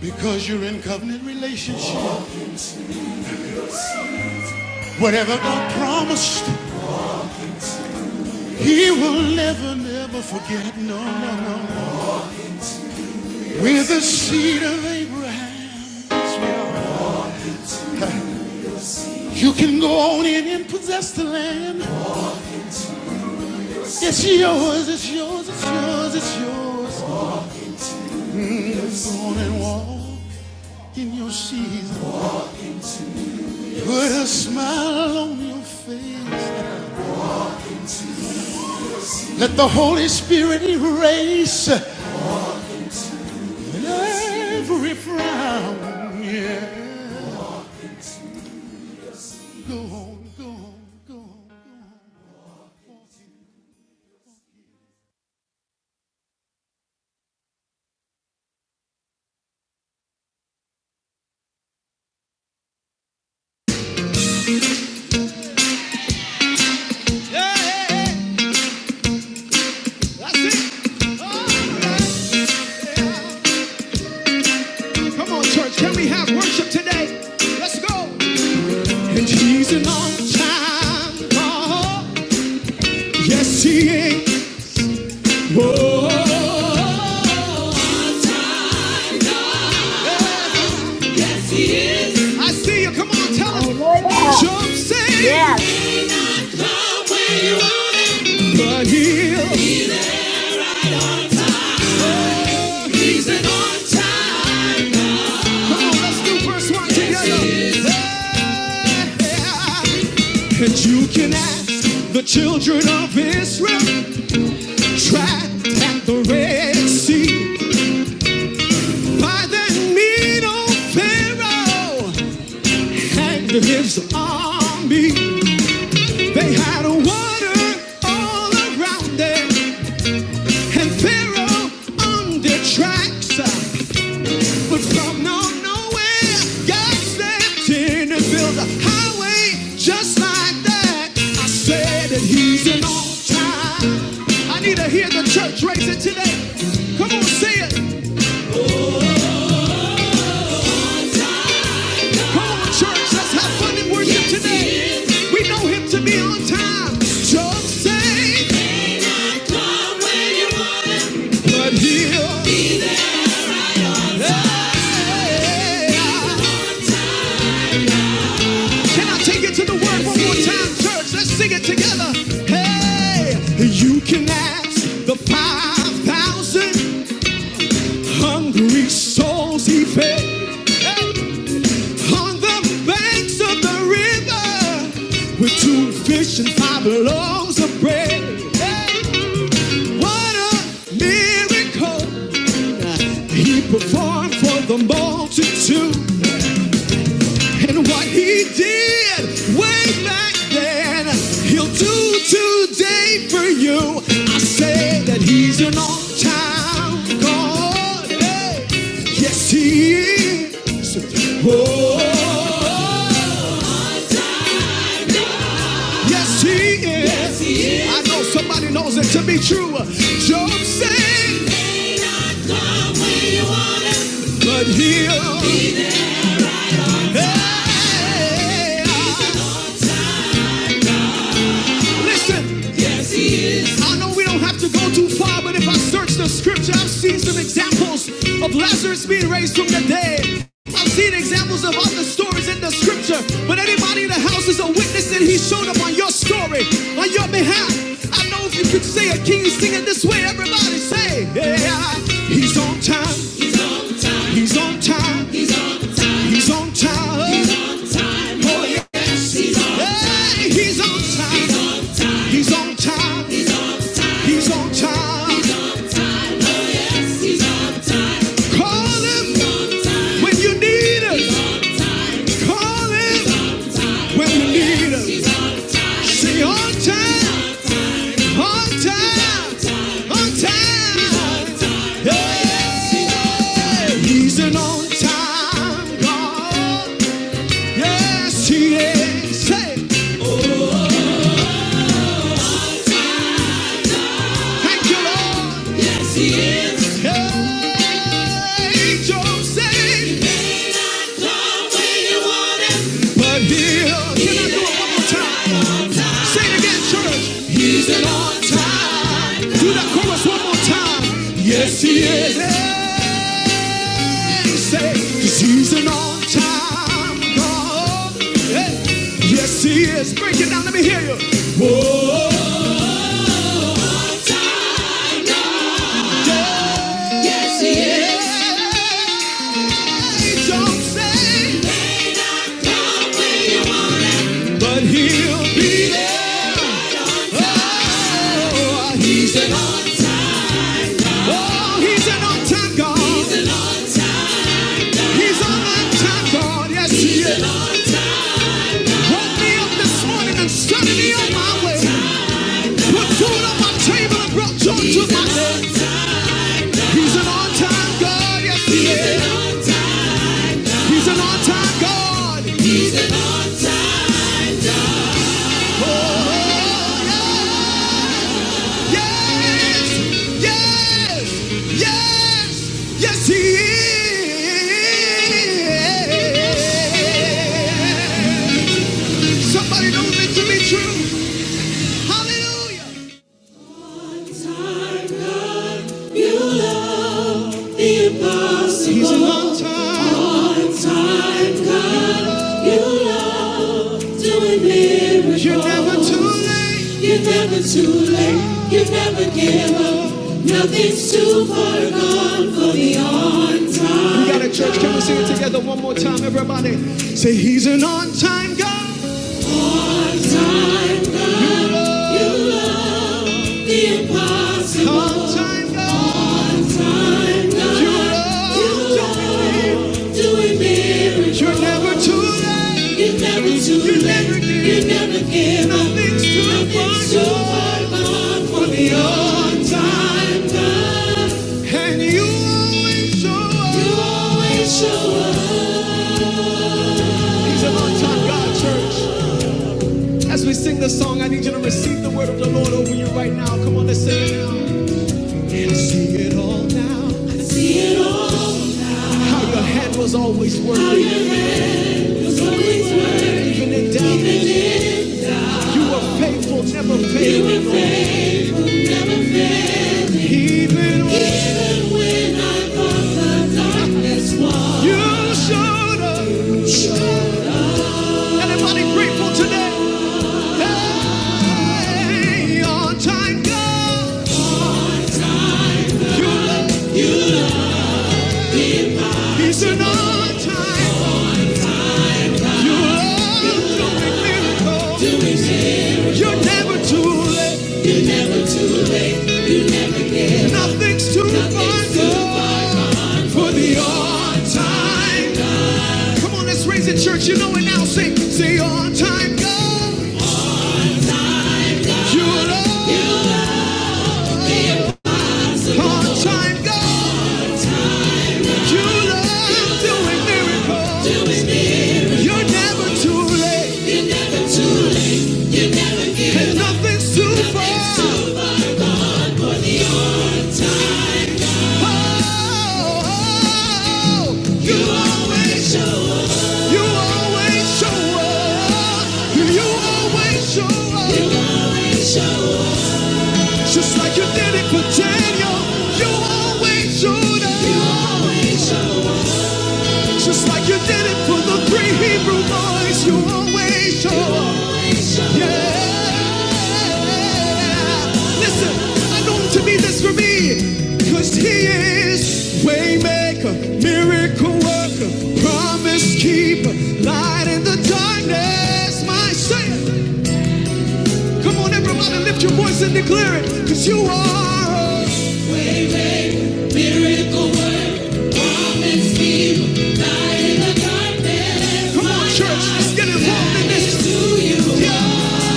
Because you're in covenant relationship. Whatever God promised. He will never, never forget. No, no, no. no. We're the seed of Abraham. Yes, You can go on in and possess the land. It's yours, it's yours, it's yours, it's yours. Go on and walk in your season. Put a smile on your face. Let the Holy Spirit erase every frown. Yeah. Go on, go on, go on. Yeah, yeah, yeah. That's it. Yeah. Come on, church. Can we have worship today? Let's go. And he's an on time. God. Yes, he is. Whoa. I see you. Come on, tell him. Hallelujah. Jump, The way you want But he'll. He's an on time. let's do verse one yes, together. Yeah. And you can ask the children of Israel. Trapped at the Red Sea by the mean old Pharaoh and his army. They had water all around them, and Pharaoh on their tracks. But from no nowhere, God stepped in and built a highway just like that. I said that He's an all-time. I need to hear the church raise it today. Come on, say it. Come on, church, let's have fun and worship today. We know him to be on time. Just say, but he'll be there. Can I take it to the word one more time, church? Let's sing it together. Hey, you can ask the 5,000. Hungry souls he fed. Hey. On the banks of the river with two fish and five loaves of bread. Hey. What a miracle he performed for the multitude. And what he did way back then, he'll do today for you. I say that he's an on time God. Hey. Yes, he is. Oh, yes, he is. Yes, he is. I know somebody knows it to be true. Job said, but he'll. Hey. Listen, I know we don't have to go too far, but if I search the scripture, I've seen some examples of Lazarus being raised from the dead. I've seen examples of other stories in the scripture, but anybody in the house is a witness and he showed up on your story, on your behalf. I know if you could say a king is singing this way, everybody say, yeah, he's on time, he's on time, he's on time. Oh, yeah. Hey, he's on time. He's on time. He's on time. Call him When you need us, call him. When you need us, say on time, on time, on time. Hey, he's an on time God. Yes, he is. thank you, Lord. Hey, angels sing. But he'll, can I do it one more time? Say it again, church. He's an on time. Do that chorus one more time. Yes, he is. Hey, say, 'cause he's an on time God. Hey, yes, he is. Break it down, let me hear you. Whoa. Hey, don't say, but he'll be there. Oh, he's an on. Oh, he's an on time God. He's on my time, God. Yes, he is. Woke me up this morning and started me on my way. Put food on my table and brought joy to my head. He's an on time, God. Yes, he is. He's an on time, God. Oh, yes, yes, yes, yes, he is. Somebody knows it to be true. Hallelujah. You love the impossible. He's an all-time, God. You love doing miracles. You're never too late. You're never too late. You never give up. Nothing's too far gone for the on-time. We got a church. Can we sing it together one more time, everybody? Say He's an on-time God. You an on-time God. You love doing miracles. You're never too late. You're never too You late. never You never give up. Nothing's too Nothing's too far gone for the on-time God. And you always show up. You always show up. He's an up. on-time God, church. As we sing this song, I need you to receive the word of the Lord over you right now. Come on, let's sing it now. And I see it all now. How your hand was always working. How your hand was always working, Even in doubt. You are faithful, never failing. Even when you showed up. Anybody grateful today? Hey, on time God. You love, he's an on time. You love doing miracles. You're never too late. Nothing's too far for the on time. Come on, let's raise it, church. You know it now. Sing, say on time God. You love. Part-time God, you love doing miracles. You're never too late, and nothing's too far. Oh, you always show up. You always show up. You always show up. You always show up. Just like you did it for Daniel, you always showed up. You always show Just like you did it for the three Hebrew boys, you always show up. Yeah. Listen, I know him to be this for me, cause he is waymaker, miracle worker, promise keeper, light in the darkness, my savior. Come on, everybody, lift your voice and declare it, cause you are. Come on, church, get involved in this. Yeah,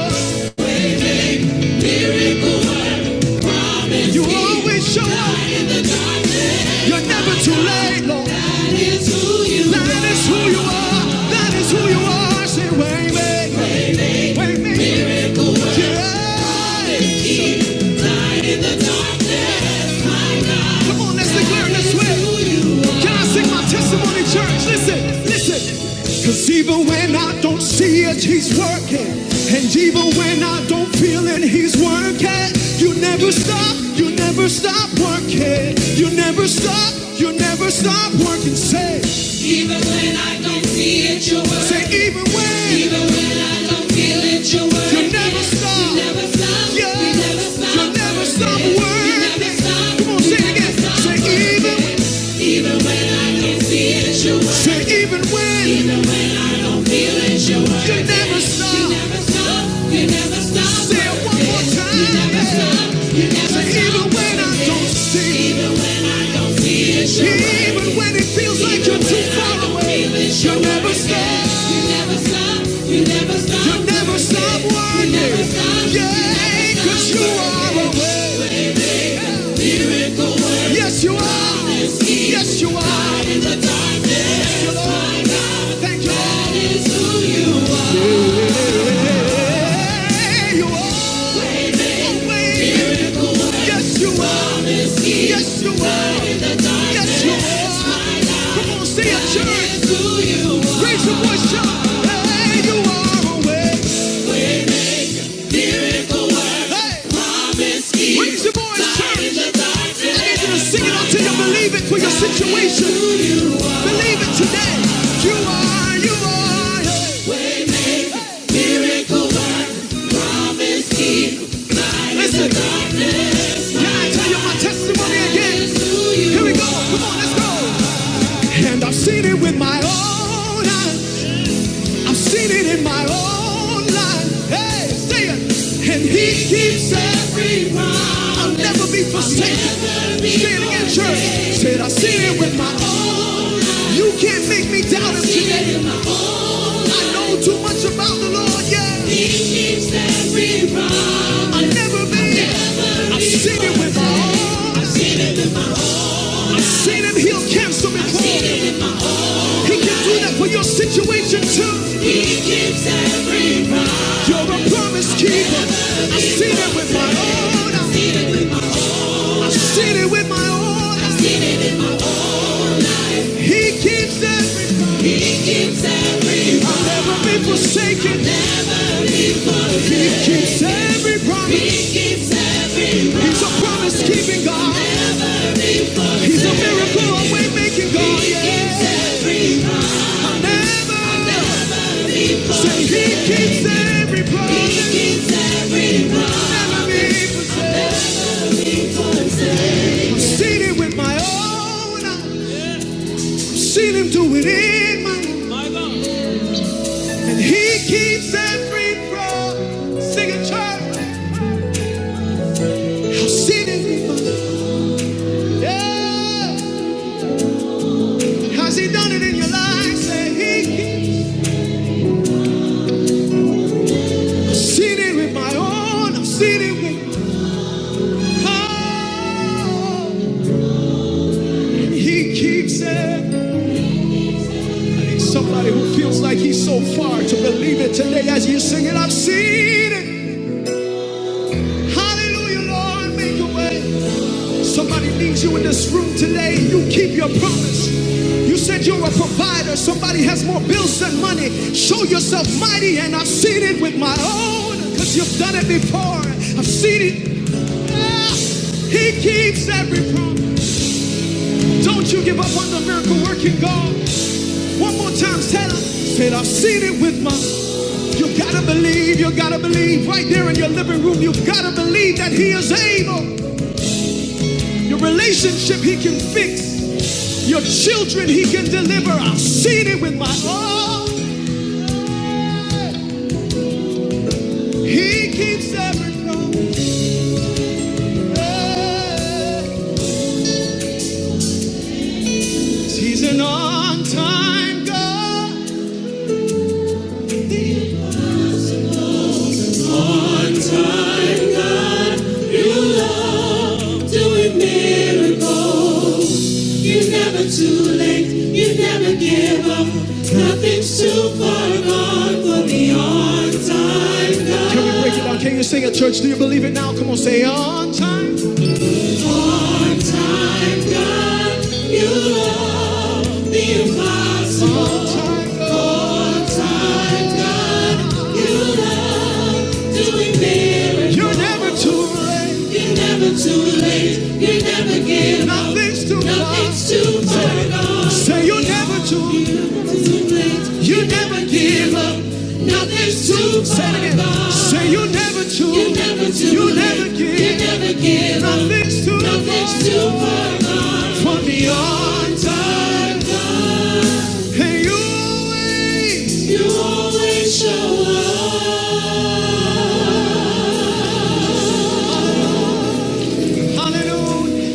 you You always show up, you're never too late, Lord. That is who you are, that is who you are. Say, Waymaker, Waymaker, yeah. Come on, let's declare and let swear. Can I sing my testimony, church? Listen, listen. Cause even when I don't see it, he's working. And even when I don't feel it, he's working. You never stop, you never stop working. You never stop, you never stop working. Say, Even when I don't see it, you're working. say, even when. Even even when it feels like you're too far away, you never stop. You never stop. You never stop working. Yeah, 'cause you are away. Yes, you are. Yes, you are. Yes, you are. Thank you. Hey, you are. Yeah, you Always. Yes, you are. Yes, you are. Light in the darkness, Yes, you are. Come on, say it, church. That is who you are. Raise your voice, shout. Hey, you are always. Hey. Raise your voice, church. I need you to sing it until you believe it for your situation. Believe it today. You are, you are. hey. Listen, can I tell you my testimony again? Here we go. Come on, let's go. And I've seen it with my own eyes. I've seen it in my own life. Hey, say it. And he keeps every promise. I'll never be forsaken. I'll never be say it again, church. Said I have seen it with my own eyes. You can't make me doubt him today. in my own I know too much about the Lord, yeah. He keeps every promise. I'll never be. I'll never I've seen it with my own eyes. I've seen it with my own life. I've own seen him heal cancer before. I've seen it with my He can do that for your situation too. You're a promise keeper. I've seen it with my own eyes. I've seen it with my own eyes. He keeps every promise. I'll never be forsaken. He keeps every promise. He's a promise keeping God. He's a miracle away making God. Yeah. I'll never say He keeps every promise. I'll never be forsaken. I've seen it with my own eyes. Seen him do it in my life. And he keeps that free from singing church. I've seen it before. Yeah. Has he done it in your life? Say he keeps. I've seen it with my own. I've seen it with oh, and he keeps it. Somebody who feels like he's so far to believe it today as you sing it. I've seen it. Hallelujah, Lord, make a way. Somebody needs you in this room today. You keep your promise. You said you're a provider. Somebody has more bills than money. Show yourself mighty, and I've seen it with my own. Because you've done it before. I've seen it. Yeah. He keeps every promise. Don't you give up on the miracle working God. One more time, tell him. Said I've seen it with my own. you gotta believe, you gotta believe right there in your living room. You have gotta believe that He is able. Your relationship, He can fix. Your children, He can deliver. I've seen it with my own. He keeps every promise. He's an on time God. Can you sing at church? Do you believe it now? Come on, say on time. You're never too late. Nothing's too far. Say you're never too. You never give up. Say it again. Say you're never too. You never give. you never Nothing's too Nothing's too far from the altar. God. Hey, you always, you always show up. Hallelujah.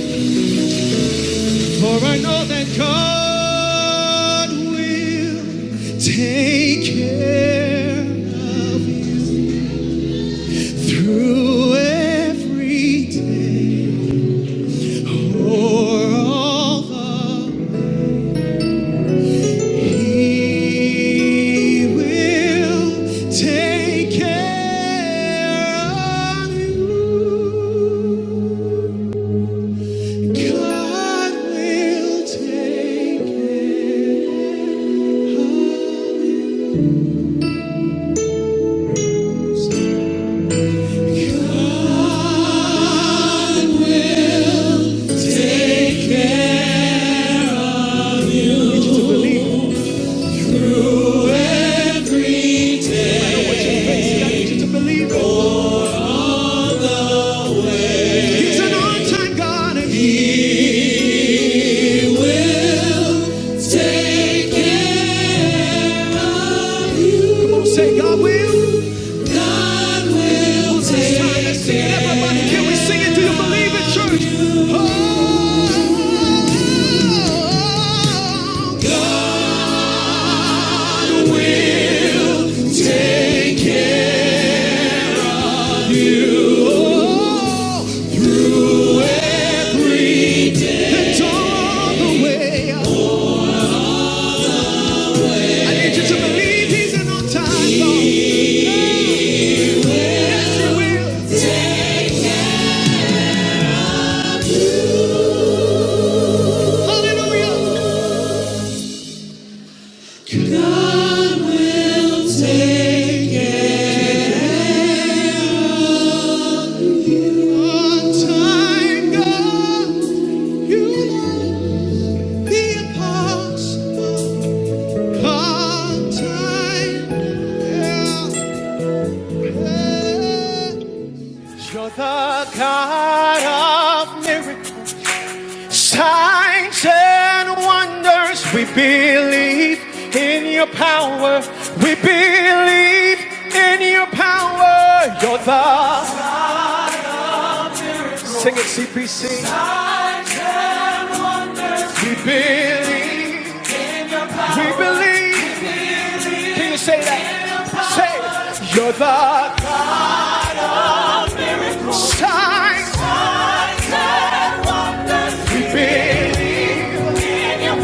For I know that God will take care of you through every day or all the. He will take care of you. God will take care. I need you to believe. I need to believe. He's an on-time God. and He take Say God will. God will It's time to take care. Let's sing it. Everybody, can we sing it? Do you believe it, church? Oh, God will take care. oh, every day. it's all the way. I need you to believe He's in on-time Lord. Yes, He will. Hallelujah. God will take it on time. You're the God of miracles, signs and wonders. We believe in your power. We believe in your power. You're the sing it CPC. We believe. We believe. Can you say that? Say, it. you're the Time. We believe, we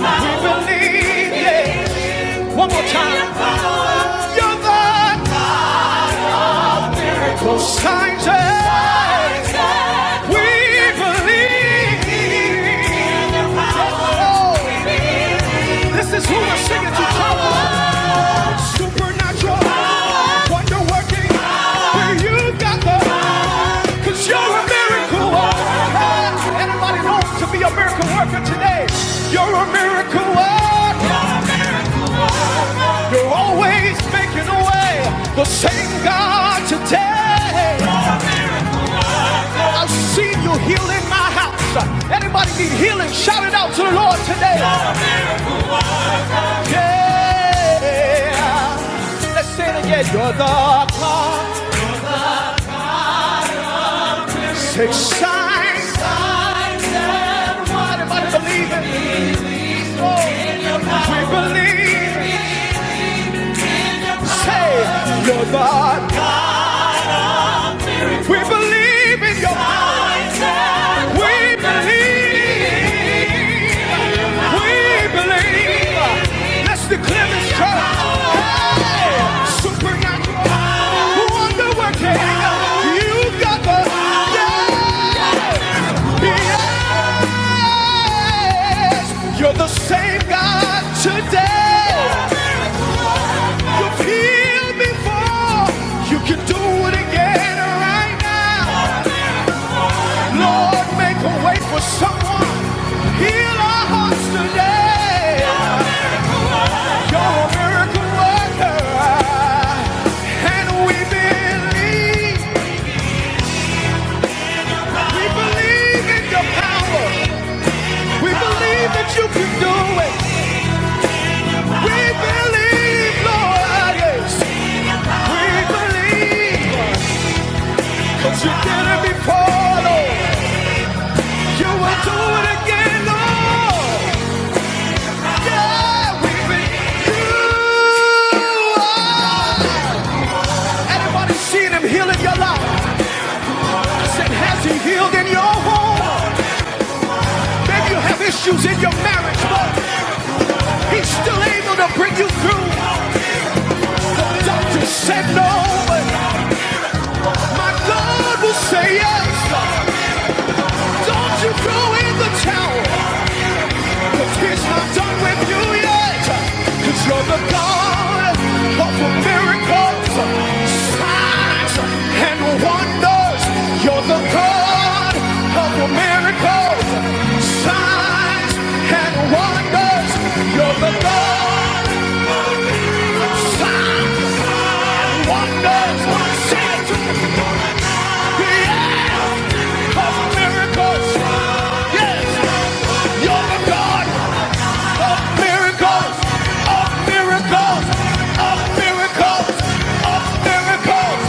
believe, yeah. One more time. You're the most times we believe. Oh, this is who we're singing to. Supernatural, wonder you got the, you you're a miracle. worker. Anybody knows to be a miracle worker today? You're a miracle worker. You're always making a way. The same God today. I've seen you healing my house. Anybody need healing? Shout it out to the Lord today. Yeah. Let's say it again. You're the God. Take signs. Signs and wonders. Anybody believe it? We believe. Say, you're God. We believe in your mind. We believe. We believe. Let's declare this church. Hey, supernatural, wonder working. you got the yes. You're the same God today. You've healed before. You can do it again right now. Lord, make a way for someone. Heal our hearts today. You're a and we believe. We believe in your power. We believe that you can do it. We believe, Lord, yes. We believe that you did it before, You will do it again, Lord. Yeah, we believe you are. Anybody seen him healing your life? Said, has he healed in your home? Maybe you have issues in your marriage, but he's still able to bring you through. The doctor said no, but my God will say yes. Don't you throw in the towel, because he's not done with you yet. Because you're the God of the miracles, signs, and wonders. You're the God of the miracles, signs, and wonders. You're the God. Signs and wonders, signs yes, of miracles. Yes, you're the God miracles, of miracles, of miracles, of miracles,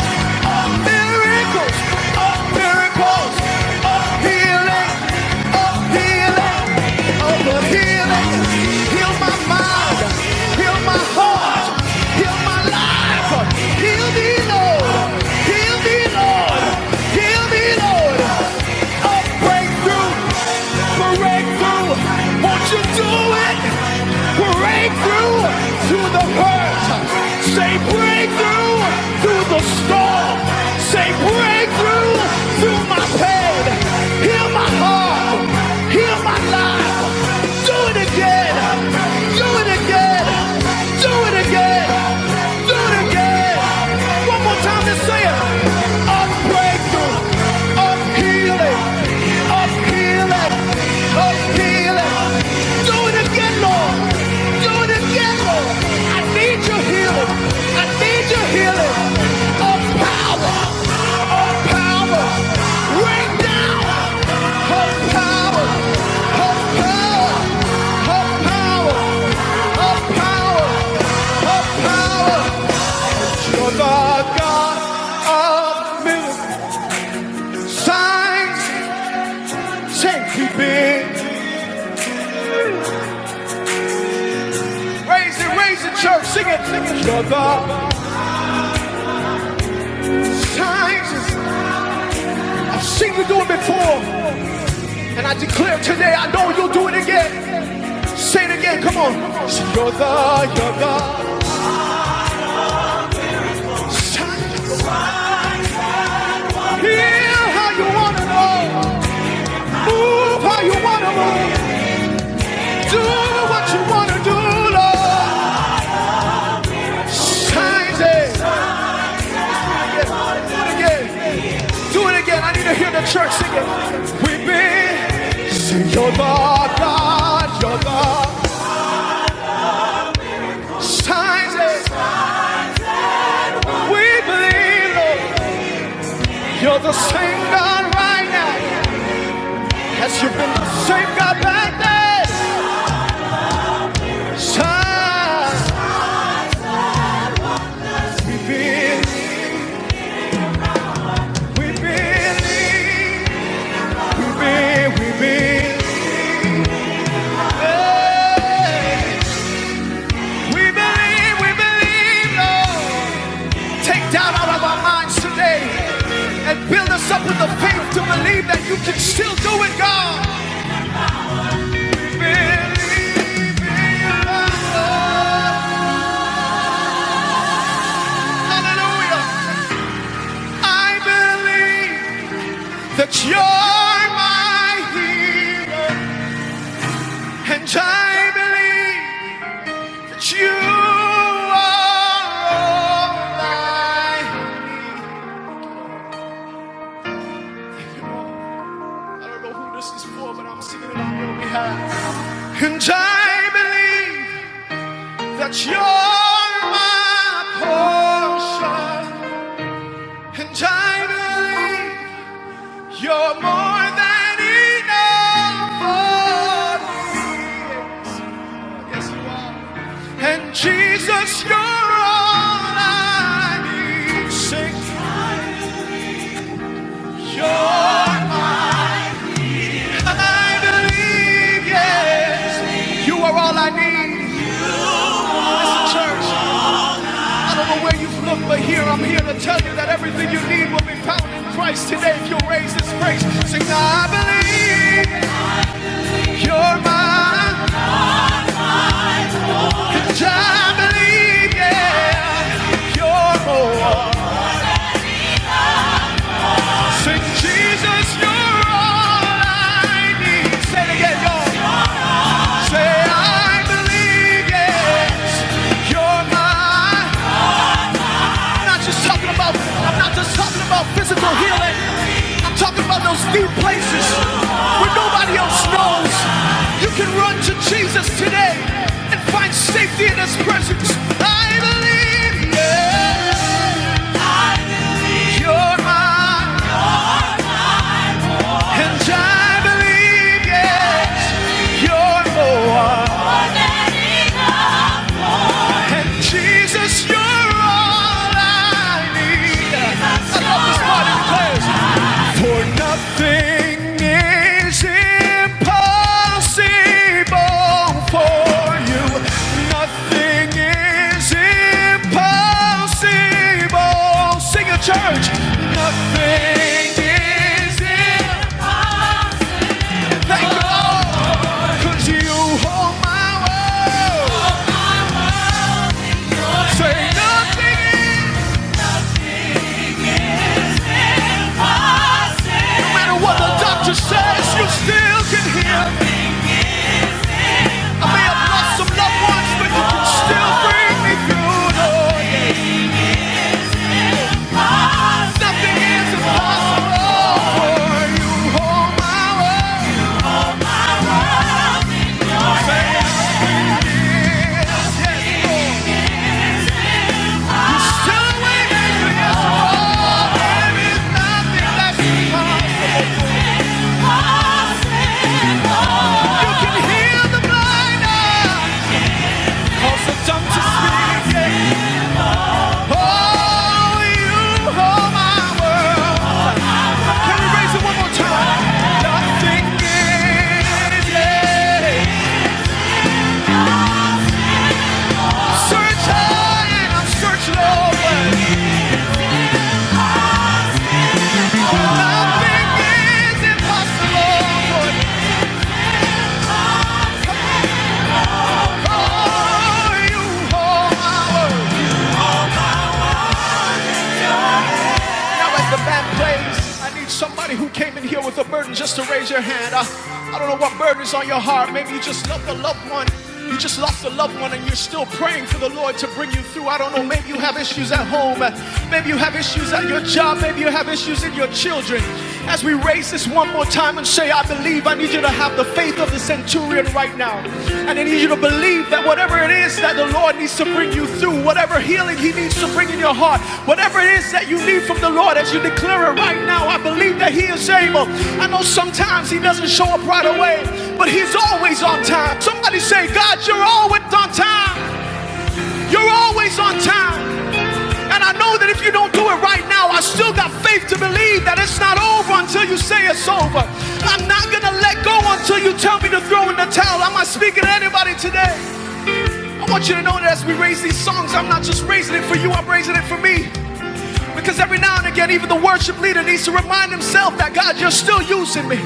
of miracles, of miracles, of healing, of healing, of healing. Heal my mind, heal my heart, heal my life, heal me, Lord, heal me, Lord, heal me, Lord. Breakthrough, breakthrough. Won't you do it? Breakthrough through the hurt. Say breakthrough through the storm. Say breakthrough through my pain. Heal my heart. Heal my life. Do it again. Do it again. Do it again. Do it again. One more time, let's say it. Of breakthrough, of healing, of healing, of healing. Do it again, Lord. Do it again, Lord. I need your healing. I need your healing. Of power, of power. Right now. Of power, of power, of power, of power, of power. The God of miracles, signs, safekeeping. Raise it, raise it, church, sing it. You're the God signs. I've seen you do it before, and I declare today, I know you'll do it again. Say it again, come on. You're the, you're the signs. Heal how you wanna know, move how you wanna move, do what you wanna do, Lord. Signs, eh? Do it again. Do it again. I need to hear the church sing it. We've been sing your God, God, your God. Signs it. We believe, Lord, you're the same God right now. As you've been the same God back then. Signs. We believe, we believe, we believe, we believe. Hey. We believe, we believe, Lord. take down out of our minds today and build us up with the faith to believe that you can still do it, God. Believe, Lord. Hallelujah. I believe that you're my healer, and I believe that you are all I need. I don't know who this is for, but I'm singing it on your behalf. And I believe That you're my portion, and I believe you're more than enough for me. Yes, you are. And Jesus, you're all I need. Sing, you're my- I believe, yes, you are all I need. Listen, church. I don't know where you have looked, but here I'm here to tell you that everything you need will be found in Christ today if you raise this grace. Sing, I believe you're mine. I believe, yeah, you're more. Sing, Jesus, you're all I need. Say it again, y'all. Say, I believe, yeah, it's my more. And Jesus, you're all I need. Jesus. For nothing is impossible for you. Nothing is impossible. Sing a church. Nothing is impossible. Thank you, Lord. 'Cause you hold my world. Say nothing is. No matter what the doctor says, you still can hear. me. I may have lost some loved ones, but you can still bring me through. Lord. Nothing is impossible. you hold my world. Can we raise it one more time? Nothing is Search high and I'll search low, but nothing is impossible. Oh, you hold my world. now as the band plays, I need somebody who came in here with a burden just to raise your hand. I, I don't know what burden is on your heart. Maybe you just loved a loved one. You just lost a loved one and you're still praying for the Lord to bring you through. I don't know. Maybe you have issues at home. Uh, Maybe you have issues at your job. Maybe you have issues in your children. As we raise this one more time and say, I believe, I need you to have the faith of the centurion right now. And I need you to believe that whatever it is that the Lord needs to bring you through, whatever healing He needs to bring in your heart, whatever it is that you need from the Lord, as you declare it right now, I believe that He is able. I know sometimes He doesn't show up right away, but He's always on time. Somebody say, God, you're always on time. You're always on time. And I know that if you don't do it right now, I still got faith to believe that it's not over until you say it's over. I'm not going to let go until you tell me to throw in the towel. Am I speaking to anybody today? I want you to know that as we raise these songs, I'm not just raising it for you, I'm raising it for me. Because every now and again, even the worship leader needs to remind himself that God, you're still using me.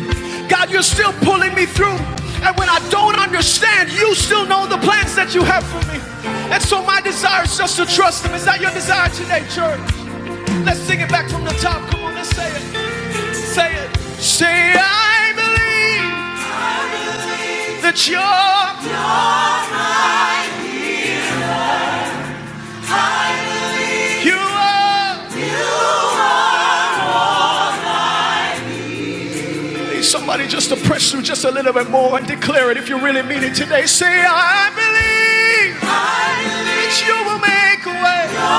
God, you're still pulling me through. And when I don't understand, you still know the plans that you have for me. And so my desire is just to trust him. Is that your desire today, church? Let's sing it back from the top. Come on, let's say it. Say it. Say, I believe that you're, you are. Somebody just to press through just a little bit more and declare it if you really mean it today. Say, I believe, I believe that you will make a way.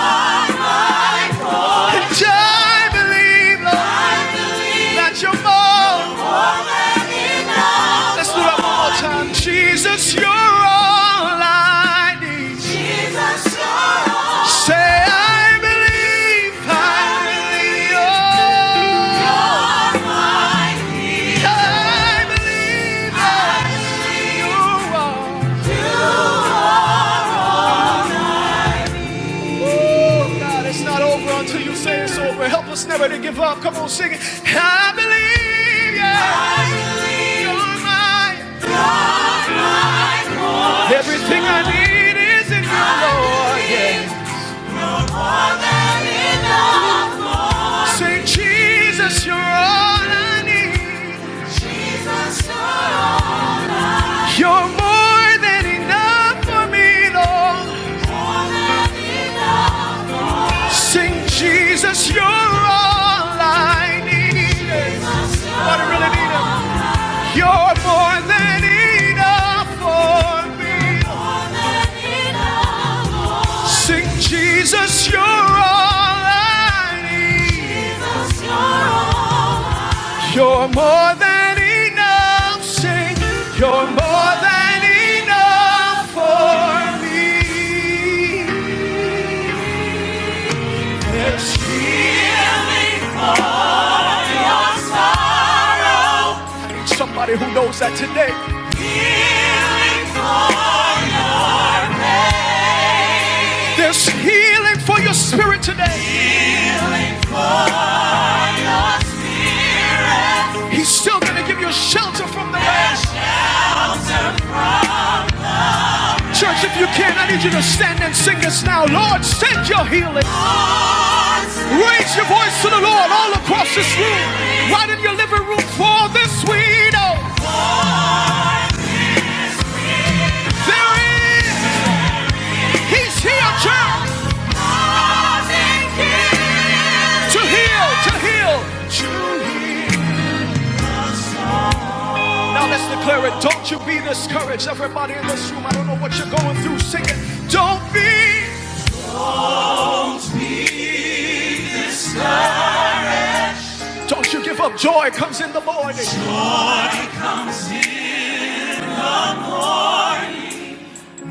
Just Jesus, you're all I believe. I believe, oh, I believe. Sing it. I believe everything I need, Lord. Yeah. What a to give you shelter from the rain. Church, if you can, I need you to stand and sing us now. Lord, send your healing. Raise your voice to the Lord all across this room. Right in your living room for this we know. There is, He's here, church. To heal, to heal, to heal. Now let's declare it. Don't you be discouraged. Everybody in this room, I don't know what you're going through. Sing it. Don't be. Don't you give up. Joy comes in the morning.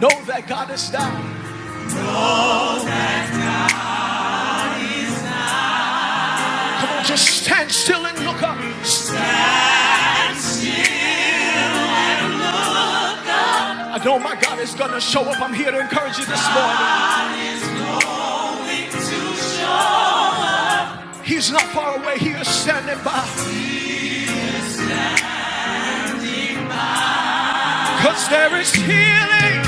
Know that God is there. Come on, just stand still and look up. I know my God is gonna show up. I'm here to encourage you this morning. He's not far away. He is standing by. Cause there is healing.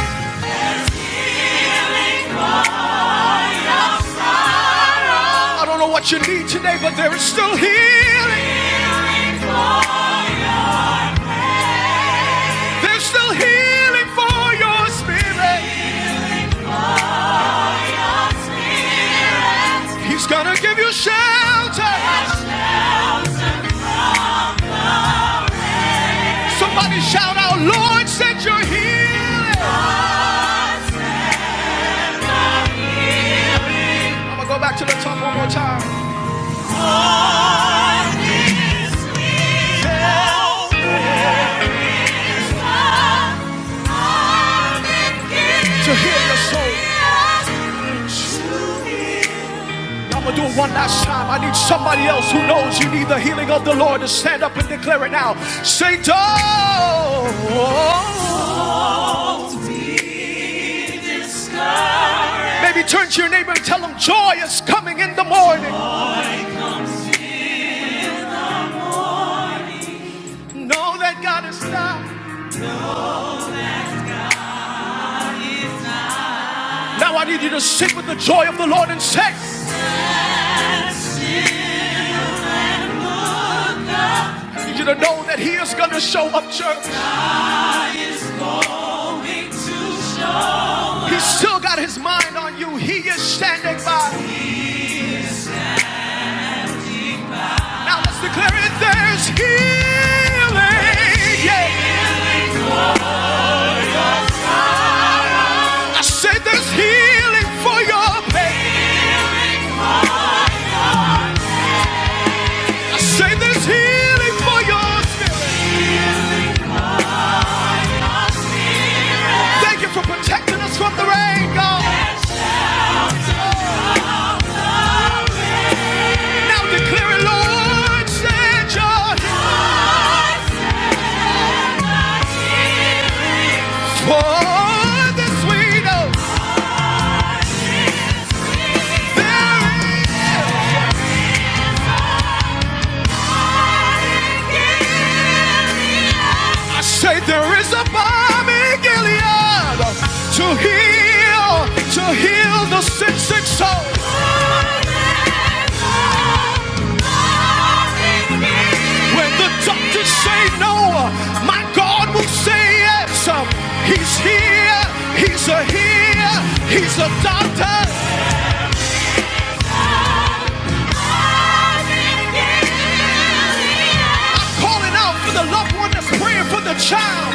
I don't know what you need today, but there is still healing. There's still healing for your spirit. He's gonna give you shelter. Somebody shout out, Lord, send your healing. I'm gonna go back to the top one more time. To heal your soul. I'm gonna do it one last time. I need somebody else who knows you need the healing of the Lord to stand up and declare it now. Say, oh. Maybe turn to your neighbor and tell them joy is coming in the morning. Know that God is now. Now I need you to sing with the joy of the Lord and say, you to know that he is going to show up, church. He's still got his mind on you. He is standing by. Now let's declare it. There's healing. Yeah. I say there's healing for your pain. Say there's healing. Thank you for protecting the rain, God. I'm declaring, Lord, send your for this sweet old. I say there is a bomb in Gilead to heal, to heal the sick, sick soul. When the doctors say no, my God will say yes. He's here, He's a healer. He's a doctor. I'm calling out for the loved one that's praying for the child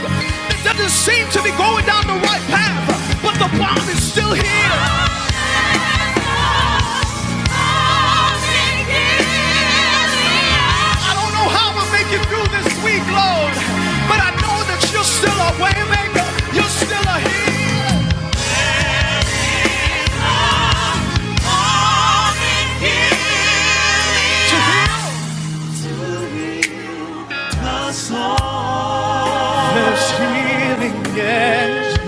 that doesn't seem to be going down the right path, but the bomb is still here. I don't know how I'm make through this week, Lord, but I know that you're still a waymaker, you're still a healer. There's healing, yes.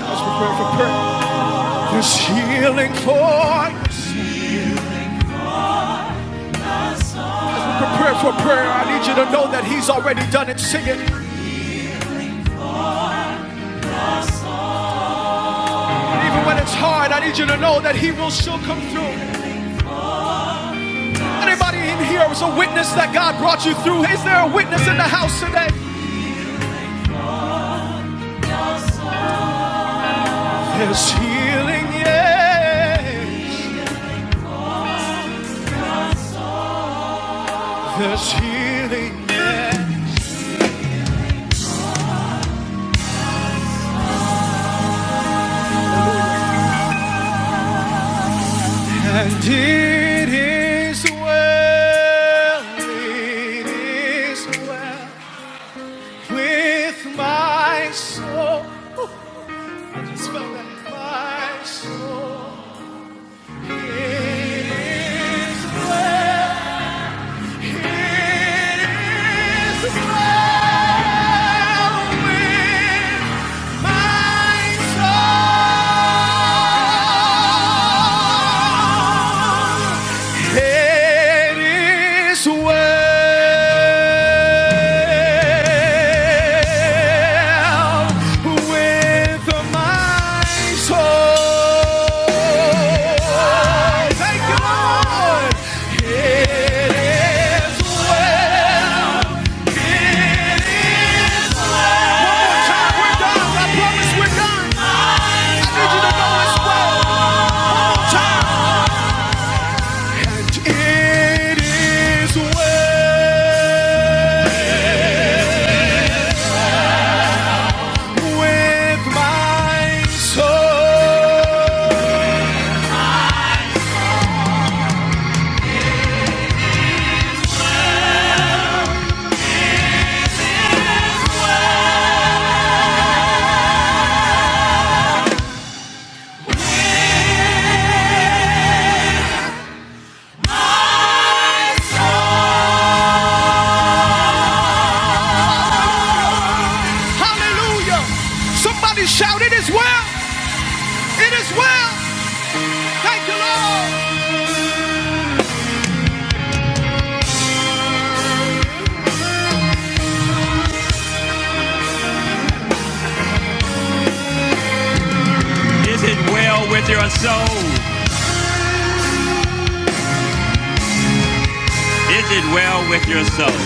Let's prepare for prayer. There's healing for you. Prepare for prayer. I need you to know that He's already done it. Sing it. And even when it's hard, I need you to know that He will still come through. Anybody in here is a witness that God brought you through? Is there a witness in the house today? There's healing, yes. And it is well. It is well. with my soul. Let's spell it is well. It is well. Hallelujah. Somebody shout, It is well. It is well. Thank you, Lord. Is it well with your soul? Is it well with your soul?